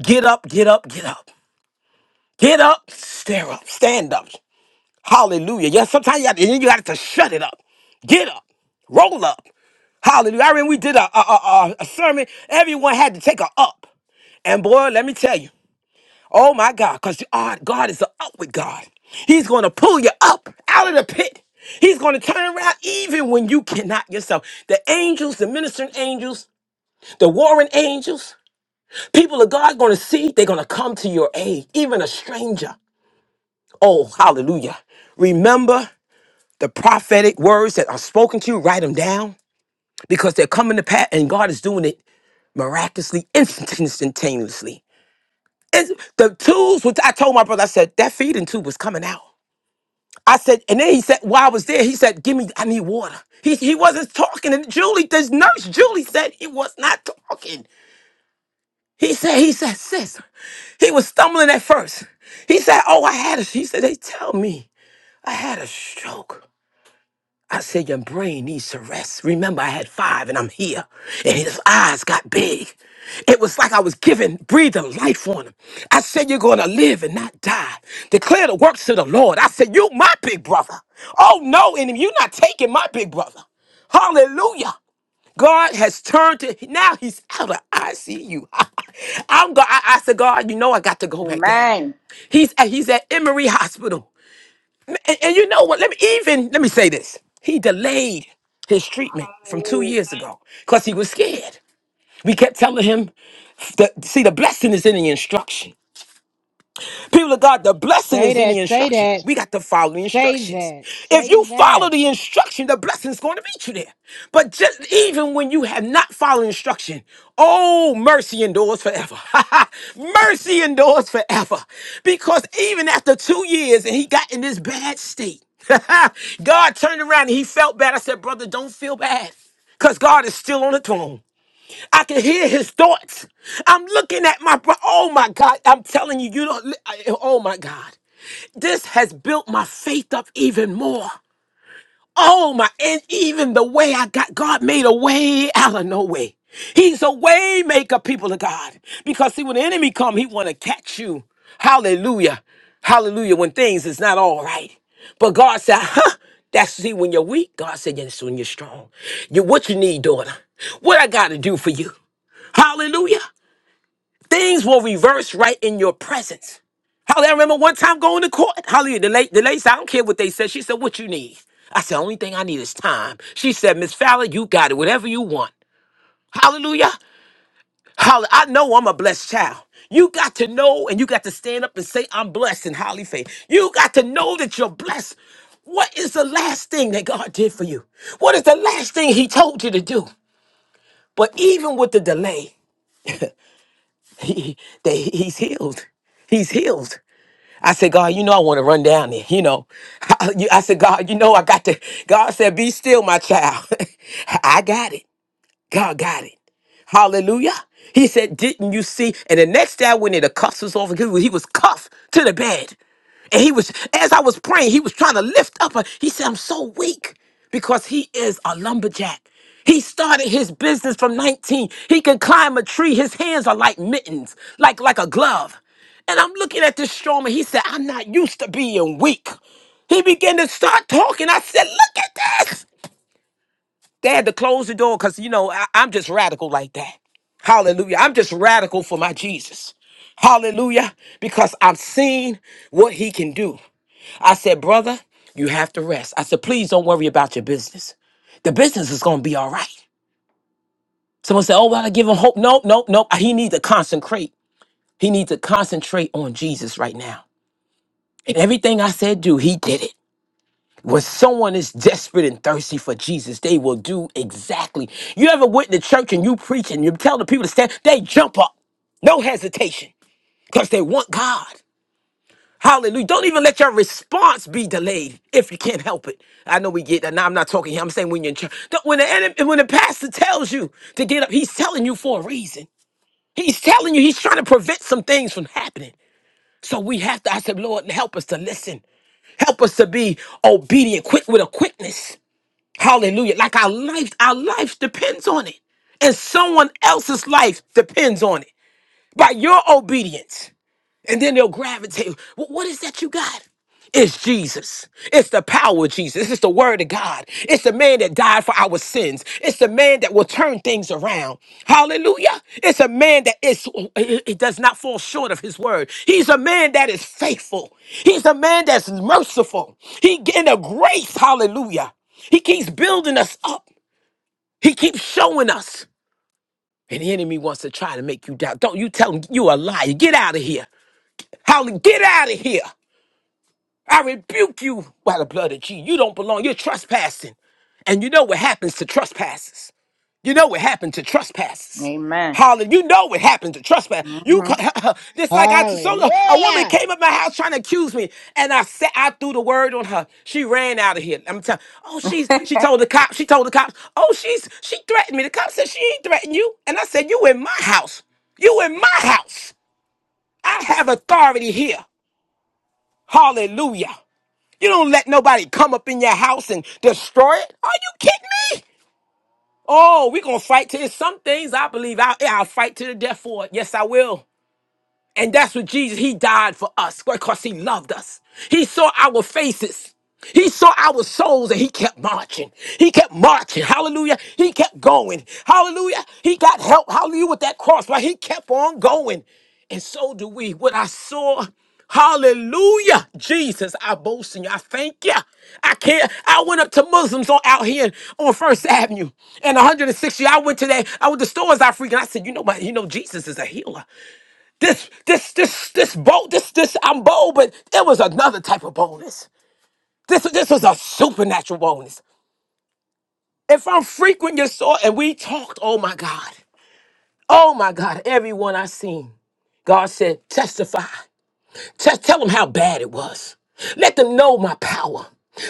Speaker 5: Get up, get up, get up. Get up, stare up, stand up. Hallelujah. Yeah, sometimes you have to, you have to shut it up. Get up, roll up. Hallelujah. I remember we did a, a, a, a a sermon, everyone had to take a up. And boy, let me tell you, oh my God, because God, God is an up with God. He's going to pull you up out of the pit. He's going to turn around even when you cannot yourself. The angels, the ministering angels, The warring angels, people of God going to see, they're going to come to your aid, even a stranger. Oh, hallelujah. Remember the prophetic words that are spoken to you, write them down because they're coming to pass and God is doing it miraculously, instant- instantaneously. And the tools, which I told my brother, I said, that feeding tube was coming out. I said, and then he said, while I was there, he said, give me, I need water. He, he wasn't talking. And Julie, this nurse, Julie said he was not talking. He said, he said, sis, he was stumbling at first. He said, oh, I had a, he said, they tell me I had a stroke. I said, your brain needs to rest. Remember, I had five and I'm here. And his eyes got big. It was like I was giving, breathing life on him. I said, you're going to live and not die. Declare the works to the Lord. I said, you my big brother. Oh, no, enemy, you're not taking my big brother. Hallelujah. God has turned to now he's out of ICU. I'm go. I, I said, God, you know I got to go back down.
Speaker 8: Amen.
Speaker 5: He's at, he's at Emory Hospital, and, and you know what? Let me even let me say this. He delayed his treatment from two
Speaker 4: Hallelujah.
Speaker 5: years ago because he was scared. We kept telling him, the, see, the blessing is in the instruction. People of God, the blessing
Speaker 2: Say
Speaker 5: is in the
Speaker 2: that, say
Speaker 5: instruction.
Speaker 2: that,
Speaker 5: We got to follow the
Speaker 2: say
Speaker 5: instructions.
Speaker 2: that,
Speaker 5: If you
Speaker 2: say
Speaker 5: follow
Speaker 2: that.
Speaker 5: the instruction, the blessing is going to meet you there. But just even when you have not followed instruction, oh, mercy endures forever. mercy endures forever. Because even after two years and he got in this bad state, God turned around and he felt bad. I said, brother, don't feel bad because God is still on the throne. I can hear his thoughts. I'm looking at my bro. Oh my God. I'm telling you, you don't. li- I- Oh my God. This has built my faith up even more. Oh my. And even the way I got, God made a way out of no way. He's a way maker, people of God. Because see, when the enemy come, he want to catch you. Hallelujah. Hallelujah. When things is not all right. But God said, huh? That's see when you're weak. God said, yes, when you're strong. You what you need, daughter. What I gotta do for you? Hallelujah. Things will reverse right in your presence. Hallelujah. I remember one time going to court. Hallelujah. The late, the lady said, I don't care what they said. She said, What you need? I said, Only thing I need is time. She said, Miss Fowler, you got it. Whatever you want. Hallelujah. Hallelujah. I know I'm a blessed child. You got to know and you got to stand up and say, I'm blessed in highly faith. You got to know that you're blessed. What is the last thing that God did for you? What is the last thing He told you to do? But even with the delay, he, that he's healed. He's healed. I said, God, you know I want to run down there. You know, I, you- I said, God, you know I got to. God said, be still, my child. I got it. God got it. Hallelujah. He said, Didn't you see? And the next day I went in, the cuffs was off, and he was cuffed to the bed. And he was, as I was praying, he was trying to lift up. uh, He said, I'm so weak because he is a lumberjack. He started his business from 19. He can climb a tree. His hands are like mittens, like, like a glove. And I'm looking at this strong man. He said, I'm not used to being weak. He began to start talking. I said, Look at this. They had to close the door because, you know, I, I'm just radical like that. Hallelujah. I'm just radical for my Jesus. Hallelujah. Because I've seen what he can do. I said, brother, you have to rest. I said, please don't worry about your business. The business is going to be all right. Someone said, oh, well, I give him hope. No, no, no. He needs to concentrate. He needs to concentrate on Jesus right now. And everything I said, do, he did it. When someone is desperate and thirsty for Jesus, they will do exactly. You ever went to church and you preach and you tell the people to stand, they jump up. No hesitation because they want God. Hallelujah. Don't even let your response be delayed if you can't help it. I know we get that. Now I'm not talking here. I'm saying when you're in church. Don't- When the, enemy, when the pastor tells you to get up, he's telling you for a reason. He's telling you he's trying to prevent some things from happening. So we have to, I said, Lord, help us to listen. Help us to be obedient, quick with a quickness. Hallelujah. Like our life, our life depends on it. And someone else's life depends on it by your obedience. And then they'll gravitate. "Wh- What is that you got? It's Jesus. It's the power of Jesus. It's the word of God. It's the man that died for our sins. It's the man that will turn things around. Hallelujah. It's a man that is it it does not fall short of his word. He's a man that is faithful. He's a man that's merciful. He in a grace, hallelujah. He keeps building us up. He keeps showing us. And the enemy wants to try to make you doubt. Don't you tell him you a liar. Get out of here. Holly, get out of here. I rebuke you by the blood of Jesus. You don't belong. You're trespassing. And you know what happens to trespassers. You know what happened to trespassers,
Speaker 8: Amen.
Speaker 5: Holly, you know what happened to trespass. You
Speaker 8: hmm
Speaker 5: ca- just like I so look, a woman
Speaker 2: Hallelujah.
Speaker 5: came at my house trying to accuse me, and I said I threw the word on her. She ran out of here. I'm telling. Oh, she's she told the cops. She told the cops. Oh, she's she threatened me. The cops said she ain't threatened you, and I said you in my house. You in my house. I have authority here. Hallelujah. You don't let nobody come up in your house and destroy it. Are you kidding me? Oh, we gonna fight to it. some things. I believe I, yeah, I'll fight to the death for it. Yes, I will. And that's what Jesus, he died for us because he loved us. He saw our faces. He saw our souls and he kept marching. He kept marching. Hallelujah. He kept going. Hallelujah. He got help. Hallelujah with that cross, but he kept on going. And so do we. What I saw, hallelujah. Jesus, I boast in you. I thank you. I can't. I went up to Muslims on out here on First Avenue and 160. I went to that. I went to stores I freaking. I said, you know what? You know, Jesus is a healer. This, this, this, this bold, this, this, I'm bold, but it was another type of boldness. This, this was a supernatural boldness. If I'm frequent your soul and we talked, oh my God, oh my God, everyone I seen, God said, testify. Just tell them how bad it was. Let them know my power.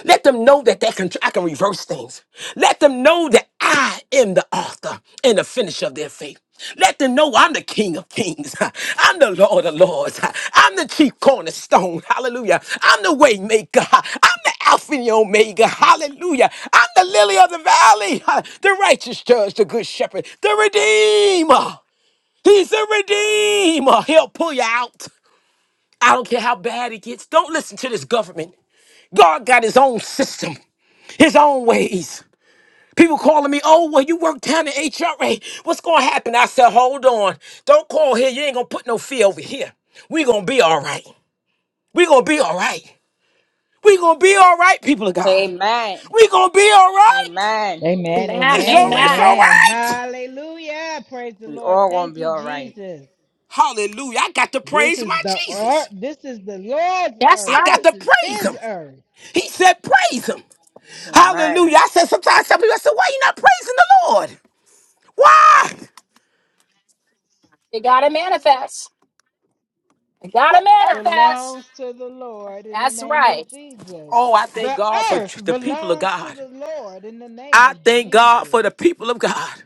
Speaker 5: Let them know that they can, I can reverse things. Let them know that I am the author and the finisher of their faith. Let them know I'm the King of Kings. I'm the Lord of Lords. I'm the chief cornerstone. Hallelujah. I'm the way maker. I'm the Alpha and the Omega. Hallelujah. I'm the lily of the valley. The righteous judge, the good shepherd, the redeemer. He's a redeemer. He'll pull you out. I don't care how bad it gets. Don't listen to this government. God got his own system, his own ways. People calling me, oh, well, you work down in HRA. What's going to happen? I said, hold on. Don't call here. You ain't going to put no fear over here. we going to be all right. we going to be all right. we going to be all right, people of God.
Speaker 8: Amen.
Speaker 5: we going to be all right.
Speaker 8: Amen.
Speaker 2: Amen,
Speaker 5: It's
Speaker 2: amen,
Speaker 5: all right. It's all
Speaker 2: amen.
Speaker 5: right.
Speaker 2: Hallelujah. Praise the
Speaker 8: We
Speaker 2: Lord.
Speaker 8: all gonna
Speaker 2: Thank
Speaker 8: be
Speaker 2: you,
Speaker 8: all right.
Speaker 2: Jesus.
Speaker 5: Hallelujah. I got to
Speaker 2: This
Speaker 5: praise
Speaker 2: is
Speaker 5: my
Speaker 2: the earth.
Speaker 5: Jesus.
Speaker 2: This is the Lord's
Speaker 1: That's
Speaker 5: I
Speaker 2: earth.
Speaker 5: got
Speaker 1: right.
Speaker 2: This
Speaker 5: to
Speaker 2: is
Speaker 5: praise
Speaker 2: his
Speaker 5: him.
Speaker 2: earth.
Speaker 5: He said, praise him.
Speaker 8: Amen.
Speaker 5: Hallelujah. I said sometimes some people, I said, why you not praising the Lord? Why?
Speaker 1: You gotta manifest. You gotta manifest.
Speaker 2: Belongs to the Lord in the
Speaker 1: That's
Speaker 2: name
Speaker 1: right.
Speaker 2: of Jesus.
Speaker 5: Oh, I thank
Speaker 2: The
Speaker 5: God for
Speaker 2: earth
Speaker 5: the people of
Speaker 2: belongs to
Speaker 5: God.
Speaker 2: the Lord in the name
Speaker 5: I
Speaker 2: of
Speaker 5: thank God for
Speaker 2: Jesus.
Speaker 5: the people of God.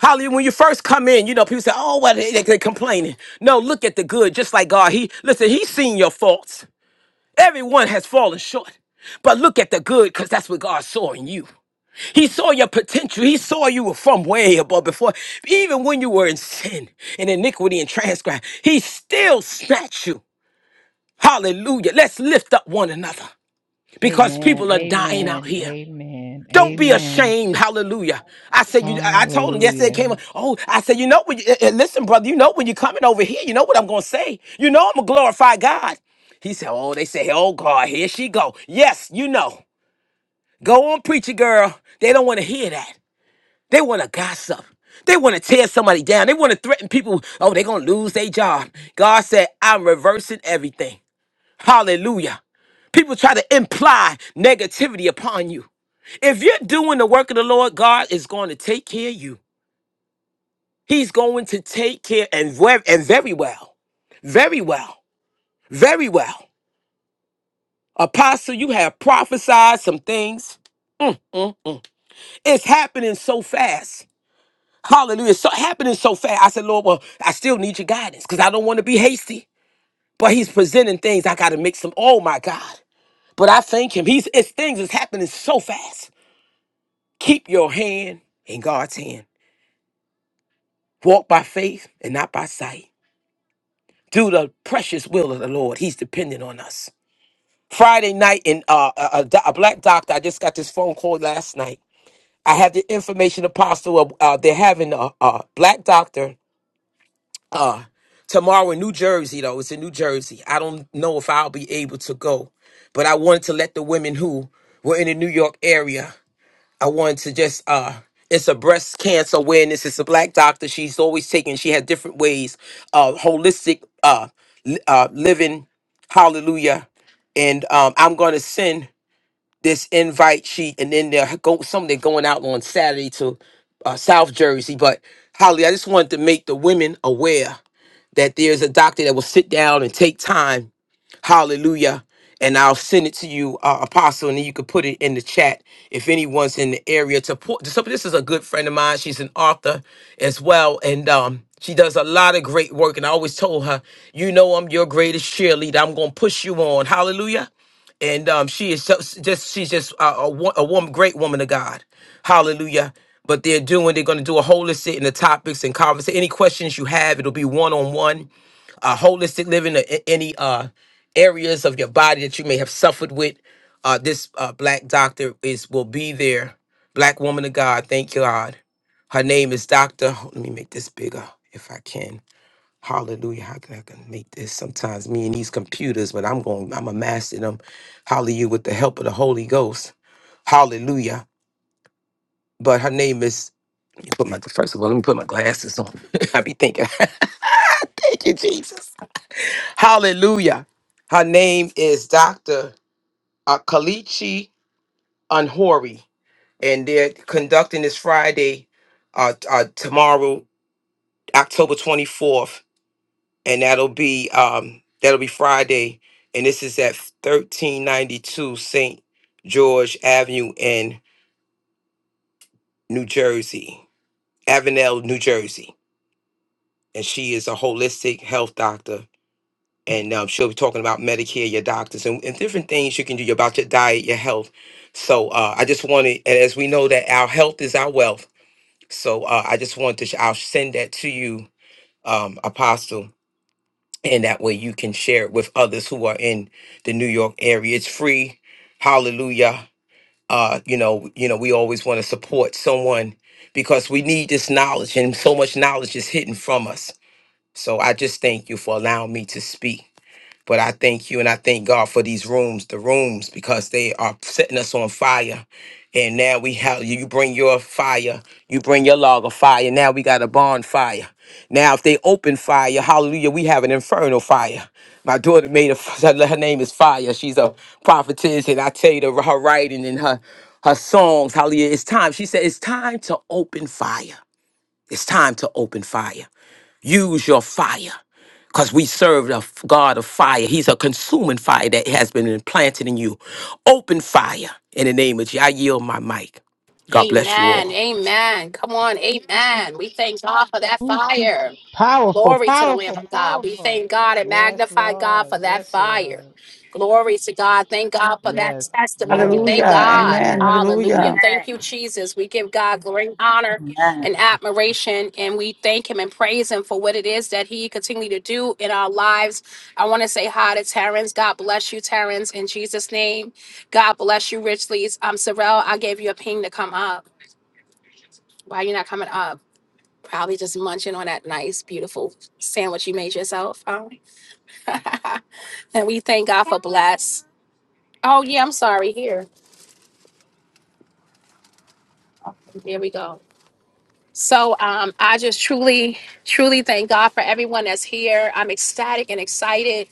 Speaker 5: Hallelujah. When you first come in, you know, people say, oh, well, they, they, they complaining. No, look at the good, just like God. He listen, he's seen your faults. Everyone has fallen short. But look at the good, because that's what God saw in you. He saw your potential. He saw you were from way above before. Even when you were in sin and iniquity and transgress, He still snatched you. Hallelujah. Let's lift up one another because
Speaker 2: Amen.
Speaker 5: people are dying out
Speaker 2: Amen.
Speaker 5: here.
Speaker 2: Amen.
Speaker 5: Don't be
Speaker 2: Amen.
Speaker 5: ashamed. Hallelujah. I said, you, I I told him yesterday
Speaker 2: Hallelujah.
Speaker 5: came, up, oh, I said, you know, when you, eh, eh, listen, brother, you know, when you're coming over here, you know what I'm going to say. You know, I'm going to glorify God. He said, oh, they say, oh, God, here she go. Yes, you know. Go on, preacher girl. They don't want to hear that. They want to gossip. They want to tear somebody down. They want to threaten people. Oh, they're going to lose their job. God said, I'm reversing everything. Hallelujah. People try to imply negativity upon you. If you're doing the work of the Lord, God is going to take care of you. He's going to take care and, ver- and very well. Very well. Very well. Apostle, you have prophesied some things. It's happening so fast. Hallelujah. It's So happening so fast. I said, Lord, well, I still need your guidance because I don't want to be hasty. But he's presenting things. I gotta make some. Oh my God. But I thank him. He's it's things is happening so fast. Keep your hand in God's hand. Walk by faith and not by sight. Do the precious will of the Lord. He's dependent on us. Friday night, in uh, a, a do- a black doctor, I just got this phone call last night. I have the information apostle. Of, uh, they're having a, a black doctor tomorrow in New Jersey, though. It's in New Jersey. I don't know if I'll be able to go, but I wanted to let the women who were in the New York area I wanted to just uh it's a breast cancer awareness. It's a black doctor. She's always taking. She had different ways, uh, holistic uh, li- uh, living. Hallelujah! And um, I'm gonna send this invite sheet, and then they're go some they're going out on Saturday to uh, South Jersey. But Holly, I just wanted to make the women aware that there's a doctor that will sit down and take time. Hallelujah. And I'll send it to you, uh, Apostle, and then you could put it in the chat if anyone's in the area to put. So this is a good friend of mine. She's an author as well, and um, she does a lot of great work. And I always told her, you know, I'm your greatest cheerleader. I'm gonna push you on. Hallelujah and um, she is so, just she's just a, a, wo- a woman, great woman of God. Hallelujah. But they're doing, they're going to do a holistic in the topics and conversation. Any questions you have, it'll be one on one. Uh, holistic living, uh, a- any uh, areas of your body that you may have suffered with. Uh, this uh, black doctor is will be there. Black woman of God, thank God. Her name is Doctor. Let me make this bigger if I can. Hallelujah. How can I can make this? Sometimes me and these computers, but I'm going, I'm a master them. Hallelujah with the help of the Holy Ghost. Hallelujah. But her name is, let me put my, first of all, let me put my glasses on. I be thinking, thank you, Jesus. Hallelujah. Her name is Dr. uh, Kalichi Unhori and they're conducting this Friday, uh, uh, tomorrow, October 24th. and that'll be um that'll be Friday, and this is at thirteen ninety two Saint George Avenue in New Jersey, Avenel, New Jersey, and she is a holistic health doctor, and um, she'll be talking about Medicare, your doctors, and, and different things you can do about your diet, your health. So uh, I just wanted, and as we know that our health is our wealth, so uh, I just wanted to, sh- I'll send that to you, um, Apostle and that way you can share it with others who are in the New York area. It's free. Hallelujah. Uh, you know, you know, we always want to support someone because we need this knowledge, and so much knowledge is hidden from us. So I just thank you for allowing me to speak. But I thank you and I thank God for these rooms, the rooms, because they are setting us on fire. And now we have you bring your fire, you bring your log of fire. Now we got a bonfire. Now, if they open fire, hallelujah, we have an infernal fire. My daughter made a, her name is Fire. She's a prophetess, and I tell you, the, her writing and her, her songs, hallelujah, it's time. She said, It's time to open fire. It's time to open fire. Use your fire because we serve a f- God of fire. He's a consuming fire that has been implanted in you. Open fire in the name of Jesus. I yield my mic. God bless you
Speaker 1: Amen.
Speaker 5: all.
Speaker 1: Amen. Come on. Amen. We thank God for that
Speaker 2: Ooh, she
Speaker 1: fire.
Speaker 2: powerful,
Speaker 1: Glory to the Lamb
Speaker 2: powerful,
Speaker 1: of God. We
Speaker 2: powerful.
Speaker 1: thank God and
Speaker 2: Yes,
Speaker 1: magnify God
Speaker 2: Lord.
Speaker 1: for that
Speaker 2: Yes,
Speaker 1: fire.
Speaker 2: Lord.
Speaker 1: Glory to God. Thank God for that
Speaker 2: Yes,
Speaker 1: testimony.
Speaker 2: yes,
Speaker 1: Thank
Speaker 3: Hallelujah.
Speaker 1: God.
Speaker 3: Amen.
Speaker 2: yes.
Speaker 1: Hallelujah.
Speaker 3: Hallelujah.
Speaker 1: Thank you,
Speaker 8: Amen.
Speaker 1: Jesus. We give God great honor
Speaker 8: Amen.
Speaker 1: and admiration, and we thank Him and praise Him for what it is that He continue to do in our lives. I want to say hi to Terrence. God bless you, Terrence, in Jesus' name. God bless you richly. I'm um, Sorrel. I gave you a ping to come up. Why are you not coming up? probably just munching on that nice, beautiful sandwich you made yourself. Um, and we thank God for bless. Oh yeah, I'm sorry. Here, here we go. So um, I just truly, truly thank God for everyone that's here. I'm ecstatic and excited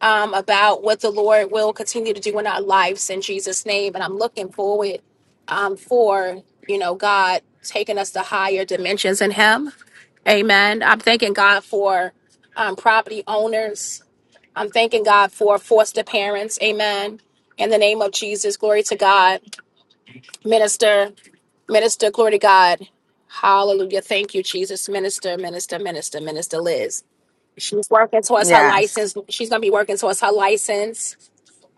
Speaker 1: um, about what the Lord will continue to do in our lives in Jesus' name, and I'm looking forward um, for you know God taking us to higher dimensions in Him. Amen. I'm thanking God for um, property owners I'm thanking God for foster parents. Amen. In the name of Jesus, glory to God. Minister, minister, glory to God. Hallelujah. Thank you, Jesus. Minister, minister, minister, minister Liz. She's working towards her
Speaker 8: Yes.
Speaker 1: license. She's gonna be working towards her license.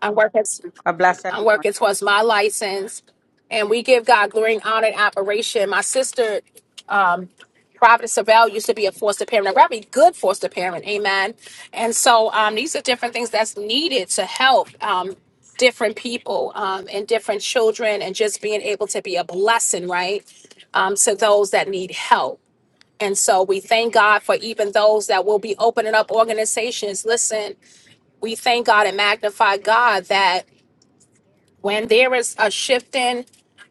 Speaker 1: I'm working
Speaker 8: God bless
Speaker 1: I'm working
Speaker 8: everyone.
Speaker 1: towards my license. And we give God glory and honor and admiration. My sister Providence Savell used to be a foster parent, a very good foster parent, amen. And so um, these are different things that's needed to help um, different people um, and different children and just being able to be a blessing, right, um, to those that need help. And so we thank God for even those that will be opening up organizations. Listen, we thank God and magnify God that when there is a shifting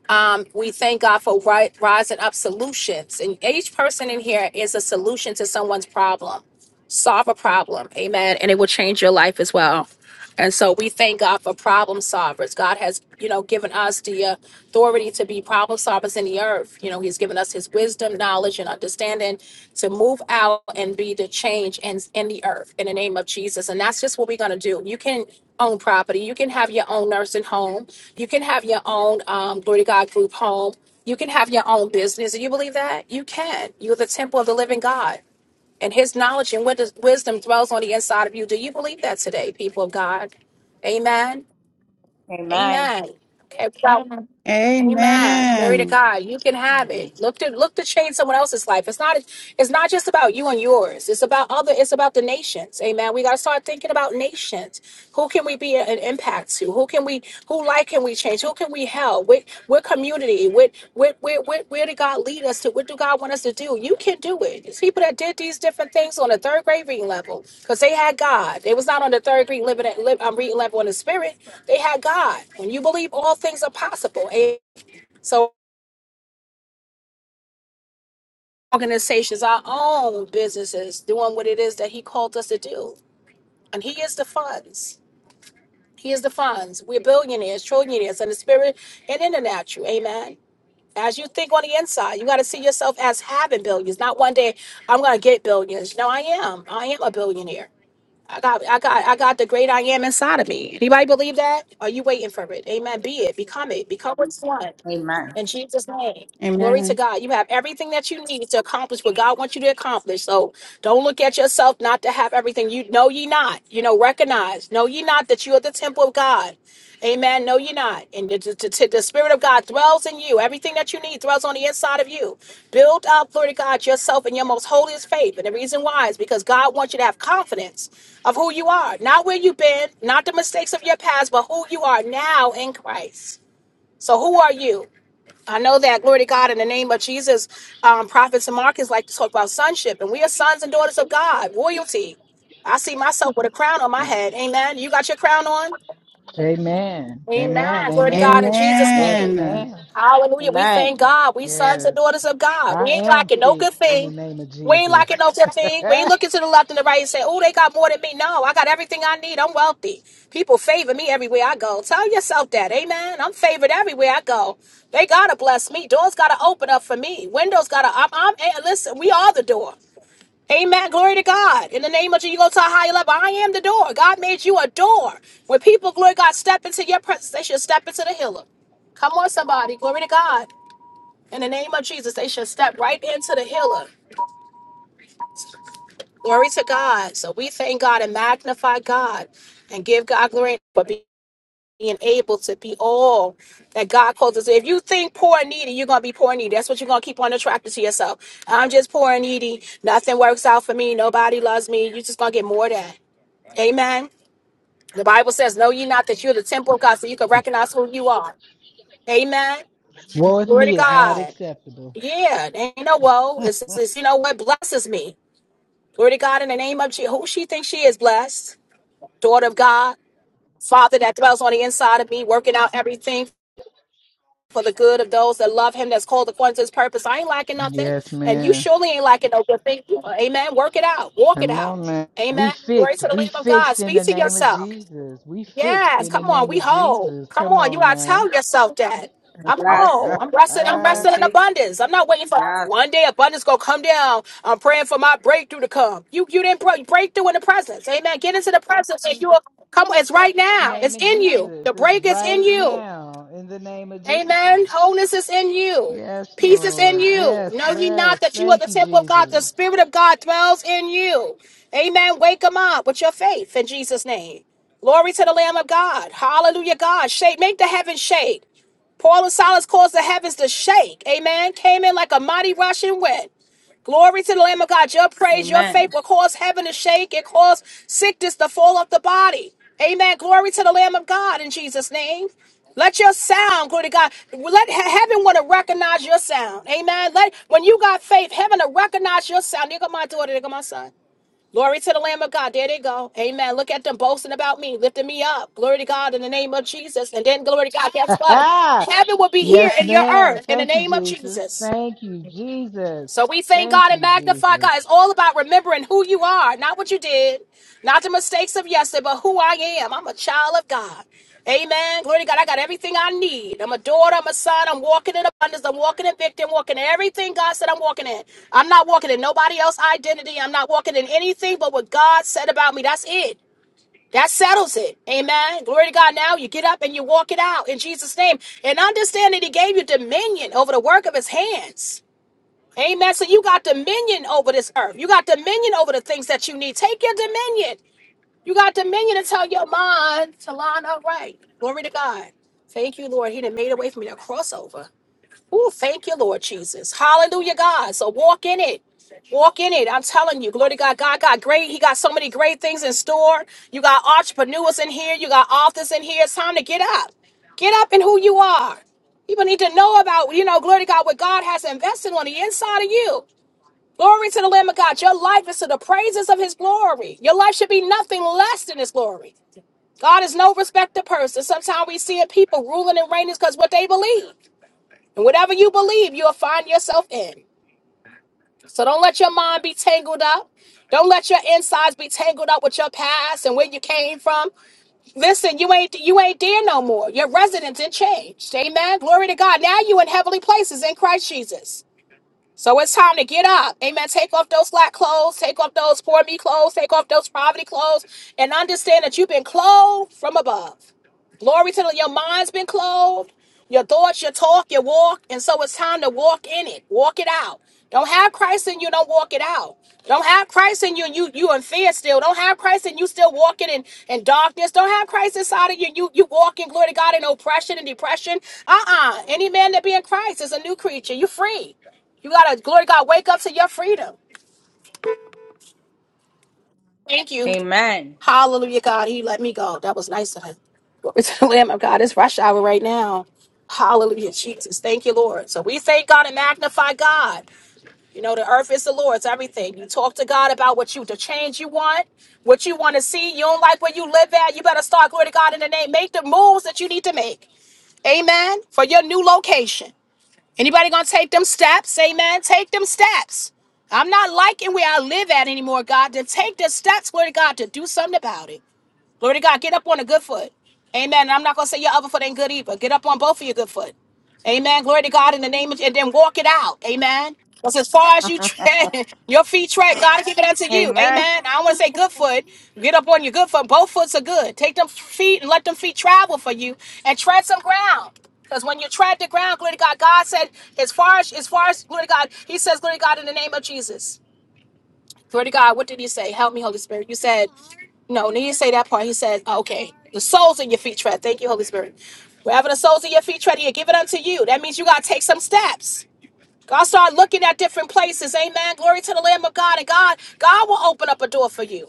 Speaker 1: um, we thank God for ri- rising up solutions. And each person in here is a solution to someone's problem. Solve a problem. Amen. And it will change your life as well. And so we thank God for problem solvers. God has, you know, given us the uh, authority to be problem solvers in the earth. You know, He's given us His wisdom, knowledge, and understanding to move out and be the change in, in the earth in the name of Jesus. And that's just what we're going to do. You can own property. You can have your own nursing home. You can have your own um, Glory to God group home. You can have your own business. Do you believe that? You can. You're the temple of the living God and his knowledge and wis- wisdom dwells on the inside of you. Do you believe that today, people of God? Amen.
Speaker 8: Amen.
Speaker 1: Amen. Okay, so Amen. Glory to
Speaker 3: Amen.
Speaker 1: God. You can have it. Look to look to change someone else's life. It's not it's not just about you and yours. It's about other it's about the nations. Amen. We gotta start thinking about nations. Who can we be an impact to? Who can we who life can we change? Who can we help? What what community? What what where, where where did God lead us to? What do God want us to do? You can do it. It's people that did these different things on a third grade reading level because they had God. They was not on the third grade living at, li- um, reading level in the spirit. They had God. When you believe all things are possible. Amen. So organizations, our own businesses, doing what it is that he called us to do. And he is the funds. He is the funds. We're billionaires, trillionaires in the spirit and in the natural. Amen. As you think on the inside, you got to see yourself as having billions. Not one day I'm going to get billions. No, I am. I am a billionaire. I got, I got, I got the great I am inside of me. Anybody believe that? Are you waiting for it? Amen. Be it. Become it. Become what you want.
Speaker 8: Amen.
Speaker 1: In Jesus' name. Glory to
Speaker 3: Amen.
Speaker 1: God. You have everything that you need to accomplish what God wants you to accomplish. So don't look at yourself not to have everything. You know ye not. You know, recognize. Know ye not that you are the temple of God. Amen. Know ye not. And the, the, the- the Spirit of God dwells in you. Everything that you need dwells on the inside of you. Build up, glory to God, yourself in your most holiest faith. And the reason why is because God wants you to have confidence of who you are, not where you've been, not the mistakes of your past, but who you are now in Christ. So, who are you? I know that, glory to God, in the name of Jesus, um, prophets and markets like to talk about sonship, and we are sons and daughters of God, royalty. I see myself with a crown on my head. Amen. You got your crown on?
Speaker 2: Amen.
Speaker 1: Amen.
Speaker 2: Amen.
Speaker 1: Glory to God in
Speaker 2: Amen.
Speaker 1: Jesus'
Speaker 2: Yes,
Speaker 1: name.
Speaker 3: Amen.
Speaker 2: ma'am.
Speaker 1: Hallelujah. We thank
Speaker 8: Amen.
Speaker 1: God. We sons and
Speaker 2: Yes.
Speaker 1: daughters of God. We
Speaker 2: I
Speaker 1: ain't
Speaker 2: am
Speaker 1: lacking no good
Speaker 2: fixed in the
Speaker 1: thing.
Speaker 2: name of
Speaker 1: We ain't lacking
Speaker 2: Jesus.
Speaker 1: no good thing. We ain't looking to the left and the right and say, oh, they got more than me. No, I got everything I need. I'm wealthy. People favor me everywhere I go. Tell yourself that. Amen. I'm favored everywhere I go. They got to bless me. Doors got to open up for me. Windows got to, I'm, I'm, eh, listen, we are the door. Amen. Glory to God. In the name of Jesus, you go to a higher level. I am the door. God made you a door. When people, glory to God, step into your presence, they should step into the healer. Come on, somebody. Glory to God. In the name of Jesus, they should step right into the healer. Glory to God. So we thank God and magnify God and give God glory for being able to be all that God calls us. If you think poor and needy, you're going to be poor and needy. That's what you're going to keep on attracting to yourself. I'm just poor and needy. Nothing works out for me. Nobody loves me. You're just going to get more of that. Amen. The Bible says, Know ye not that you're the temple of God, so you can recognize who you are. Amen.
Speaker 2: Woe with
Speaker 1: Glory to
Speaker 2: me is not
Speaker 1: God.
Speaker 2: acceptable.
Speaker 1: Yeah, there ain't no woe. It's, it's, it's- you know what blesses me. Glory to God in the name of Jesus. Who she thinks she is blessed? Daughter of God, Father that dwells on the inside of me, working out everything for the good of those that love him that's called according to his purpose. I ain't lacking nothing.
Speaker 2: Yes,
Speaker 1: And you
Speaker 2: ma'am.
Speaker 1: surely ain't lacking no good thing. Amen. Work it out. Walk it
Speaker 2: Come
Speaker 1: out.
Speaker 2: on now. We
Speaker 1: Amen. Glory
Speaker 2: fixed.
Speaker 1: to the Lamb
Speaker 2: We
Speaker 1: of God.
Speaker 2: fixed in
Speaker 1: Speak
Speaker 2: the
Speaker 1: to
Speaker 2: name of
Speaker 1: yourself.
Speaker 2: Jesus. We fixed
Speaker 1: Yes,
Speaker 2: in the
Speaker 1: come on,
Speaker 2: name
Speaker 1: we
Speaker 2: of
Speaker 1: whole.
Speaker 2: Jesus.
Speaker 1: Come
Speaker 2: Come
Speaker 1: on, you gotta tell
Speaker 2: on
Speaker 1: yourself that. I'm
Speaker 8: Bless.
Speaker 1: whole. I'm resting. I'm
Speaker 2: now.
Speaker 1: resting in
Speaker 8: Anointed.
Speaker 1: abundance. I'm not waiting for
Speaker 8: Yes.
Speaker 1: one day abundance gonna come down. I'm praying for my breakthrough to come. You you didn't break breakthrough in the presence. Amen. Get into the presence and you'll come. It's right
Speaker 2: the
Speaker 1: now.
Speaker 2: name
Speaker 1: It's
Speaker 2: of
Speaker 1: in you.
Speaker 2: Jesus.
Speaker 1: The
Speaker 2: It's
Speaker 1: break is in
Speaker 2: right
Speaker 1: you.
Speaker 2: now in the name of Jesus.
Speaker 1: Amen. Wholeness is in you.
Speaker 2: Yes,
Speaker 1: Peace is in
Speaker 2: Lord.
Speaker 1: you.
Speaker 2: Yes,
Speaker 1: Know ye not
Speaker 2: yes.
Speaker 1: that you are the
Speaker 2: Thank you,
Speaker 1: temple of God. The
Speaker 2: Jesus.
Speaker 1: Spirit of God dwells in you. Amen. Wake them up with your faith in Jesus' name. Glory to the Lamb of God. Hallelujah, God. Shake, make the heavens shake. Paul and Silas caused the heavens to shake. Amen. Came in like a mighty rushing wind. Glory to the Lamb of God. Your praise, your
Speaker 8: Amen.
Speaker 1: faith will cause heaven to shake. It cause sickness to fall off the body. Amen. Glory to the Lamb of God in Jesus' name. Let your sound, glory to God. Let he- heaven want to recognize your sound. Amen. Let when you got faith, heaven to recognize your sound. There go my daughter, there go my son. Glory to the Lamb of God. There they go. Amen. Look at them boasting about me, lifting me up. Glory to God in the name of Jesus. And then glory to God. Guess what? Heaven will be here
Speaker 2: yes,
Speaker 1: in your
Speaker 2: ma'am.
Speaker 1: earth in the
Speaker 2: Thank you,
Speaker 1: name of
Speaker 2: Jesus.
Speaker 1: Jesus.
Speaker 2: Thank you, Jesus.
Speaker 1: So we thank
Speaker 2: Thank
Speaker 1: God and
Speaker 2: you,
Speaker 1: magnify
Speaker 2: Jesus.
Speaker 1: God. It's all about remembering who you are, not what you did, not the mistakes of yesterday, but who I am. I'm a child of God. Amen. Glory to God. I got everything I need. I'm a daughter. I'm a son. I'm walking in abundance. I'm walking in victory. I'm walking in everything God said I'm walking in. I'm not walking in nobody else's identity. I'm not walking in anything but what God said about me. That's it. That settles it. Amen. Glory to God. Now you get up and you walk it out in Jesus' name. And understand that He gave you dominion over the work of His hands. Amen. So you got dominion over this earth. You got dominion over the things that you need. Take your dominion. You got dominion to tell your mind to line up right. Glory to God. Thank you, Lord. He done made a way for me to cross over. Ooh, thank you, Lord Jesus. Hallelujah, God. So walk in it. Walk in it. I'm telling you, glory to God. God got great. He got so many great things in store. You got entrepreneurs in here. You got authors in here. It's time to get up. Get up in who you are. People need to know about, you know, glory to God, what God has invested on the inside of you. Glory to the Lamb of God. Your life is to the praises of his glory. Your life should be nothing less than his glory. God is no respecter of person. Sometimes we see it people ruling and reigning because what they believe. And whatever you believe, you'll find yourself in. So don't let your mind be tangled up. Don't let your insides be tangled up with your past and where you came from. Listen, you ain't you ain't there no more. Your residence in changed. Amen. Glory to God. Now you in heavenly places in Christ Jesus. So it's time to get up. Amen. Take off those slack clothes, take off those poor me clothes, take off those poverty clothes, and understand that you've been clothed from above. Glory to the, your mind's been clothed, your thoughts, your talk, your walk, and so it's time to walk in it, walk it out. Don't have Christ in you, don't walk it out. Don't have Christ in you, and you you in fear still. Don't have Christ in you, still walking in, in darkness. Don't have Christ inside of you, you you walking glory to God in oppression and depression. Uh uh Any man that be in Christ is a new creature. You free. You gotta, glory to God, wake up to your freedom. Thank you.
Speaker 8: Amen.
Speaker 1: Hallelujah, God. He let me go. That was nice of him. Glory to the Lamb of God. It's rush hour right now. Hallelujah, Jesus. Thank you, Lord. So we thank God and magnify God. You know, the earth is the Lord's, everything. You talk to God about what you, the change you want, what you want to see. You don't like where you live at. You better start, glory to God, in the name. Make the moves that you need to make. Amen. For your new location. Anybody gonna take them steps? Amen. Take them steps. I'm not liking where I live at anymore, God. To take the steps, Lord God, to do something about it. Glory to God. Get up on a good foot. Amen. And I'm not going to say your other foot ain't good either. Get up on both of your good foot. Amen. Glory to God in the name of, and then walk it out. Amen. Because as far as you tread, your feet tread, God give it unto you.
Speaker 8: Amen.
Speaker 1: Amen. I don't want to say good foot. Get up on your good foot. Both foots are good. Take them feet and let them feet travel for you and tread some ground. Because when you tread the ground, glory to God, God said, as far as, as far as, glory to God, He says, glory to God in the name of Jesus. Glory to God. What did he say? Help me, Holy Spirit. You said, no, he didn't say that part. He said, oh, okay, the soles in your feet tread. Thank you, Holy Spirit. Wherever the soles of your feet tread, he'll give it unto you. That means you got to take some steps. God start looking at different places. Amen. Glory to the Lamb of God. And God, God will open up a door for you.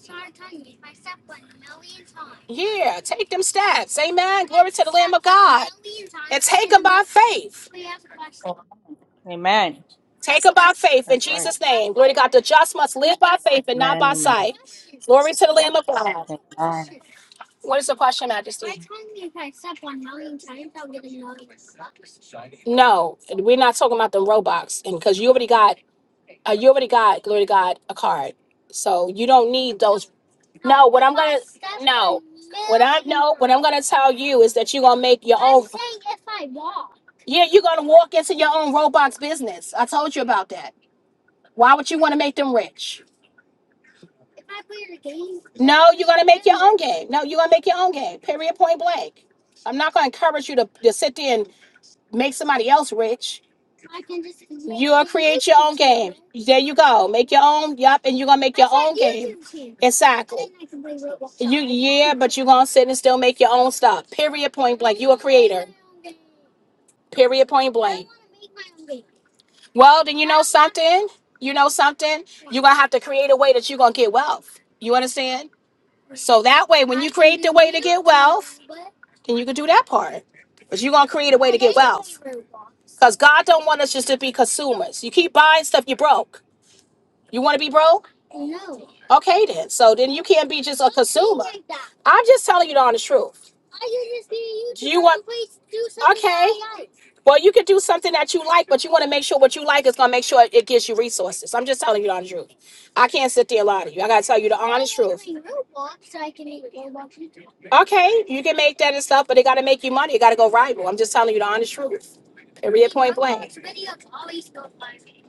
Speaker 1: Yeah, take them steps. Amen. Glory to the Lamb of God. And take them by faith.
Speaker 8: Amen.
Speaker 1: Take them by faith in
Speaker 8: That's right.
Speaker 1: Jesus' name. Glory to God. The just must live by faith and not
Speaker 8: Amen.
Speaker 1: by
Speaker 8: Amen.
Speaker 1: sight. Glory to the Lamb of God.
Speaker 8: Amen.
Speaker 1: What is the question, Majesty? I told you if I accept one million times, I'll get a million bucks. No, we're not talking about the Robux, and because you already got, uh, you already got, glory to God, a card, so you don't need those. No, what I'm gonna, no, what I no, what I'm gonna tell you is that you're gonna make your own. I'm saying if I walk. Yeah, you're gonna walk into your own Roblox business. I told you about that. Why would you want to make them rich? No, you're gonna make your own game. No, you're gonna make your own game. Period. Point blank. I'm not gonna encourage you to, to sit there and. make somebody else rich. You'll create your own game. There you go. Make your own. Yup, and you're gonna make your own game. Exactly. You yeah, but you're gonna sit and still make your own stuff. Period. Point blank. You a creator. Period. Point blank. Well, then you know something. You know something. You're gonna have to create a way that you're gonna get wealth. You understand? So that way, when you create the way to get wealth, then you can do that part. But you're gonna create a way to get wealth. Because God don't want us just to be consumers. You keep buying stuff, you broke. You wanna be broke? Okay, then. So then you can't be just a consumer. I'm just telling you the honest truth. Do you want? Okay. Well, you could do something that you like, but you want to make sure what you like is going to make sure it gives you resources. I'm just telling you the honest truth. I can't sit there and lie to you. I got to tell you the honest truth. Okay, you can make that and stuff, but it got to make you money. It got to go rival. I'm just telling you the honest truth. Period. Point blank.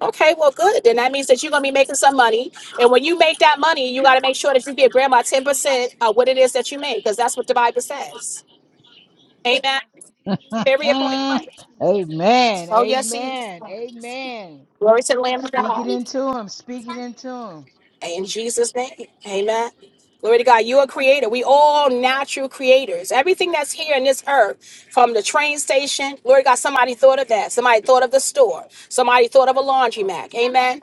Speaker 1: Okay, well, good. Then that means that you're gonna be making some money, and when you make that money, you got to make sure that you give grandma ten percent of what it is that you make, because that's what the Bible says. Amen. Period. Point
Speaker 2: amen.
Speaker 1: blank. Oh yes, see.
Speaker 2: Amen. Amen.
Speaker 1: Glory to the Lamb of
Speaker 2: Speak it
Speaker 1: God.
Speaker 2: into him. Speak it into him.
Speaker 1: In Jesus' name, amen. Glory to God. You are creator. We all natural creators. Everything that's here in this earth, from the train station, glory to God, somebody thought of that. Somebody thought of the store. Somebody thought of a laundromat. Amen.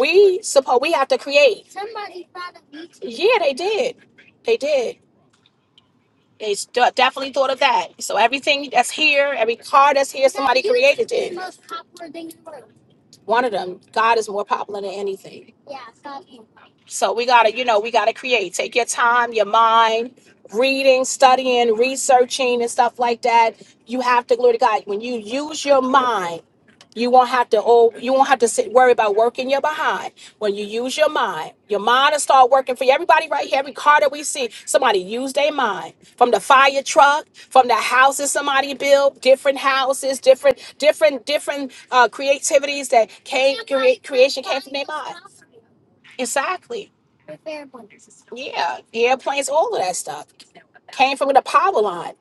Speaker 1: We suppose we have to create. Yeah, they did. They did. They st- definitely thought of that. So everything that's here, every car that's here, somebody created it. One of them. God is more popular than anything. So we gotta, you know, we gotta create. Take your time, your mind, reading, studying, researching, and stuff like that. You have to glory to God. When you use your mind, you won't have to oh, you won't have to sit worry about working your behind. When you use your mind, your mind will start working for you. Everybody right here, every car that we see, somebody use their mind. From the fire truck, from the houses somebody built, different houses, different, different, different uh, creativities that came create creation came from their mind. Exactly. With airplanes and stuff. Yeah, airplanes, all of that stuff came from the power line.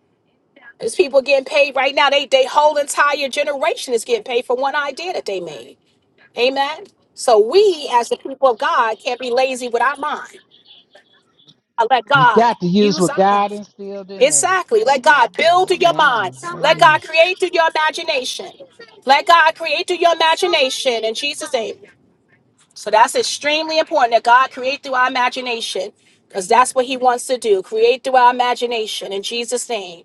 Speaker 1: There's people getting paid right now. They they whole entire generation is getting paid for one idea that they made. Amen. So we, as the people of God, can't be lazy with our mind. I let
Speaker 2: We
Speaker 1: God
Speaker 2: got to use
Speaker 1: use
Speaker 2: what
Speaker 1: our
Speaker 2: God
Speaker 1: mind.
Speaker 2: instilled in us.
Speaker 1: Exactly. Let God build through your mind.
Speaker 2: Amen.
Speaker 1: Let
Speaker 2: Amen.
Speaker 1: God create through your imagination. Let God create through your imagination in Jesus' name. So that's extremely important that God create through our imagination because that's what he wants to do. Create through our imagination in Jesus' name.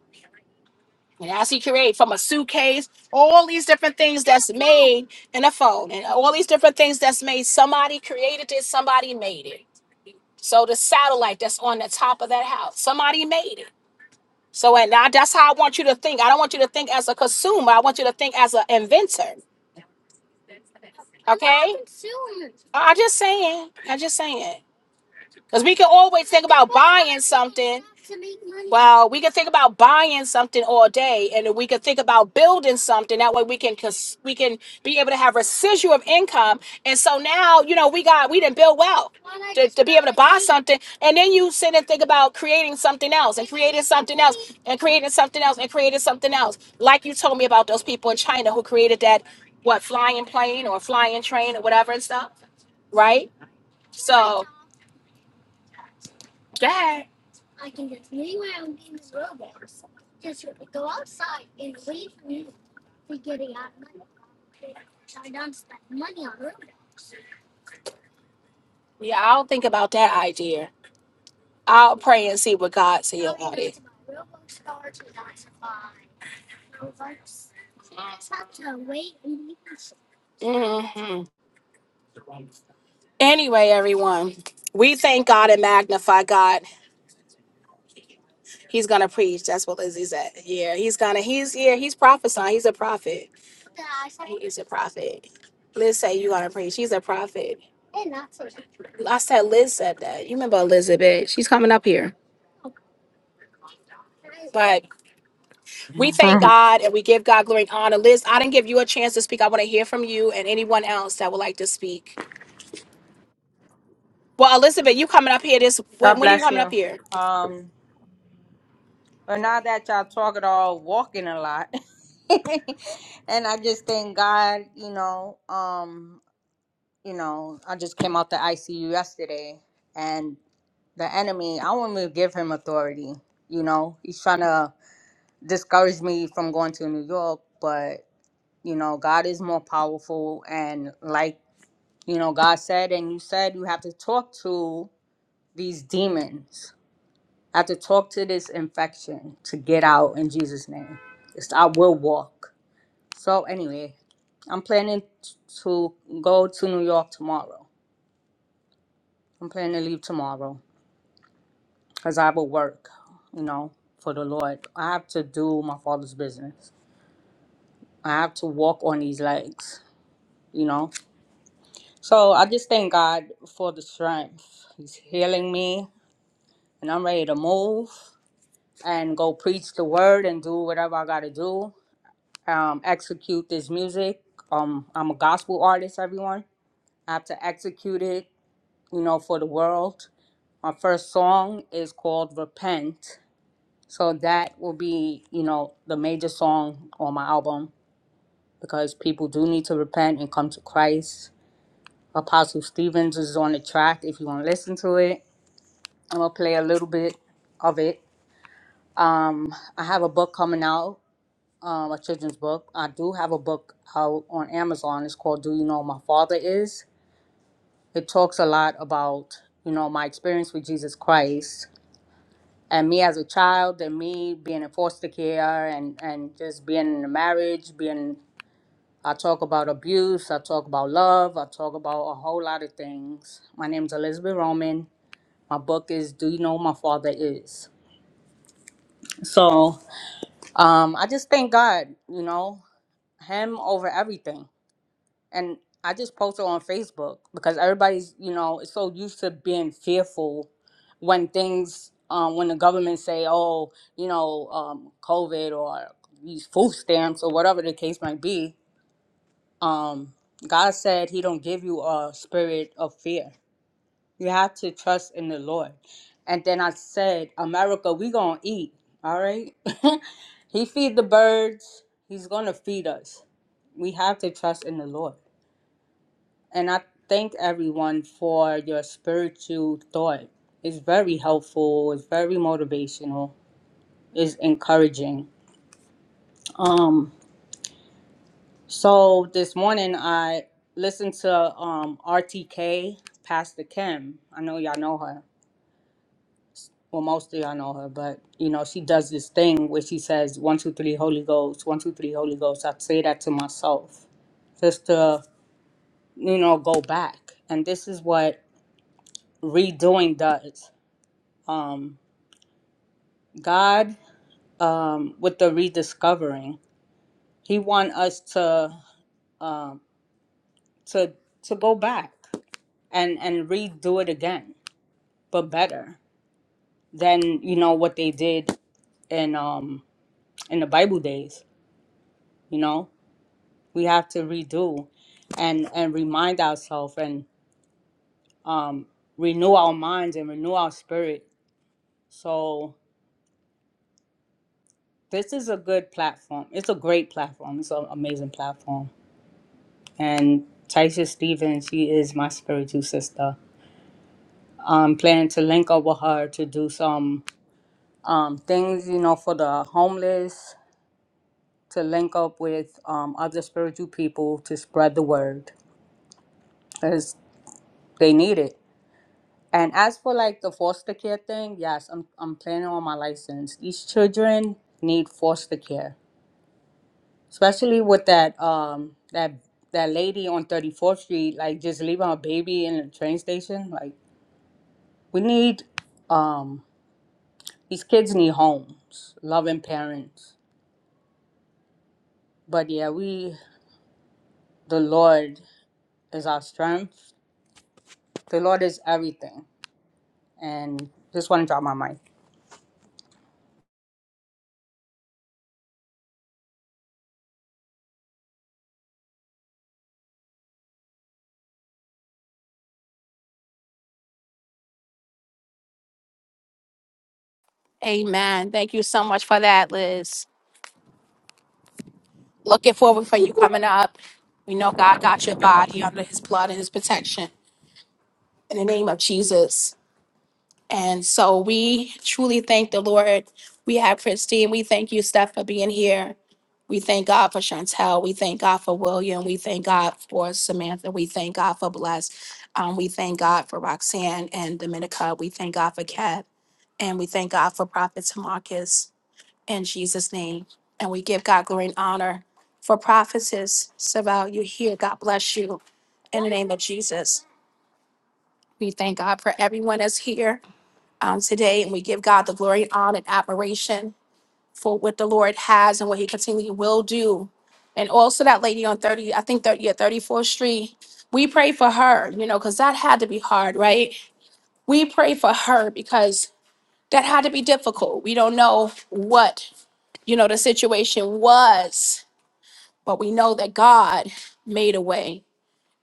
Speaker 1: And as he create from a suitcase, all these different things that's made in a phone and all these different things that's made, somebody created it, somebody made it. So the satellite that's on the top of that house, somebody made it. So and now that's how I want you to think. I don't want you to think as a consumer. I want you to think as an inventor. Okay? I'm just saying. I'm just saying. Because we can always think about buying something. Well, we can think about buying something all day, and then we can think about building something. That way, we can cons- we can be able to have residual of income. And so now, you know, we got we didn't build wealth to, to be able to buy something, and then you sit and think about creating something else, and creating something else, and creating something else, and creating something else. Like you told me about those people in China who created that what flying plane or flying train or whatever and stuff, right? So, yeah. Yeah, I'll think about that idea. I'll pray and see what God says about it. hmm Anyway, everyone, we thank God and magnify God. He's gonna preach. That's what Lizzie said. Yeah, he's gonna. He's yeah. He's prophesying. He's a prophet. He is a prophet. Liz said you gonna preach. She's a prophet. I said Liz said that. You remember Elizabeth? She's coming up here. But. We thank
Speaker 8: Mhm.
Speaker 1: God and we give God glory and honor. Liz, I didn't give you a chance to speak. I want to hear from you and anyone else that would like to speak. Well, Elizabeth, you coming up here this
Speaker 8: God
Speaker 1: when, when are you
Speaker 8: bless
Speaker 1: coming up
Speaker 8: you.
Speaker 1: here?
Speaker 8: Um, but now that y'all talk at all, walking a lot, and I just thank God, you know, um, you know, I just came out the ICU yesterday, and the enemy, I want to give him authority. You know, he's trying to discourage me from going to New York, but you know, God is more powerful, and like you know, God said, and you said, you have to talk to these demons I have to talk to this infection to get out in Jesus' name. It's, I will walk. So anyway, I'm planning t- to go to New York tomorrow. I'm planning to leave tomorrow because I will work, you know, for the Lord. I have to do my father's business. I have to walk on these legs, you know. So I just thank God for the strength. He's healing me, and I'm ready to move and go preach the word and do whatever I got to do um, execute this music. Um, I'm a gospel artist, everyone. I have to execute it, you know, for the world. My first song is called Repent. So that will be, you know, the major song on my album because people do need to repent and come to Christ. Apostle Stevens is on the track if you want to listen to it. I'm going to play a little bit of it. Um, I have a book coming out um, a children's book. I do have a book out on Amazon. It's called Do You Know Who My Father Is? It talks a lot about, you know, my experience with Jesus Christ and me as a child and me being in foster care and, and just being in a marriage, being I talk about abuse, I talk about love, I talk about a whole lot of things. My name's Elizabeth Roman. My book is Do You Know Who My Father Is? So um, I just thank God, you know, him over everything and I just posted on Facebook because everybody's, you know, is so used to being fearful when things, um, when the government say, oh, you know, um, COVID or these food stamps or whatever the case might be. Um, God said He don't give you a spirit of fear. You have to trust in the Lord. And then I said, America, we gonna eat. All right. he feed the birds. He's gonna feed us. We have to trust in the Lord. And I thank everyone for your spiritual thought. It's very helpful, it's very motivational, it's encouraging. Um, so this morning I listened to um, RTK, Pastor Kim. I know y'all know her. Well, most of y'all know her, but you know, she does this thing where she says, one, two, three, Holy Ghost, one, two, three, Holy Ghost. I say that to myself just to, you know, go back. And this is what redoing does. Um, God, um, with the rediscovering, He want us to um, to to go back and and redo it again, but better than you know what they did in um in the Bible days. You know, we have to redo and and remind ourselves and um, renew our minds and renew our spirit. So this is a good platform. It's a great platform. It's an amazing platform and Taisha Stevens, she is my spiritual sister. I'm planning to link up with her to do some um, things, you know, for the homeless, to link up with um, other spiritual people to spread the word because they need it. And as for like the foster care thing, yes, I'm, I'm planning on my license. These children need foster care, especially with that um that that lady on 34th Street, like just leaving her baby in the train station, like. We need um these kids need homes, loving parents. But yeah, we the Lord is our strength. The Lord is everything. And just want to drop my mic.
Speaker 1: Amen. Thank you so much for that, Liz. Looking forward for you coming up. We know God got your body under his blood and his protection. In the name of Jesus. And so we truly thank the Lord. We have Christine. We thank you, Steph, for being here. We thank God for Chantel. We thank God for William. We thank God for Samantha. We thank God for Bless. Um, we thank God for Roxanne and Dominica. We thank God for Kat. And we thank God for Prophet Tamarcus in Jesus' name. And we give God glory and honor for prophetess. Saval, you're here. God bless you. In the name of Jesus, we thank God for everyone that's here um, today, and we give God the glory, and honor, and admiration for what the Lord has and what He continually will do. And also that lady on thirty, I think thirty, yeah, thirty fourth Street. We pray for her, you know, because that had to be hard, right? We pray for her because that had to be difficult. We don't know what you know the situation was, but we know that God made a way.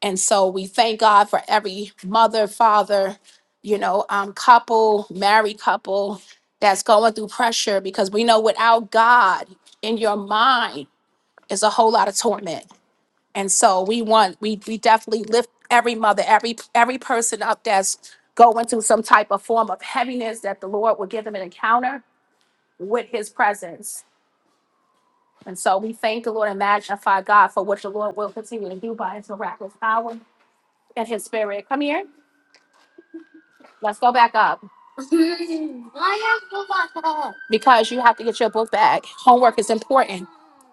Speaker 1: And so we thank God for every mother, father, you know, um, couple, married couple that's going through pressure because we know without God in your mind is a whole lot of torment. And so we want, we we definitely lift every mother, every every person up that's going through some type of form of heaviness that the Lord will give them an encounter with his presence. And so we thank the Lord and magnify God for what the Lord will continue to do by his miraculous power and his spirit. Come here. Let's go back up because you have to get your book back. Homework is important.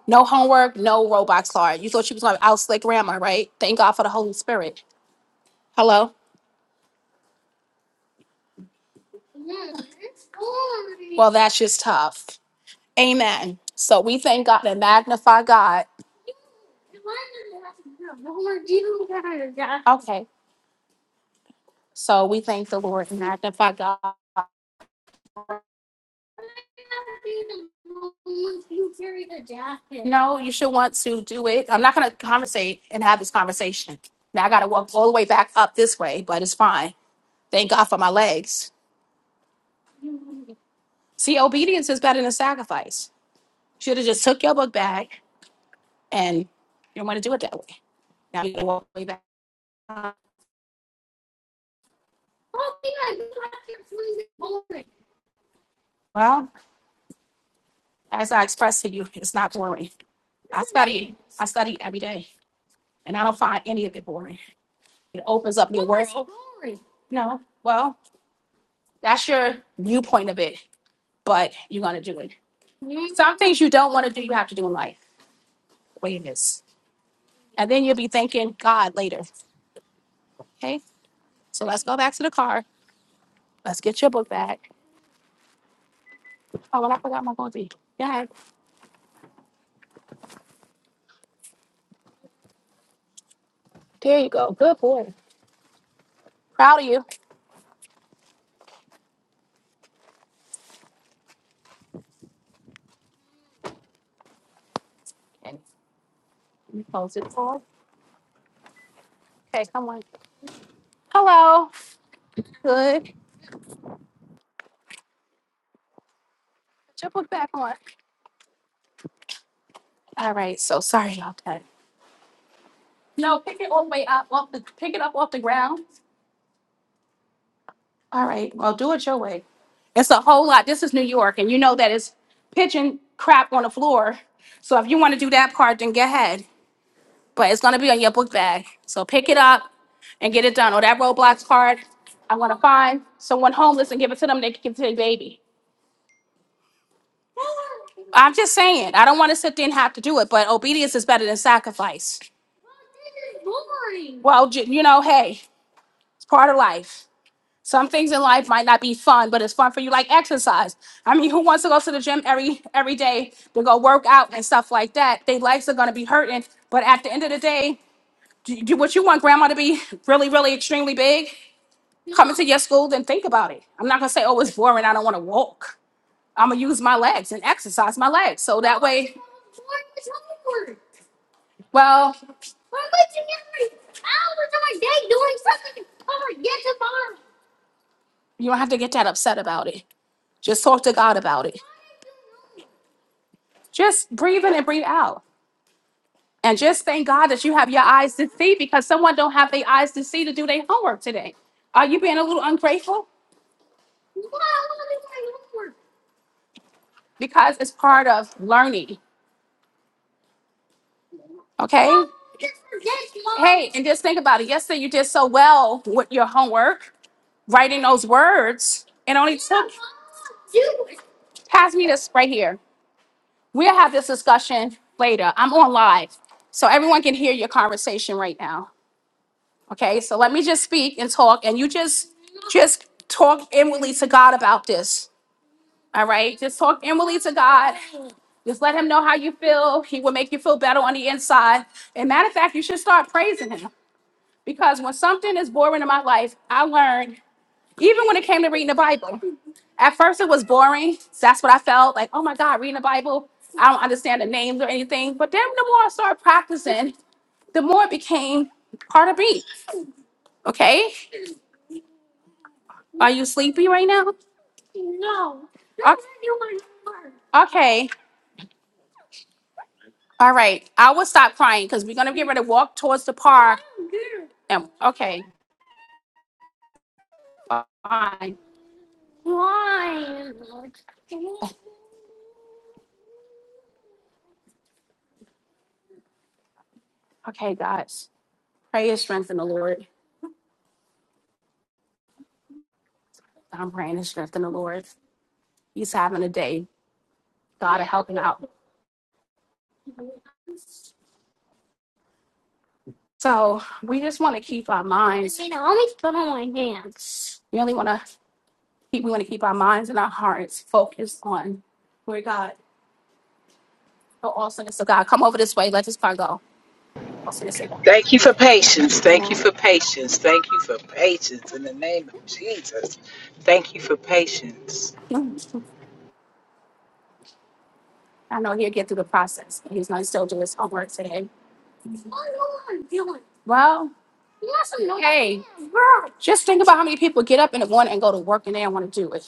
Speaker 1: No homework, no Roblox card. You thought she was going to outslay grandma, right? Thank God for the Holy Spirit. Hello? Well, that's just tough. Amen. So we thank God and magnify God. Okay. So we thank the Lord and magnify God. You carry the jacket. No, you should want to do it. I'm not gonna conversate and have this conversation. Now I gotta walk all the way back up this way, but it's fine. Thank God for my legs. See, obedience is better than sacrifice. Should have just took your book bag and you don't want to do it that way. Now you gotta walk all the way back. up. Well, as I expressed to you, it's not boring. I study, I study every day, and I don't find any of it boring. It opens up your world. Boring? No, well, That's your viewpoint of it, but you're gonna do it. Some things you don't want to do, you have to do in life. The way it is, and then you'll be thanking God later. Okay, so let's go back to the car. Let's get your book back. Oh, well, I forgot my coffee. Yeah. All right. So sorry about that. No, pick it all the way up off the pick it up off the ground. All right. Well, do it your way. It's a whole lot. This is New York, and you know that it's pigeon crap on the floor. So if you want to do that part, then go ahead. but it's gonna be on your book bag. So pick it up and get it done. Or that Roblox card, I'm gonna find someone homeless and give it to them. They can give it to their baby. I'm just saying. I don't want to sit there and have to do it, but obedience is better than sacrifice. Well, j- you know, hey, it's part of life. Some things in life might not be fun, but it's fun for you, like exercise. I mean, who wants to go to the gym every every day to go work out and stuff like that? Their lives are gonna be hurting, but at the end of the day, do, do what you want grandma to be really, really extremely big, come into your school, then think about it. I'm not gonna say, oh, it's boring, I don't wanna walk. I'm gonna use my legs and exercise my legs. So that way, well, you don't have to get that upset about it. Just talk to God about it. Just breathe in and breathe out. And just thank God that you have your eyes to see because someone don't have their eyes to see to do their homework today. Are you being a little ungrateful? Because it's part of learning. Okay. Hey, and just think about it. Yesterday you did so well with your homework, writing those words. It only took pass me this right here. We'll have this discussion later. I'm on live. So everyone can hear your conversation right now. Okay, so let me just speak and talk and you just just talk inwardly to God about this. All right, just talk inwardly to God. Just let him know how you feel. He will make you feel better on the inside. And matter of fact, you should start praising him. because when something is boring in my life, I learned, even when it came to reading the Bible, at first it was boring. That's what I felt like, oh my God, reading the Bible. I don't understand the names or anything. But then the more I started practicing, the more it became part of me. Okay. Are you sleepy right now? Okay. Okay. All right. I will stop crying because we're going to get ready to walk towards the park. And okay, fine. Okay, guys. Pray and strength in the Lord. I'm praying and strength in the Lord. He's having a day. God to helping out. So we just want to keep our minds. You know, I always put on my hands. We only want to keep. We want to keep our minds and our hearts focused on where God, the awesomeness of God. Come over this way. Let this car go. Awesomeness of
Speaker 2: Thank you for patience. Thank you for patience. Thank you for patience in the name of Jesus. Thank you for patience.
Speaker 1: God. I know he'll get through the process. He's going to still do his homework today. Well, You want some noodles? hey, girl. just think about how many people get up in the morning and go to work and they don't want to do it.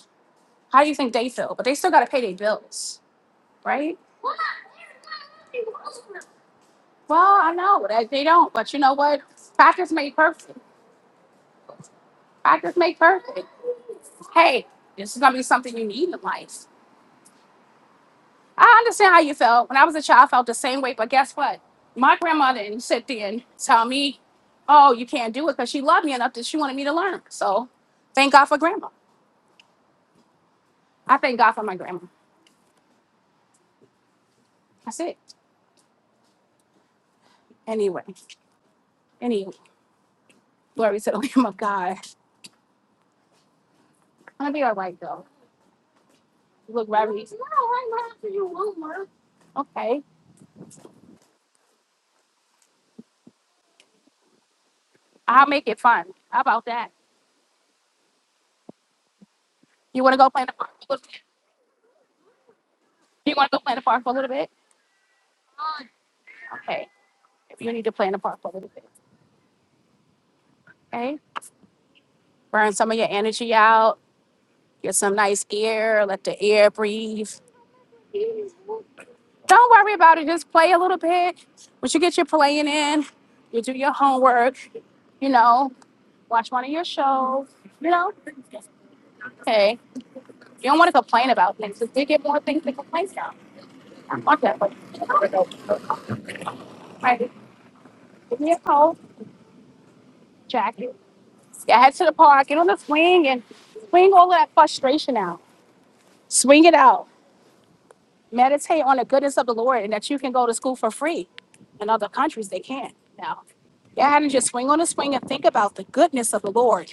Speaker 1: How do you think they feel? But they still got to pay their bills, right? Well, I know that they don't, but you know what? Practice make perfect. Practice make perfect. Hey, this is gonna be something you need in life. I understand how you felt. When I was a child, I felt the same way. But guess what? My grandmother didn't sit there and tell me, "Oh, you can't do it," because she loved me enough that she wanted me to learn. So, thank God for grandma. I thank God for my grandma. That's it. Anyway, anyway, glory to the Lamb of God. I'm gonna be all right though. You look very. No, I'm not. You won't work. Okay, I'll make it fun. How about that? You want to go play in the park? You want to go play in the park for a little bit? Okay. If you need to play in the park for a little bit, okay. Burn some of your energy out. Get some nice air. Let the air breathe. Don't worry about it. Just play a little bit. Once you get your playing in, you do your homework. You know, watch one of your shows. You know, okay. You don't want to complain about things. If they get more things to complain about, I want that. But All right. give me a coat, jacket. Yeah, head to the park. Get on the swing and swing all of that frustration out. Swing it out. Meditate on the goodness of the Lord and that you can go to school for free. In other countries, they can't now. Go ahead and just swing on a swing and think about the goodness of the Lord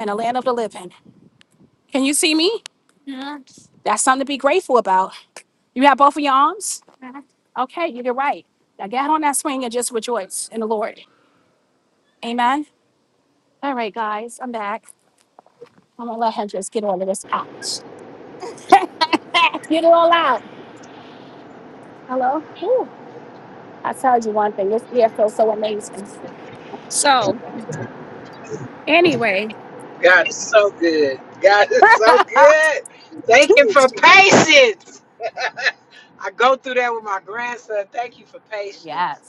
Speaker 1: and the land of the living. Can you see me? That's something to be grateful about. You have both of your arms? Okay, you did right. Now get on that swing and just rejoice in the Lord. Amen. All right, guys, I'm back.
Speaker 2: God is so good. God is so good. Thank you for patience. I go through that with my grandson. Thank you for patience.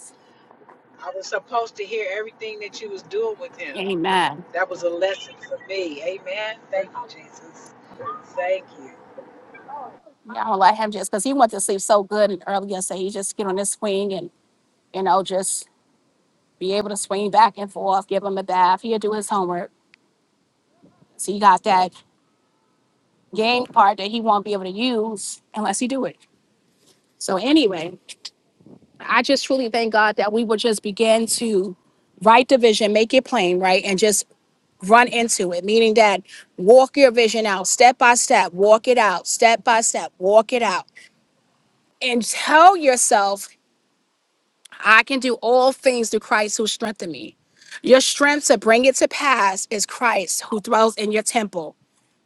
Speaker 2: I was supposed to hear everything that you was doing with him.
Speaker 1: Amen.
Speaker 2: That was a lesson for me. Amen. Thank you, Jesus. Thank you.
Speaker 1: I don't let him just because he went to sleep so good and early yesterday. He just get on this swing and you know just be able to swing back and forth, give him a bath. He'll do his homework. So you got that game part that he won't be able to use unless he do it. So anyway, I just truly thank God that we will just begin to write the vision, make it plain, right? And just run into it, meaning that walk your vision out step by step, walk it out, step by step, walk it out. And tell yourself, I can do all things through Christ who strengthened me. Your strength to bring it to pass is Christ who dwells in your temple.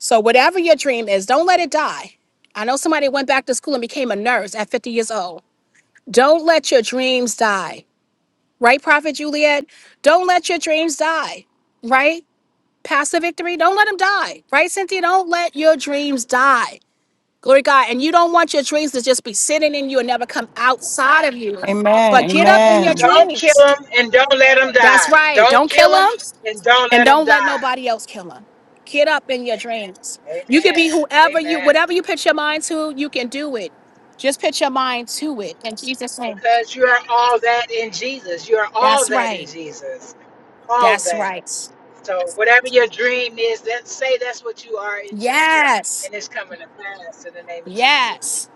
Speaker 1: So whatever your dream is, don't let it die. I know somebody went back to school and became a nurse at 50 years old. Don't let your dreams die. Right, Prophet Juliet? Don't let your dreams die. Right? Pastor Victory, don't let them die. Right, Cynthia? Don't let your dreams die. Glory to God. And you don't want your dreams to just be sitting in you and never come outside of you.
Speaker 3: Amen.
Speaker 1: But get up in your
Speaker 3: Amen.
Speaker 2: Don't kill
Speaker 1: dreams.
Speaker 2: him and don't let him
Speaker 1: That's
Speaker 2: die.
Speaker 1: right.
Speaker 2: Don't
Speaker 1: Don't kill
Speaker 2: kill him
Speaker 1: them.
Speaker 2: and don't
Speaker 1: And
Speaker 2: let him
Speaker 1: don't let
Speaker 2: die.
Speaker 1: nobody else kill him. Get up in your dreams. You can
Speaker 2: Amen.
Speaker 1: be whoever you,
Speaker 2: Amen.
Speaker 1: whatever you put your mind to, you can do it. Just put your mind to it. In Jesus' name.
Speaker 2: Because you are all that in Jesus. You are all
Speaker 1: That's
Speaker 2: that in
Speaker 1: right.
Speaker 2: Jesus. All
Speaker 1: That's
Speaker 2: that.
Speaker 1: right.
Speaker 2: So whatever your dream is, that say that's what you are in Jesus.
Speaker 1: Yes.
Speaker 2: And it's coming to pass in the name of Jesus.
Speaker 1: Yes.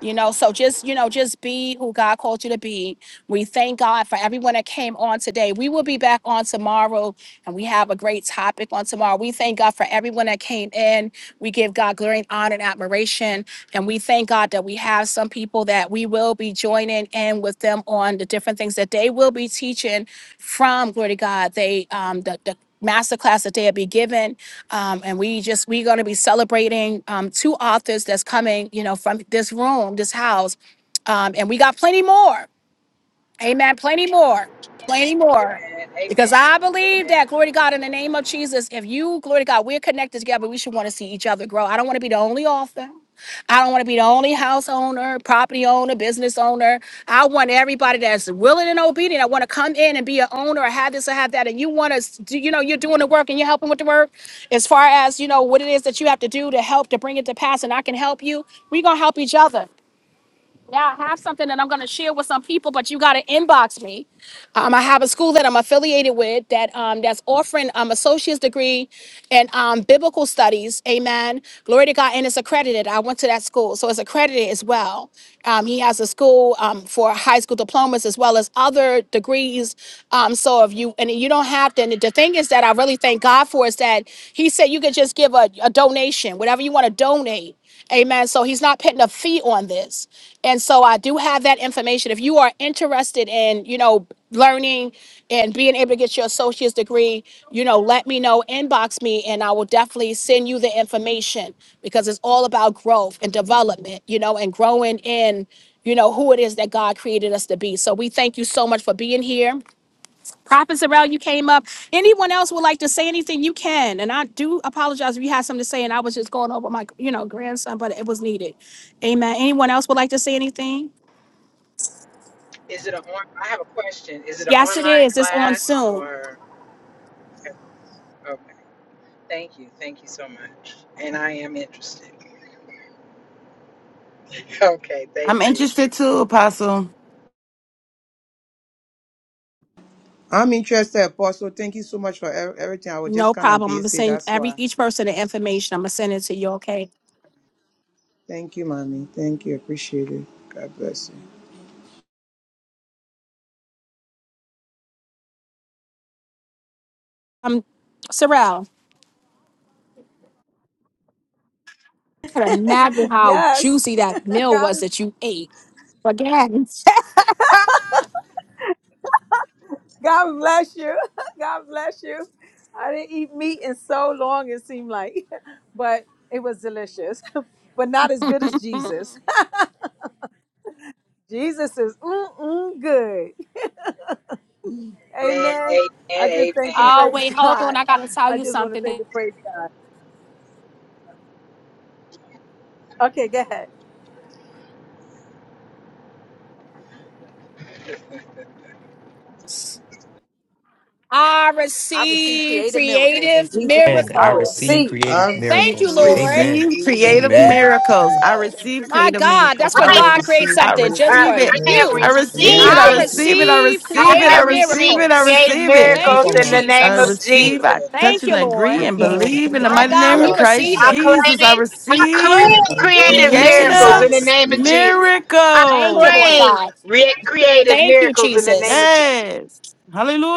Speaker 1: You know, so just, you know, just be who God called you to be. We thank God for everyone that came on today. We will be back on tomorrow And we have a great topic on tomorrow. We thank God for everyone that came in. We give God glory and honor and admiration. And we thank God that we have some people that we will be joining in with them on the different things that they will be teaching from, glory to God, they, um, the, the master that they'll be given um, and we just we're going to be celebrating um, two authors that's coming you know from this room this house um, and we got plenty more Amen. Plenty more. Plenty more.
Speaker 2: Amen.
Speaker 1: Because
Speaker 2: Amen.
Speaker 1: I believe
Speaker 2: Amen.
Speaker 1: that, glory to God, in the name of Jesus, if you, glory to God, we're connected together, we should want to see each other grow. I don't want to be the only author. I don't want to be the only house owner, property owner, business owner. I want everybody that's willing and obedient. I want to come in and be an owner or have this or have that. And you want to, do, you know, you're doing the work and you're helping with the work as far as, you know, what it is that you have to do to help to bring it to pass. And I can help you. We're going to help each other. Yeah, I have something that I'm going to share with some people, but you got to inbox me. Um, I have a school that I'm affiliated with that um, that's offering um, associate's degree in um, biblical studies. Amen. Glory to God, and it's accredited. I went to that school, so it's accredited as well. Um, he has a school um, for high school diplomas as well as other degrees. Um, so if you and you don't have to, and the thing is that I really thank God for is that He said you could just give a, a donation, whatever you want to donate. Amen. So he's not putting a fee on this. And so I do have that information. If you are interested in, you know, learning and being able to get your associate's degree, you know, let me know, inbox me, and I will definitely send you the information because it's all about growth and development, you know, and growing in, you know, who it is that God created us to be. So we thank you so much for being here. Prophet Zarrell, you came up. Anyone else would like to say anything? You can. And I do apologize if you had something to say, and I was just going over my, you know, grandson, but it was needed. Amen. Anyone else would like to say anything?
Speaker 2: Is it a on, I have a question. Is it an
Speaker 1: Yes, it
Speaker 2: online
Speaker 1: is. It's on
Speaker 2: class
Speaker 1: soon.
Speaker 2: or okay. Thank you. Thank you so much. And I am interested. Okay,
Speaker 3: I'm
Speaker 2: thank you.
Speaker 3: interested too, Apostle.
Speaker 7: I'm interested, Apostle. Thank you so much for ev- everything. I was just
Speaker 1: No
Speaker 7: kind of
Speaker 1: problem. I'm gonna
Speaker 7: busy.
Speaker 1: send
Speaker 7: That's
Speaker 1: every
Speaker 7: why.
Speaker 1: each person the information. I'm gonna send it to you. Okay.
Speaker 7: Thank you, mommy. Thank you. Appreciate it. God bless you.
Speaker 1: Um, Sorrel, I can imagine how
Speaker 9: Yes.
Speaker 1: juicy that meal
Speaker 9: God
Speaker 1: was
Speaker 9: is
Speaker 1: that you ate. Again.
Speaker 9: God bless you. God bless you. I didn't eat meat in so long it seemed like, but it was delicious. But not as good as Jesus.
Speaker 1: oh
Speaker 9: Jesus is mm-mm good.
Speaker 2: Amen.
Speaker 9: Amen. I just thank and
Speaker 2: Amen.
Speaker 9: praise
Speaker 1: wait, hold on.
Speaker 9: God.
Speaker 1: I gotta tell
Speaker 9: I
Speaker 1: you
Speaker 9: just want to thank
Speaker 1: something.
Speaker 9: and praise God. Okay, go ahead.
Speaker 1: I
Speaker 9: I receive
Speaker 1: received
Speaker 9: creative miracles in
Speaker 1: creative
Speaker 9: Jesus' name.
Speaker 5: And
Speaker 9: I
Speaker 5: I
Speaker 1: miracles.
Speaker 5: receive
Speaker 9: receive.
Speaker 7: I
Speaker 5: creative
Speaker 1: Thank
Speaker 7: receive
Speaker 1: you,
Speaker 5: miracles.
Speaker 7: creative
Speaker 1: Lord.
Speaker 5: Amen.
Speaker 3: Receive
Speaker 7: creative
Speaker 3: creative
Speaker 1: Woo!
Speaker 7: miracles.
Speaker 5: Amen.
Speaker 3: miracles.
Speaker 7: Amen.
Speaker 3: I receive
Speaker 1: My
Speaker 3: creative
Speaker 1: God,
Speaker 3: miracles.
Speaker 1: that's
Speaker 3: I,
Speaker 1: when
Speaker 7: I
Speaker 3: re-
Speaker 2: Amen.
Speaker 1: God creates
Speaker 7: receive
Speaker 3: I
Speaker 1: something
Speaker 2: Uh,
Speaker 1: just
Speaker 7: creative
Speaker 3: receive
Speaker 1: for
Speaker 3: it.
Speaker 2: I am
Speaker 1: you.
Speaker 3: I
Speaker 7: miracles.
Speaker 3: receive
Speaker 7: Amen.
Speaker 3: it. I
Speaker 1: I
Speaker 2: receiving.
Speaker 7: Thank you,
Speaker 3: receive it. I
Speaker 7: Jesus.
Speaker 1: receive
Speaker 3: receive it. I
Speaker 2: I
Speaker 1: creative
Speaker 3: receive
Speaker 2: receive
Speaker 3: it. I
Speaker 1: miracles.
Speaker 2: creative
Speaker 3: receive
Speaker 7: I will
Speaker 3: it.
Speaker 7: do
Speaker 1: Thank
Speaker 7: for
Speaker 2: miracles
Speaker 1: you,
Speaker 2: in
Speaker 7: my
Speaker 2: the
Speaker 3: I
Speaker 2: name of
Speaker 1: Jesus.
Speaker 7: working,
Speaker 3: receive. I
Speaker 2: Jesus.
Speaker 3: touch
Speaker 1: Thank you,
Speaker 3: and
Speaker 1: Lord.
Speaker 3: agree
Speaker 7: my
Speaker 3: and
Speaker 7: earring,
Speaker 3: believe in the
Speaker 1: My
Speaker 3: mighty
Speaker 2: Yes,
Speaker 1: God,
Speaker 3: name
Speaker 7: show
Speaker 3: of
Speaker 1: we
Speaker 7: up.
Speaker 2: Lord.
Speaker 1: receive
Speaker 3: Christ
Speaker 2: I
Speaker 1: it.
Speaker 2: claim
Speaker 3: Jesus. I
Speaker 2: it. I
Speaker 3: receive.
Speaker 2: claim
Speaker 7: I
Speaker 1: Woo,
Speaker 7: receive
Speaker 2: creative
Speaker 7: beautiful
Speaker 2: miracles
Speaker 3: Creative
Speaker 2: in the
Speaker 7: miracles.
Speaker 1: Jesus.
Speaker 2: name of Jesus. I
Speaker 1: Thank you, Lord
Speaker 3: miracles.
Speaker 2: claim
Speaker 1: God.
Speaker 2: re- creative
Speaker 1: Thank you,
Speaker 2: miracles in the name
Speaker 1: Jesus.
Speaker 2: of Jesus.
Speaker 3: Yes.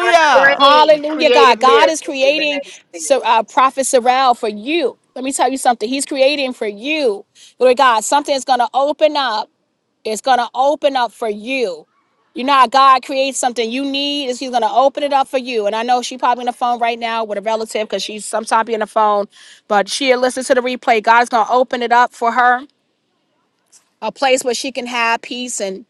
Speaker 2: I claim
Speaker 1: Hallelujah,
Speaker 2: creative
Speaker 1: God. God is
Speaker 2: miracles in the
Speaker 1: creating
Speaker 2: name of
Speaker 1: so,
Speaker 2: Jesus.
Speaker 1: uh, Prophet Sorrel for you. Let me tell you something. He's creating for you. Lord God, something is going to open up It's going to open up for you. You know how God creates something you need is He's going to open it up for you. And I know she probably on the phone right now with a relative because she's sometimes be on the phone, but she'll listen to the replay. God's going to open it up for her a place where she can have peace and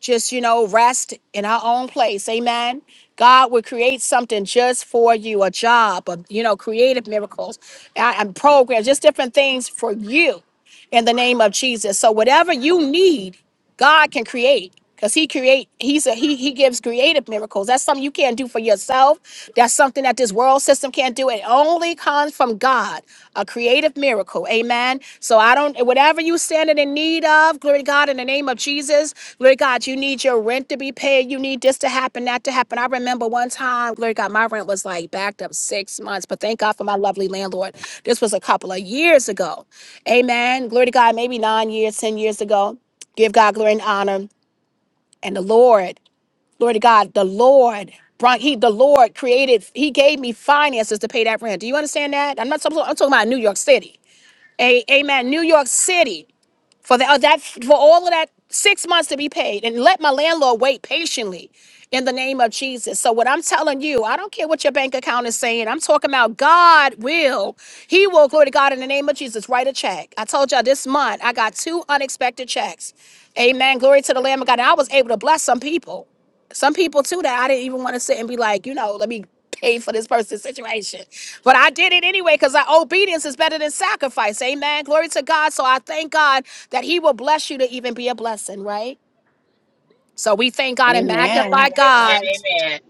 Speaker 1: just, you know, rest in her own place. Amen. God would create something just for you, a job, a, you know, creative miracles uh, and programs, just different things for you in the name of Jesus. So whatever you need, God can create. Because he create, he's a he he gives creative miracles. That's something you can't do for yourself. That's something that this world system can't do. It only comes from God, a creative miracle. Amen. So I don't whatever you standing in need of. Glory to God, in the name of Jesus. Glory to God, you need your rent to be paid. You need this to happen, that to happen. I remember one time, glory to God, my rent was like backed up six months, but thank God for my lovely landlord. This was a couple of years ago. Amen. Glory to God, maybe nine years, 10 years ago. Give God glory and honor. And the Lord, glory to God, the Lord. brought He, the Lord created, He gave me finances to pay that rent. Do you understand that? I'm not, I'm talking about New York City. A, amen. New York City for that, that for all of that six months to be paid and let my landlord wait patiently in the name of Jesus. So what I'm telling you, I don't care what your bank account is saying. I'm talking about God will. He will glory to God in the name of Jesus. Write a check. I told y'all this month I got two unexpected checks. Amen. Glory to the Lamb of God. And I was able to bless some people. Some people too that I didn't even want to sit and be like, you know, let me pay for this person's situation. But I did it anyway because obedience is better than sacrifice. Amen. Glory to God. So I thank God that He will bless you to even be a blessing, right? So we thank God and magnify
Speaker 3: Amen.
Speaker 2: Amen.
Speaker 1: God
Speaker 2: Amen.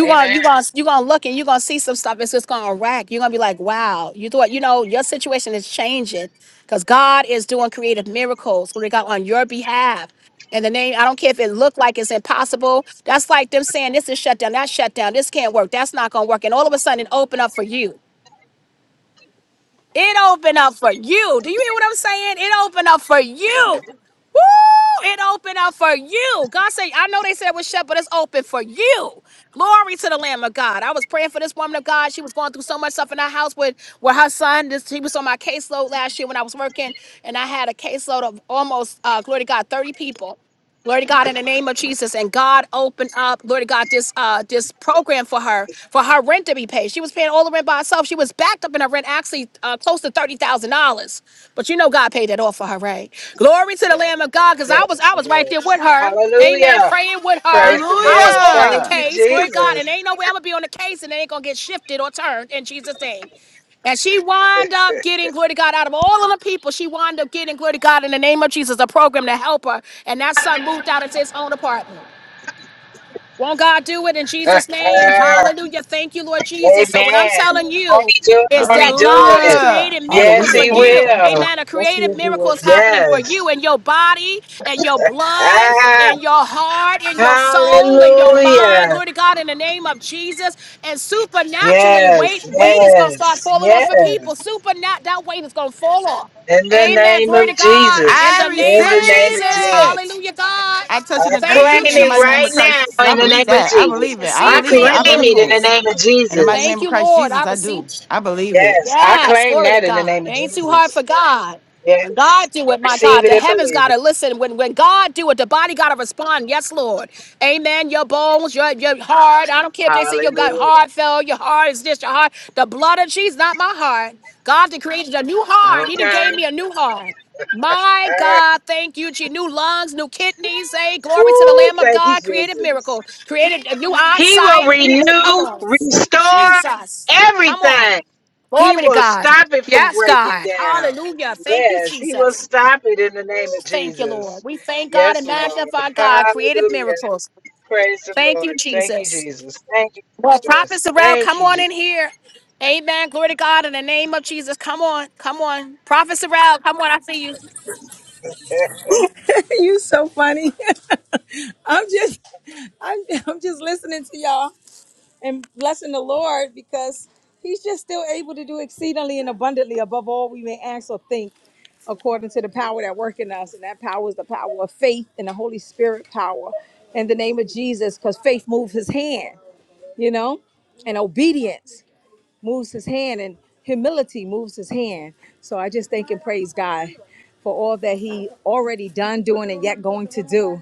Speaker 2: Amen.
Speaker 1: gonna
Speaker 2: amen.
Speaker 1: you gonna you gonna look and you gonna see some stuff it's just gonna rack you're gonna be like wow you thought you know your situation is changing because god is doing creative miracles glory to God on your behalf and the name i don't care if it looked like it's impossible that's like them saying this is shut down That's shut down this can't work that's not gonna work and all of a sudden it opened up for you it opened up for you. Do you hear what I'm saying? It opened up for you. Woo! It opened up for you. God said, I know they said it was shut, but it's open for you. Glory to the Lamb of God. I was praying for this woman of God. She was going through so much stuff in her house with, with her son. This, he was on my caseload last year when I was working, and I had a caseload of almost, uh, glory to God, 30 people. Glory to God in the name of Jesus. And God opened up, Glory to God, this uh this program for her, for her rent to be paid. She was paying all the rent by herself. She was backed up in her rent, actually uh, close to thirty thousand dollars. But you know God paid that off for her, right? Glory to the Lamb of God, because I was I
Speaker 2: Yes,
Speaker 1: was right there
Speaker 2: yes.
Speaker 1: with her. Amen.
Speaker 2: Hallelujah.
Speaker 1: Praying with
Speaker 2: Praise
Speaker 1: her.
Speaker 2: the
Speaker 1: I
Speaker 2: Lord.
Speaker 1: was on the
Speaker 2: Thank
Speaker 3: Hallelujah.
Speaker 2: you,
Speaker 1: case. Glory to God.
Speaker 2: Jesus.
Speaker 1: And ain't no way I'm gonna be on the case and it ain't gonna get shifted or turned in Jesus' name. And she wound up getting glory to God out of all of the people. She wound up getting glory to God in the name of Jesus, a program to help her. And that son moved out into his own apartment. Won't God do it in Jesus' name? Hallelujah. Thank you, Lord Jesus. So, what I'm
Speaker 2: Amen.
Speaker 1: telling you
Speaker 2: Tony do it.
Speaker 1: is
Speaker 2: Tony
Speaker 1: that
Speaker 2: do
Speaker 1: God is
Speaker 2: it.
Speaker 3: Hallelujah.
Speaker 1: creating miracles
Speaker 2: Yes,
Speaker 9: Hallelujah.
Speaker 1: for
Speaker 2: he
Speaker 9: Thank you,
Speaker 1: you.
Speaker 9: Jesus.
Speaker 2: will.
Speaker 1: Amen. A
Speaker 9: Yes,
Speaker 1: creative
Speaker 9: he'll do
Speaker 1: miracle is
Speaker 9: it.
Speaker 1: happening for
Speaker 2: Yes.
Speaker 1: you in your body, in your blood,
Speaker 2: Ah,
Speaker 1: in your heart, in your soul, in your mind.
Speaker 2: hallelujah.
Speaker 1: Glory to God in the name of Jesus. And supernaturally, weight,
Speaker 2: Yes,
Speaker 1: weight is going to start
Speaker 2: yes,
Speaker 1: falling off of
Speaker 2: yes.
Speaker 1: people. Supernat, that weight is going to fall off.
Speaker 2: In the
Speaker 1: Amen.
Speaker 2: name
Speaker 1: Glory to
Speaker 2: of
Speaker 1: God. In
Speaker 3: I
Speaker 2: Jesus.
Speaker 1: the
Speaker 3: receive
Speaker 1: name
Speaker 2: In
Speaker 1: of
Speaker 2: the name of
Speaker 1: Jesus.
Speaker 2: Jesus.
Speaker 3: it.
Speaker 1: Hallelujah, God.
Speaker 3: I touch
Speaker 2: I
Speaker 3: and
Speaker 1: Thank
Speaker 2: claim
Speaker 1: you,
Speaker 3: agree in the
Speaker 2: it
Speaker 3: mighty name
Speaker 2: right
Speaker 3: of
Speaker 1: Jesus.
Speaker 3: Christ Jesus.
Speaker 2: now
Speaker 3: I
Speaker 2: in the
Speaker 3: believe
Speaker 2: name of
Speaker 3: that. I
Speaker 2: Jesus.
Speaker 3: believe
Speaker 1: The
Speaker 3: it. I
Speaker 2: I
Speaker 1: seed
Speaker 3: believe it.
Speaker 2: claim
Speaker 3: I
Speaker 1: created
Speaker 2: it
Speaker 3: believe it.
Speaker 2: in the
Speaker 1: miracles.
Speaker 2: name of
Speaker 3: In the mighty
Speaker 2: Jesus.
Speaker 3: name
Speaker 1: Thank
Speaker 3: of
Speaker 1: you,
Speaker 3: Christ
Speaker 1: Lord. I
Speaker 3: Jesus, I
Speaker 1: receive.
Speaker 3: do. I believe it.
Speaker 2: Yes, I
Speaker 1: Yes,
Speaker 2: claim
Speaker 1: glory to
Speaker 2: that in the
Speaker 1: God.
Speaker 2: name
Speaker 1: It
Speaker 2: of
Speaker 1: ain't too hard for
Speaker 2: Jesus.
Speaker 1: God. When
Speaker 2: Yes.
Speaker 1: God do
Speaker 2: I
Speaker 1: it, my
Speaker 2: receive
Speaker 1: God,
Speaker 2: it
Speaker 1: the
Speaker 2: and
Speaker 1: heavens
Speaker 2: believe
Speaker 1: gotta
Speaker 2: it.
Speaker 1: listen. When when God do it, the body gotta respond. Yes, Lord. Amen. Your bones, your your heart. I don't care if they say your gut
Speaker 2: Hallelujah.
Speaker 1: heart fell, your heart is this, your heart. The blood of Jesus, not my heart. God that created a new heart. He didn't
Speaker 2: Okay.
Speaker 1: gave me a new heart. My
Speaker 2: All right.
Speaker 1: God, thank you, G. New lungs, new kidneys. Hey, glory to the
Speaker 2: Woo,
Speaker 1: Lamb of
Speaker 2: thank you,
Speaker 1: God. Created
Speaker 2: Jesus.
Speaker 1: miracle. Created a new
Speaker 2: He will
Speaker 1: eyesight. Ooh, come
Speaker 2: renew,
Speaker 1: on.
Speaker 2: restore
Speaker 1: Jesus. Come on.
Speaker 2: everything. He
Speaker 1: Glory to
Speaker 2: will
Speaker 1: God.
Speaker 2: stop it from
Speaker 1: Yes,
Speaker 2: breaking
Speaker 1: God.
Speaker 2: down.
Speaker 1: Hallelujah. Thank you,
Speaker 2: Yes, he will
Speaker 1: Jesus.
Speaker 2: stop it in the name of
Speaker 1: Thank you, Lord.
Speaker 2: Jesus.
Speaker 1: We thank God
Speaker 2: Yes,
Speaker 1: and
Speaker 2: Lord.
Speaker 1: magnify God. Creative
Speaker 2: Hallelujah.
Speaker 1: miracles.
Speaker 2: Praise the
Speaker 1: Thank
Speaker 2: Lord.
Speaker 1: you,
Speaker 2: Thank you,
Speaker 1: Jesus.
Speaker 2: Jesus. Thank you,
Speaker 1: Well,
Speaker 2: Jesus.
Speaker 1: prophets around,
Speaker 2: Thank
Speaker 1: come
Speaker 2: you,
Speaker 1: on
Speaker 2: Jesus.
Speaker 1: in here. Amen. Glory to God in the name of Jesus. Come on. Come on. Prophets around. Come on. I see you.
Speaker 9: You so funny. I'm just I'm I'm just listening to y'all and blessing the Lord because he's just still able to do exceedingly and abundantly above all we may ask or think according to the power that work in us and that power is the power of faith and the Holy Spirit power in the name of Jesus cuz faith moves his hand, you know? And obedience moves his hand and humility moves his hand. So I just thank and praise God for all that he already done, doing, and yet going to do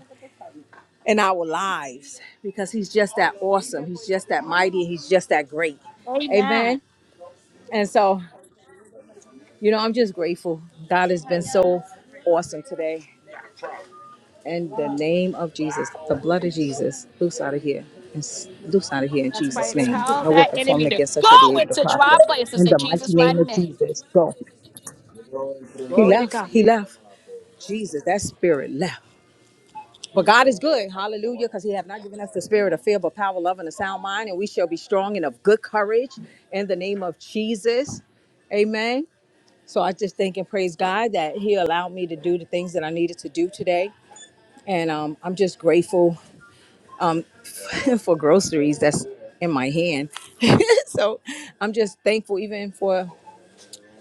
Speaker 9: in our lives because he's just that awesome. He's just that mighty. He's just that great. Amen. And so, you know, I'm just grateful. God has been so awesome today. In the name of Jesus, the blood of Jesus, loose out of here. And s- loose out of here in
Speaker 1: That's
Speaker 9: Jesus'
Speaker 1: right.
Speaker 9: name.
Speaker 1: Tell
Speaker 9: No
Speaker 1: that
Speaker 9: weapon formed
Speaker 1: enemy to
Speaker 9: against us shall
Speaker 1: go
Speaker 9: be able to
Speaker 1: into dry
Speaker 9: prosper.
Speaker 1: places
Speaker 9: In
Speaker 1: in
Speaker 9: the mighty
Speaker 1: Jesus'
Speaker 9: name
Speaker 1: mighty
Speaker 9: of
Speaker 1: name.
Speaker 9: Jesus, go. He
Speaker 1: Glory to
Speaker 9: left.
Speaker 1: God.
Speaker 9: He left. Jesus, that spirit left. But God is good. Hallelujah. Because he have not given us the spirit of fear, but power, love, and a sound mind. And we shall be strong and of good courage in the name of Jesus. Amen. So I just thank and praise God that he allowed me to do the things that I needed to do today. And um, I'm just grateful um, for groceries that's in my hand. so I'm just thankful even for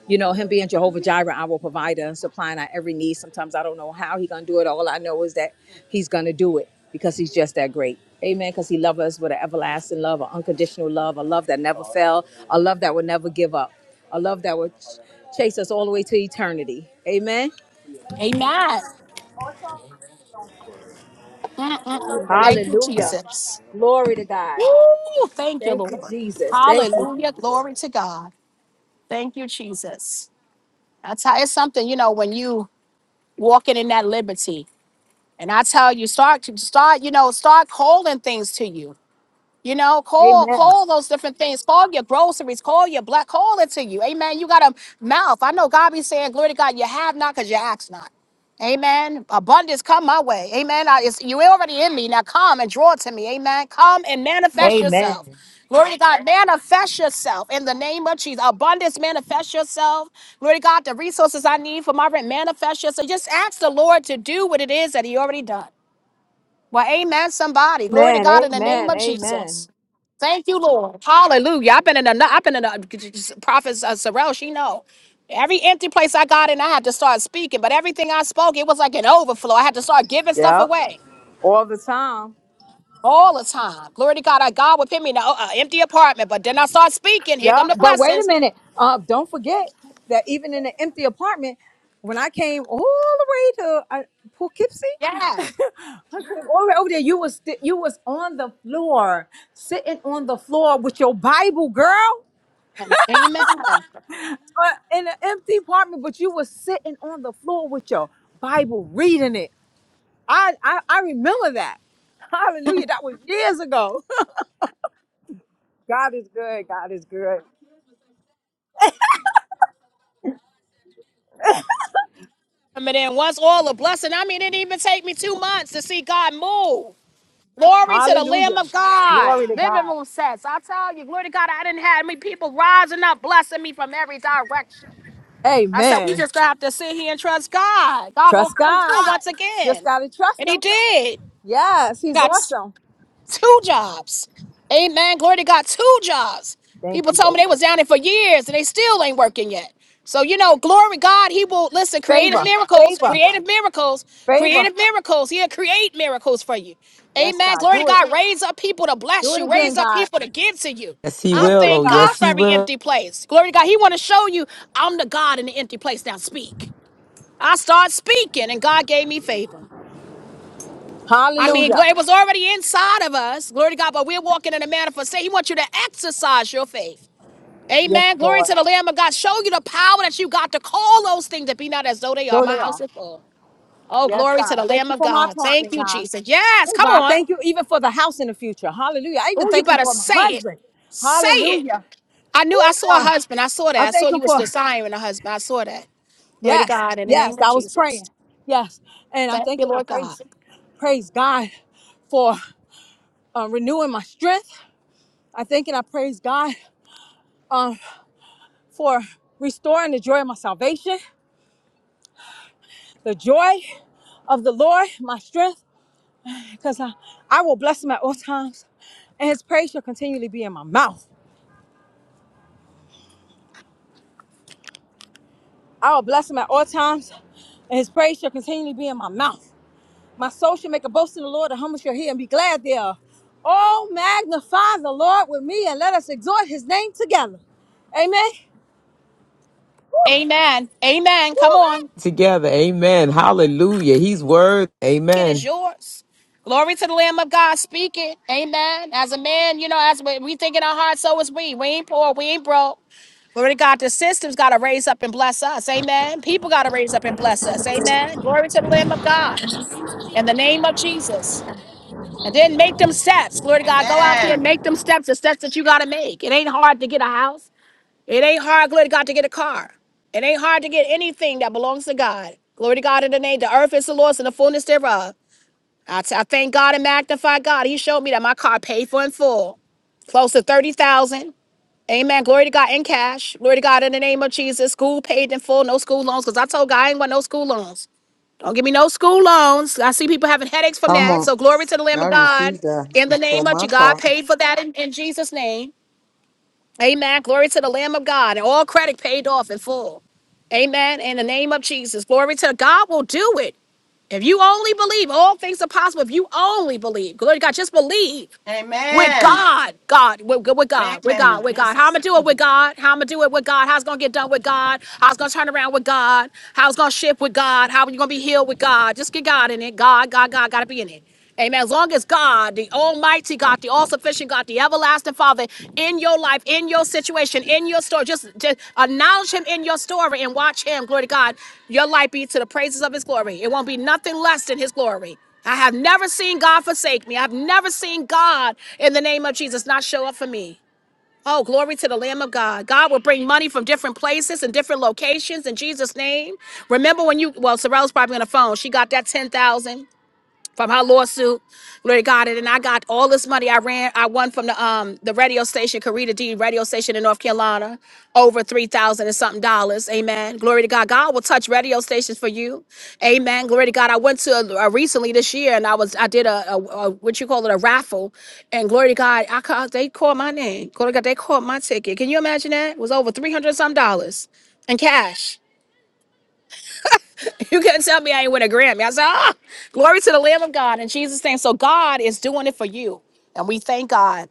Speaker 9: you know him being jehovah jireh our provider and supplying our every need sometimes i don't know how he gonna do it all i know is that he's gonna do it because he's just that great amen because he loves us with an everlasting love an unconditional love a love that never fell a love that would never give up a love that would ch- chase us all the way to eternity amen
Speaker 1: Amen. Mm-mm-mm. Thank you,
Speaker 9: hallelujah
Speaker 1: Jesus.
Speaker 9: glory to
Speaker 1: Woo!
Speaker 9: god
Speaker 1: Thank you,
Speaker 9: thank you
Speaker 1: Lord.
Speaker 9: jesus thank you
Speaker 1: Hallelujah.
Speaker 9: jesus
Speaker 1: Glory to God. Thank you, Jesus. That's how it's something, you know, when you walking in that liberty. And I tell you, start to start, you know, start holding things to you. You know, call,
Speaker 9: amen
Speaker 1: call those different things. Call your groceries. Call your black. Call it to you. Amen. You got a mouth. I know God be saying, glory to God, you have not because you ask not. Amen. Abundance come my way. Amen. I, it's, you already in me. Now come and draw to me. Amen. Come and manifest yourself.
Speaker 9: amen
Speaker 1: Glory to God. Manifest yourself in the name of Jesus. Abundance, manifest yourself. Glory to God. The resources I need for my rent, manifest yourself. So Just ask the Lord to do what it is that He already done. Well, amen, somebody. Glory to
Speaker 9: amen
Speaker 1: God in the name
Speaker 9: amen
Speaker 1: of Jesus.
Speaker 9: amen
Speaker 1: Thank you, Lord. Hallelujah. I've been in a, I've been in a prophet uh, Sorrel, she know. Every empty place I got in, I had to start speaking. But everything I spoke, it was like an overflow. I had to start giving stuff
Speaker 9: yeah
Speaker 1: away
Speaker 9: all the time
Speaker 1: all the time. Glory to God. I God would put me in an empty apartment, but then I start speaking. Here
Speaker 9: Yeah,
Speaker 1: come the
Speaker 9: but wait a
Speaker 1: blessings.
Speaker 9: minute. Uh, don't forget that even in an empty apartment, when I came all the way to uh, Poughkeepsie,
Speaker 1: Yes.
Speaker 9: I came all the way over there, you was sti- you was on the floor, sitting on the floor with your Bible, girl, uh, in an empty apartment, but you was sitting on the floor with your Bible, reading it. I I, I remember that. Hallelujah. That was years ago. God is good. God is good.
Speaker 1: And then once all the blessing, I mean, it didn't even take me two months to see God move. Glory to the Lamb
Speaker 9: Hallelujah.
Speaker 1: of God.
Speaker 9: Glory to
Speaker 1: Living
Speaker 9: God.
Speaker 1: room sets. I tell you, glory to God, I didn't have many people rising up, blessing me from every direction. I said, we
Speaker 9: Amen.
Speaker 1: just gonna have to sit here and trust God. God gonna
Speaker 9: Trust
Speaker 1: come
Speaker 9: God.
Speaker 1: through once
Speaker 9: Just
Speaker 1: again.
Speaker 9: got to trust
Speaker 1: And he
Speaker 9: him.
Speaker 1: did.
Speaker 9: Yes,
Speaker 1: He
Speaker 9: he's
Speaker 1: got s-
Speaker 9: awesome.
Speaker 1: two jobs. Amen. Glory to God, two jobs.
Speaker 9: Thank
Speaker 1: People
Speaker 9: you,
Speaker 1: told me
Speaker 9: Lord.
Speaker 1: they was down there for years and they still ain't working yet. So you know, glory God, he will listen, creative
Speaker 9: Favor,
Speaker 1: miracles,
Speaker 9: favor,
Speaker 1: creative miracles,
Speaker 9: favor.
Speaker 1: creative miracles. He'll create miracles for you.
Speaker 9: Yes,
Speaker 1: Amen.
Speaker 9: God.
Speaker 1: Glory to
Speaker 9: Do it.
Speaker 1: God. Raise up people to
Speaker 9: Do
Speaker 1: bless
Speaker 9: it
Speaker 1: you.
Speaker 9: again,
Speaker 1: Raise up
Speaker 9: God.
Speaker 1: people to give to you.
Speaker 5: Yes, he
Speaker 9: Do
Speaker 1: I
Speaker 9: it
Speaker 5: will.
Speaker 9: again,
Speaker 5: Oh,
Speaker 1: thank
Speaker 9: God.
Speaker 1: God
Speaker 5: yes,
Speaker 1: for
Speaker 5: he
Speaker 1: every
Speaker 5: will.
Speaker 1: empty place. Glory to God. He want to show you I'm the God in the empty place. Now speak. I started speaking, and God gave me favor. I mean,
Speaker 9: Hallelujah.
Speaker 1: gl- it was already inside of us. Glory to God, but we're walking in a manner for say He wants you to exercise your faith.
Speaker 9: Yes,
Speaker 1: Amen. Glory
Speaker 9: Lord.
Speaker 1: to the Lamb of God. Show you the power that you got to call those things that be not as though they are.
Speaker 9: So
Speaker 1: My
Speaker 9: they
Speaker 1: house
Speaker 9: are.
Speaker 1: is full. Oh,
Speaker 9: Yes,
Speaker 1: glory to
Speaker 9: God.
Speaker 1: the
Speaker 9: Thank
Speaker 1: Lamb
Speaker 9: you
Speaker 1: of
Speaker 9: for my
Speaker 1: God. Thank
Speaker 9: apartment,
Speaker 1: you,
Speaker 9: God.
Speaker 1: Jesus. Yes,
Speaker 9: Oh,
Speaker 1: come
Speaker 9: God, I
Speaker 1: on.
Speaker 9: thank you even for the house in the future. Hallelujah. I even
Speaker 1: Oh, you
Speaker 9: thank him
Speaker 1: better
Speaker 9: for my
Speaker 1: say it.
Speaker 9: husband.
Speaker 1: Say it.
Speaker 9: Hallelujah.
Speaker 1: I knew I
Speaker 9: Oh,
Speaker 1: saw a
Speaker 9: God.
Speaker 1: husband. I saw
Speaker 9: I
Speaker 1: that. I saw
Speaker 9: thank him
Speaker 1: you was
Speaker 9: for,
Speaker 1: desiring a husband. I saw that. Glory to
Speaker 9: yes,
Speaker 1: God in the
Speaker 9: yes,
Speaker 1: name of
Speaker 9: I was
Speaker 1: Jesus.
Speaker 9: praying. Yes. And I
Speaker 1: Thank
Speaker 9: thank
Speaker 1: you,
Speaker 9: and I
Speaker 1: Lord God.
Speaker 9: praise, praise God for. uh, renewing my strength. I thank and I praise God um, for restoring the joy of my salvation, the joy of the Lord, my strength, because I, I will bless him at all times, and his praise shall continually be in my mouth. I will bless him at all times, and his praise shall continually be in my mouth. My soul shall make a boast in the Lord, the humble shall hear and be glad thereof. Oh, magnify the Lord with me, and let us exhort his name together. Amen.
Speaker 1: Amen. Amen. Come on.
Speaker 5: Together. Amen. Hallelujah. He's worth.
Speaker 1: it is
Speaker 5: Amen.
Speaker 1: yours. Glory to the Lamb of God. Speak it. Amen. As a man, you know, as we, we think in our heart, so is we. We ain't poor. We ain't broke. Glory to God. The system's got to raise up and bless us. Amen. People got to raise up and bless us. Amen. Glory to the Lamb of God. In the name of Jesus. And then make them steps. Glory to God. Go out there and
Speaker 3: Amen.
Speaker 1: make them steps, the steps that you got to make. It ain't hard to get a house. It ain't hard, glory to God, to get a car. It ain't hard to get anything that belongs to God. Glory to God in the name. The earth is the Lord's and the fullness thereof. I t- I thank God and magnify God. He showed me that my car paid for in full, close to thirty thousand. Amen. Glory to God in cash. Glory to God in the name of Jesus. School paid in full, no school loans. Cause I told God I ain't want no school loans. Don't give me no school loans. I see people having headaches from
Speaker 7: Come
Speaker 1: that.
Speaker 7: on.
Speaker 1: So glory to the Lamb
Speaker 7: I
Speaker 1: of God.
Speaker 7: received that
Speaker 1: In the
Speaker 7: for
Speaker 1: name of
Speaker 7: my
Speaker 1: you, God
Speaker 7: car.
Speaker 1: paid for that in, in Jesus' name. Amen. Glory to the Lamb of God. And all credit paid off in full. Amen. In the name of Jesus. Glory to God will do it. If you only believe, all things are possible. If you only believe, glory to God, just believe. With
Speaker 3: Amen.
Speaker 1: God, God, with, with God, with
Speaker 3: Amen.
Speaker 1: God, with
Speaker 3: Yes,
Speaker 1: God.
Speaker 3: I
Speaker 1: How I'm gonna do it with
Speaker 3: do.
Speaker 1: God? How I'm gonna do it with God? How's it gonna get done with God? How's it gonna turn around with God? How's it gonna shift with God? How are you gonna be healed with God? Just get God in it. God, God, God, gotta be in it. Amen. As long as God, the Almighty God, the All-Sufficient God, the Everlasting Father, in your life, in your situation, in your story, just, just acknowledge Him in your story and watch Him. Glory to God. Your life be to the praises of His glory. It won't be nothing less than His glory. I have never seen God forsake me. I've never seen God in the name of Jesus not show up for me. Oh, glory to the Lamb of God. God will bring money from different places and different locations in Jesus' name. Remember when you, well, Sorrell's probably on the phone. She got that 10,000 from her lawsuit. Glory to God. And then I got all this money I ran, I won from the um the radio station, Karita D radio station in North Carolina, over three thousand and something dollars. Amen. Glory to God. God will touch radio stations for you. Amen. Glory to God. I went to a, a recently this year and I was I did a, a, a what you call it, a raffle. And glory to God, I called they called my name. Glory to God, they called my ticket. Can you imagine that? It was over three hundred some dollars in cash. You couldn't tell me I ain't win a Grammy. I said, ah, glory to the Lamb of God in Jesus' name. So God is doing it for you. And we thank God.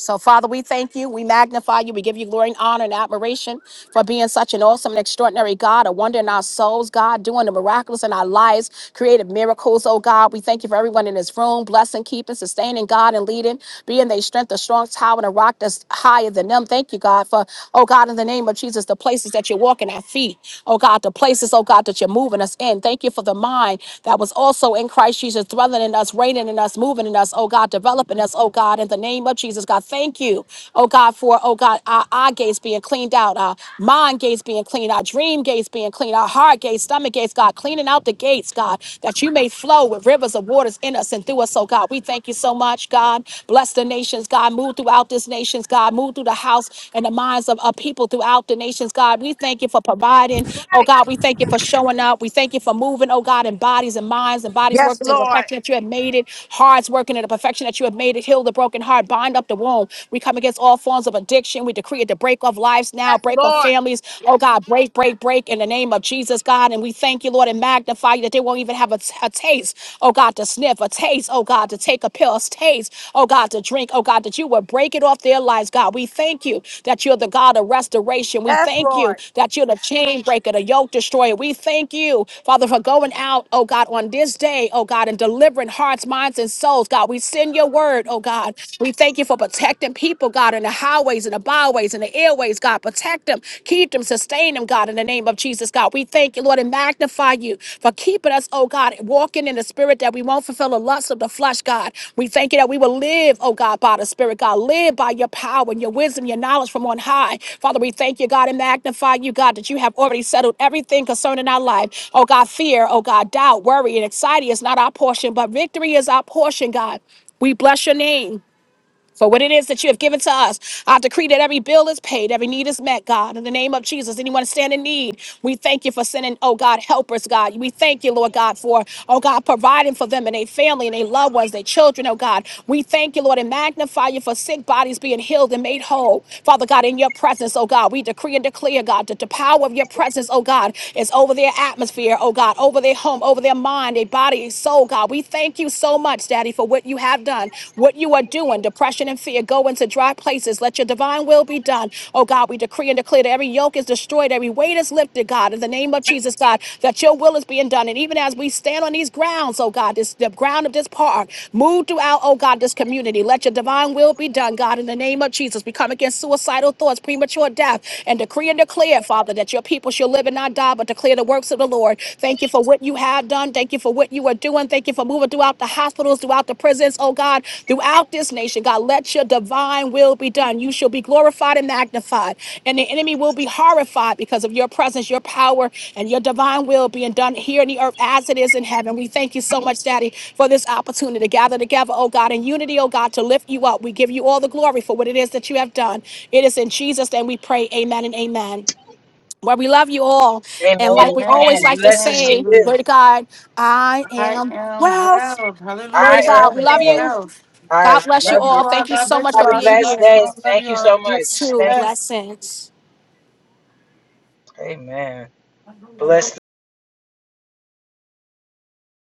Speaker 1: So, Father, we thank you. We magnify you. We give you glory and honor and admiration for being such an awesome and extraordinary God, a wonder in our souls, God, doing the miraculous in our lives, creative miracles, oh God. We thank you for everyone in this room, blessing, keeping, sustaining God and leading, being their strength, a strong tower, and a rock that's higher than them. Thank you, God, for, oh God, in the name of Jesus, the places that you're walking our feet, oh God, the places, oh God, that you're moving us in. Thank you for the mind that was also in Christ Jesus, dwelling in us, reigning in us, moving in us, oh God, developing us, oh God, in the name of Jesus. Jesus, God. Thank you, oh God, for, oh God, our eye gates being cleaned out, our mind gates being cleaned, our dream gates being cleaned, our heart gates, stomach gates, God, cleaning out the gates, God, that you may flow with rivers of waters in us and through us, oh God. We thank you so much, God. Bless the nations, God. Move throughout this nations, God. Move through the house and the minds of, of people throughout the nations, God. We thank you for providing, oh God. We thank you for showing up. We thank you for moving, oh God, in bodies and minds and bodies
Speaker 9: Yes,
Speaker 1: working to the
Speaker 9: Lord.
Speaker 1: perfection that you have made it, hearts working to the perfection that you have made it. Heal the broken heart, bind up the womb. We come against all forms of addiction. We decree it to break off lives now,
Speaker 9: Yes,
Speaker 1: break off
Speaker 9: Lord.
Speaker 1: families. Oh God, break, break, break in the name of Jesus, God. And we thank you, Lord, and magnify you that they won't even have a a taste. Oh God, to sniff, a taste. Oh God, to take a pill, a taste. Oh God, to drink. Oh God, that you will break it off their lives, God. We thank you that you're the God of restoration. We
Speaker 9: Yes,
Speaker 1: thank you
Speaker 9: Lord.
Speaker 1: that you're the chain breaker, the yoke destroyer. We thank you, Father, for going out, oh God, on this day, oh God, and delivering hearts, minds, and souls, God. We send your word, oh God. We thank you for protecting people, God, in the highways and the byways and the airways, God. Protect them, keep them, sustain them, God, in the name of Jesus, God. We thank you, Lord, and magnify you for keeping us, oh God, walking in the spirit that we won't fulfill the lust of the flesh, God. We thank you that we will live, oh God, by the spirit, God. Live by your power and your wisdom, your knowledge from on high. Father, we thank you, God, and magnify you, God, that you have already settled everything concerning our life. Oh God, fear, oh God, doubt, worry, and anxiety is not our portion, but victory is our portion, God. We bless your name for what it is that you have given to us. I decree that every bill is paid, every need is met, God. In the name of Jesus, anyone stand in need, we thank you for sending, oh God, helpers, God. We thank you, Lord God, for, oh God, providing for them and their family and their loved ones, their children, oh God. We thank you, Lord, and magnify you for sick bodies being healed and made whole. Father God, in your presence, oh God, we decree and declare, God, that the power of your presence, oh God, is over their atmosphere, oh God, over their home, over their mind, their body, their soul, God. We thank you thank you so much, Daddy, for what you have done, what you are doing. Depression and fear go into dry places. Let your divine will be done. Oh God, we decree and declare that every yoke is destroyed, every weight is lifted, God, in the name of Jesus, God, that your will is being done. And even as we stand on these grounds, oh God, this the ground of this park, move throughout, oh God, this community. Let your divine will be done, God, in the name of Jesus. We come against suicidal thoughts, premature death, and decree and declare, Father, that your people shall live and not die, but declare the works of the Lord. Thank you for what you have done. Thank you for what you are doing. Thank you for moving throughout the hospitals, throughout the prisons, oh God, throughout this nation. God, let your divine will be done. You shall be glorified and magnified, and the enemy will be horrified because of your presence, your power, and your divine will being done here in the earth as it is in heaven. We thank you so much, Daddy, for this opportunity to gather together, oh God, in unity, oh God, to lift you up. We give you all the glory for what it is that you have done. It is in Jesus' name we pray. Amen and amen. Well, we love you all.
Speaker 2: Amen.
Speaker 1: And like we always
Speaker 3: Amen.
Speaker 2: Amen.
Speaker 1: like to
Speaker 3: Amen.
Speaker 2: Blessed she
Speaker 1: say,
Speaker 2: is.
Speaker 3: Hallelujah.
Speaker 1: glory to God, I
Speaker 3: I
Speaker 1: am
Speaker 3: am
Speaker 1: wealth.
Speaker 3: well.
Speaker 1: Glory
Speaker 2: I
Speaker 1: to God.
Speaker 2: am
Speaker 3: Hallelujah.
Speaker 1: We
Speaker 3: I
Speaker 1: love
Speaker 3: am
Speaker 2: loved.
Speaker 1: you.
Speaker 3: well.
Speaker 2: I
Speaker 1: God bless you
Speaker 3: Love
Speaker 2: love
Speaker 3: you
Speaker 1: all.
Speaker 2: you.
Speaker 3: all.
Speaker 1: Thank you
Speaker 3: God
Speaker 1: so
Speaker 3: bless
Speaker 1: much
Speaker 3: you
Speaker 2: Have
Speaker 1: for
Speaker 2: a
Speaker 3: all.
Speaker 1: being
Speaker 2: blessed
Speaker 3: Shalom.
Speaker 1: here.
Speaker 2: day.
Speaker 3: Shalom. Love
Speaker 2: Thank
Speaker 3: you
Speaker 2: you so
Speaker 3: all.
Speaker 1: You
Speaker 2: much.
Speaker 1: too.
Speaker 2: Thank
Speaker 3: Bless.
Speaker 1: Blessings.
Speaker 2: you. Amen. Bless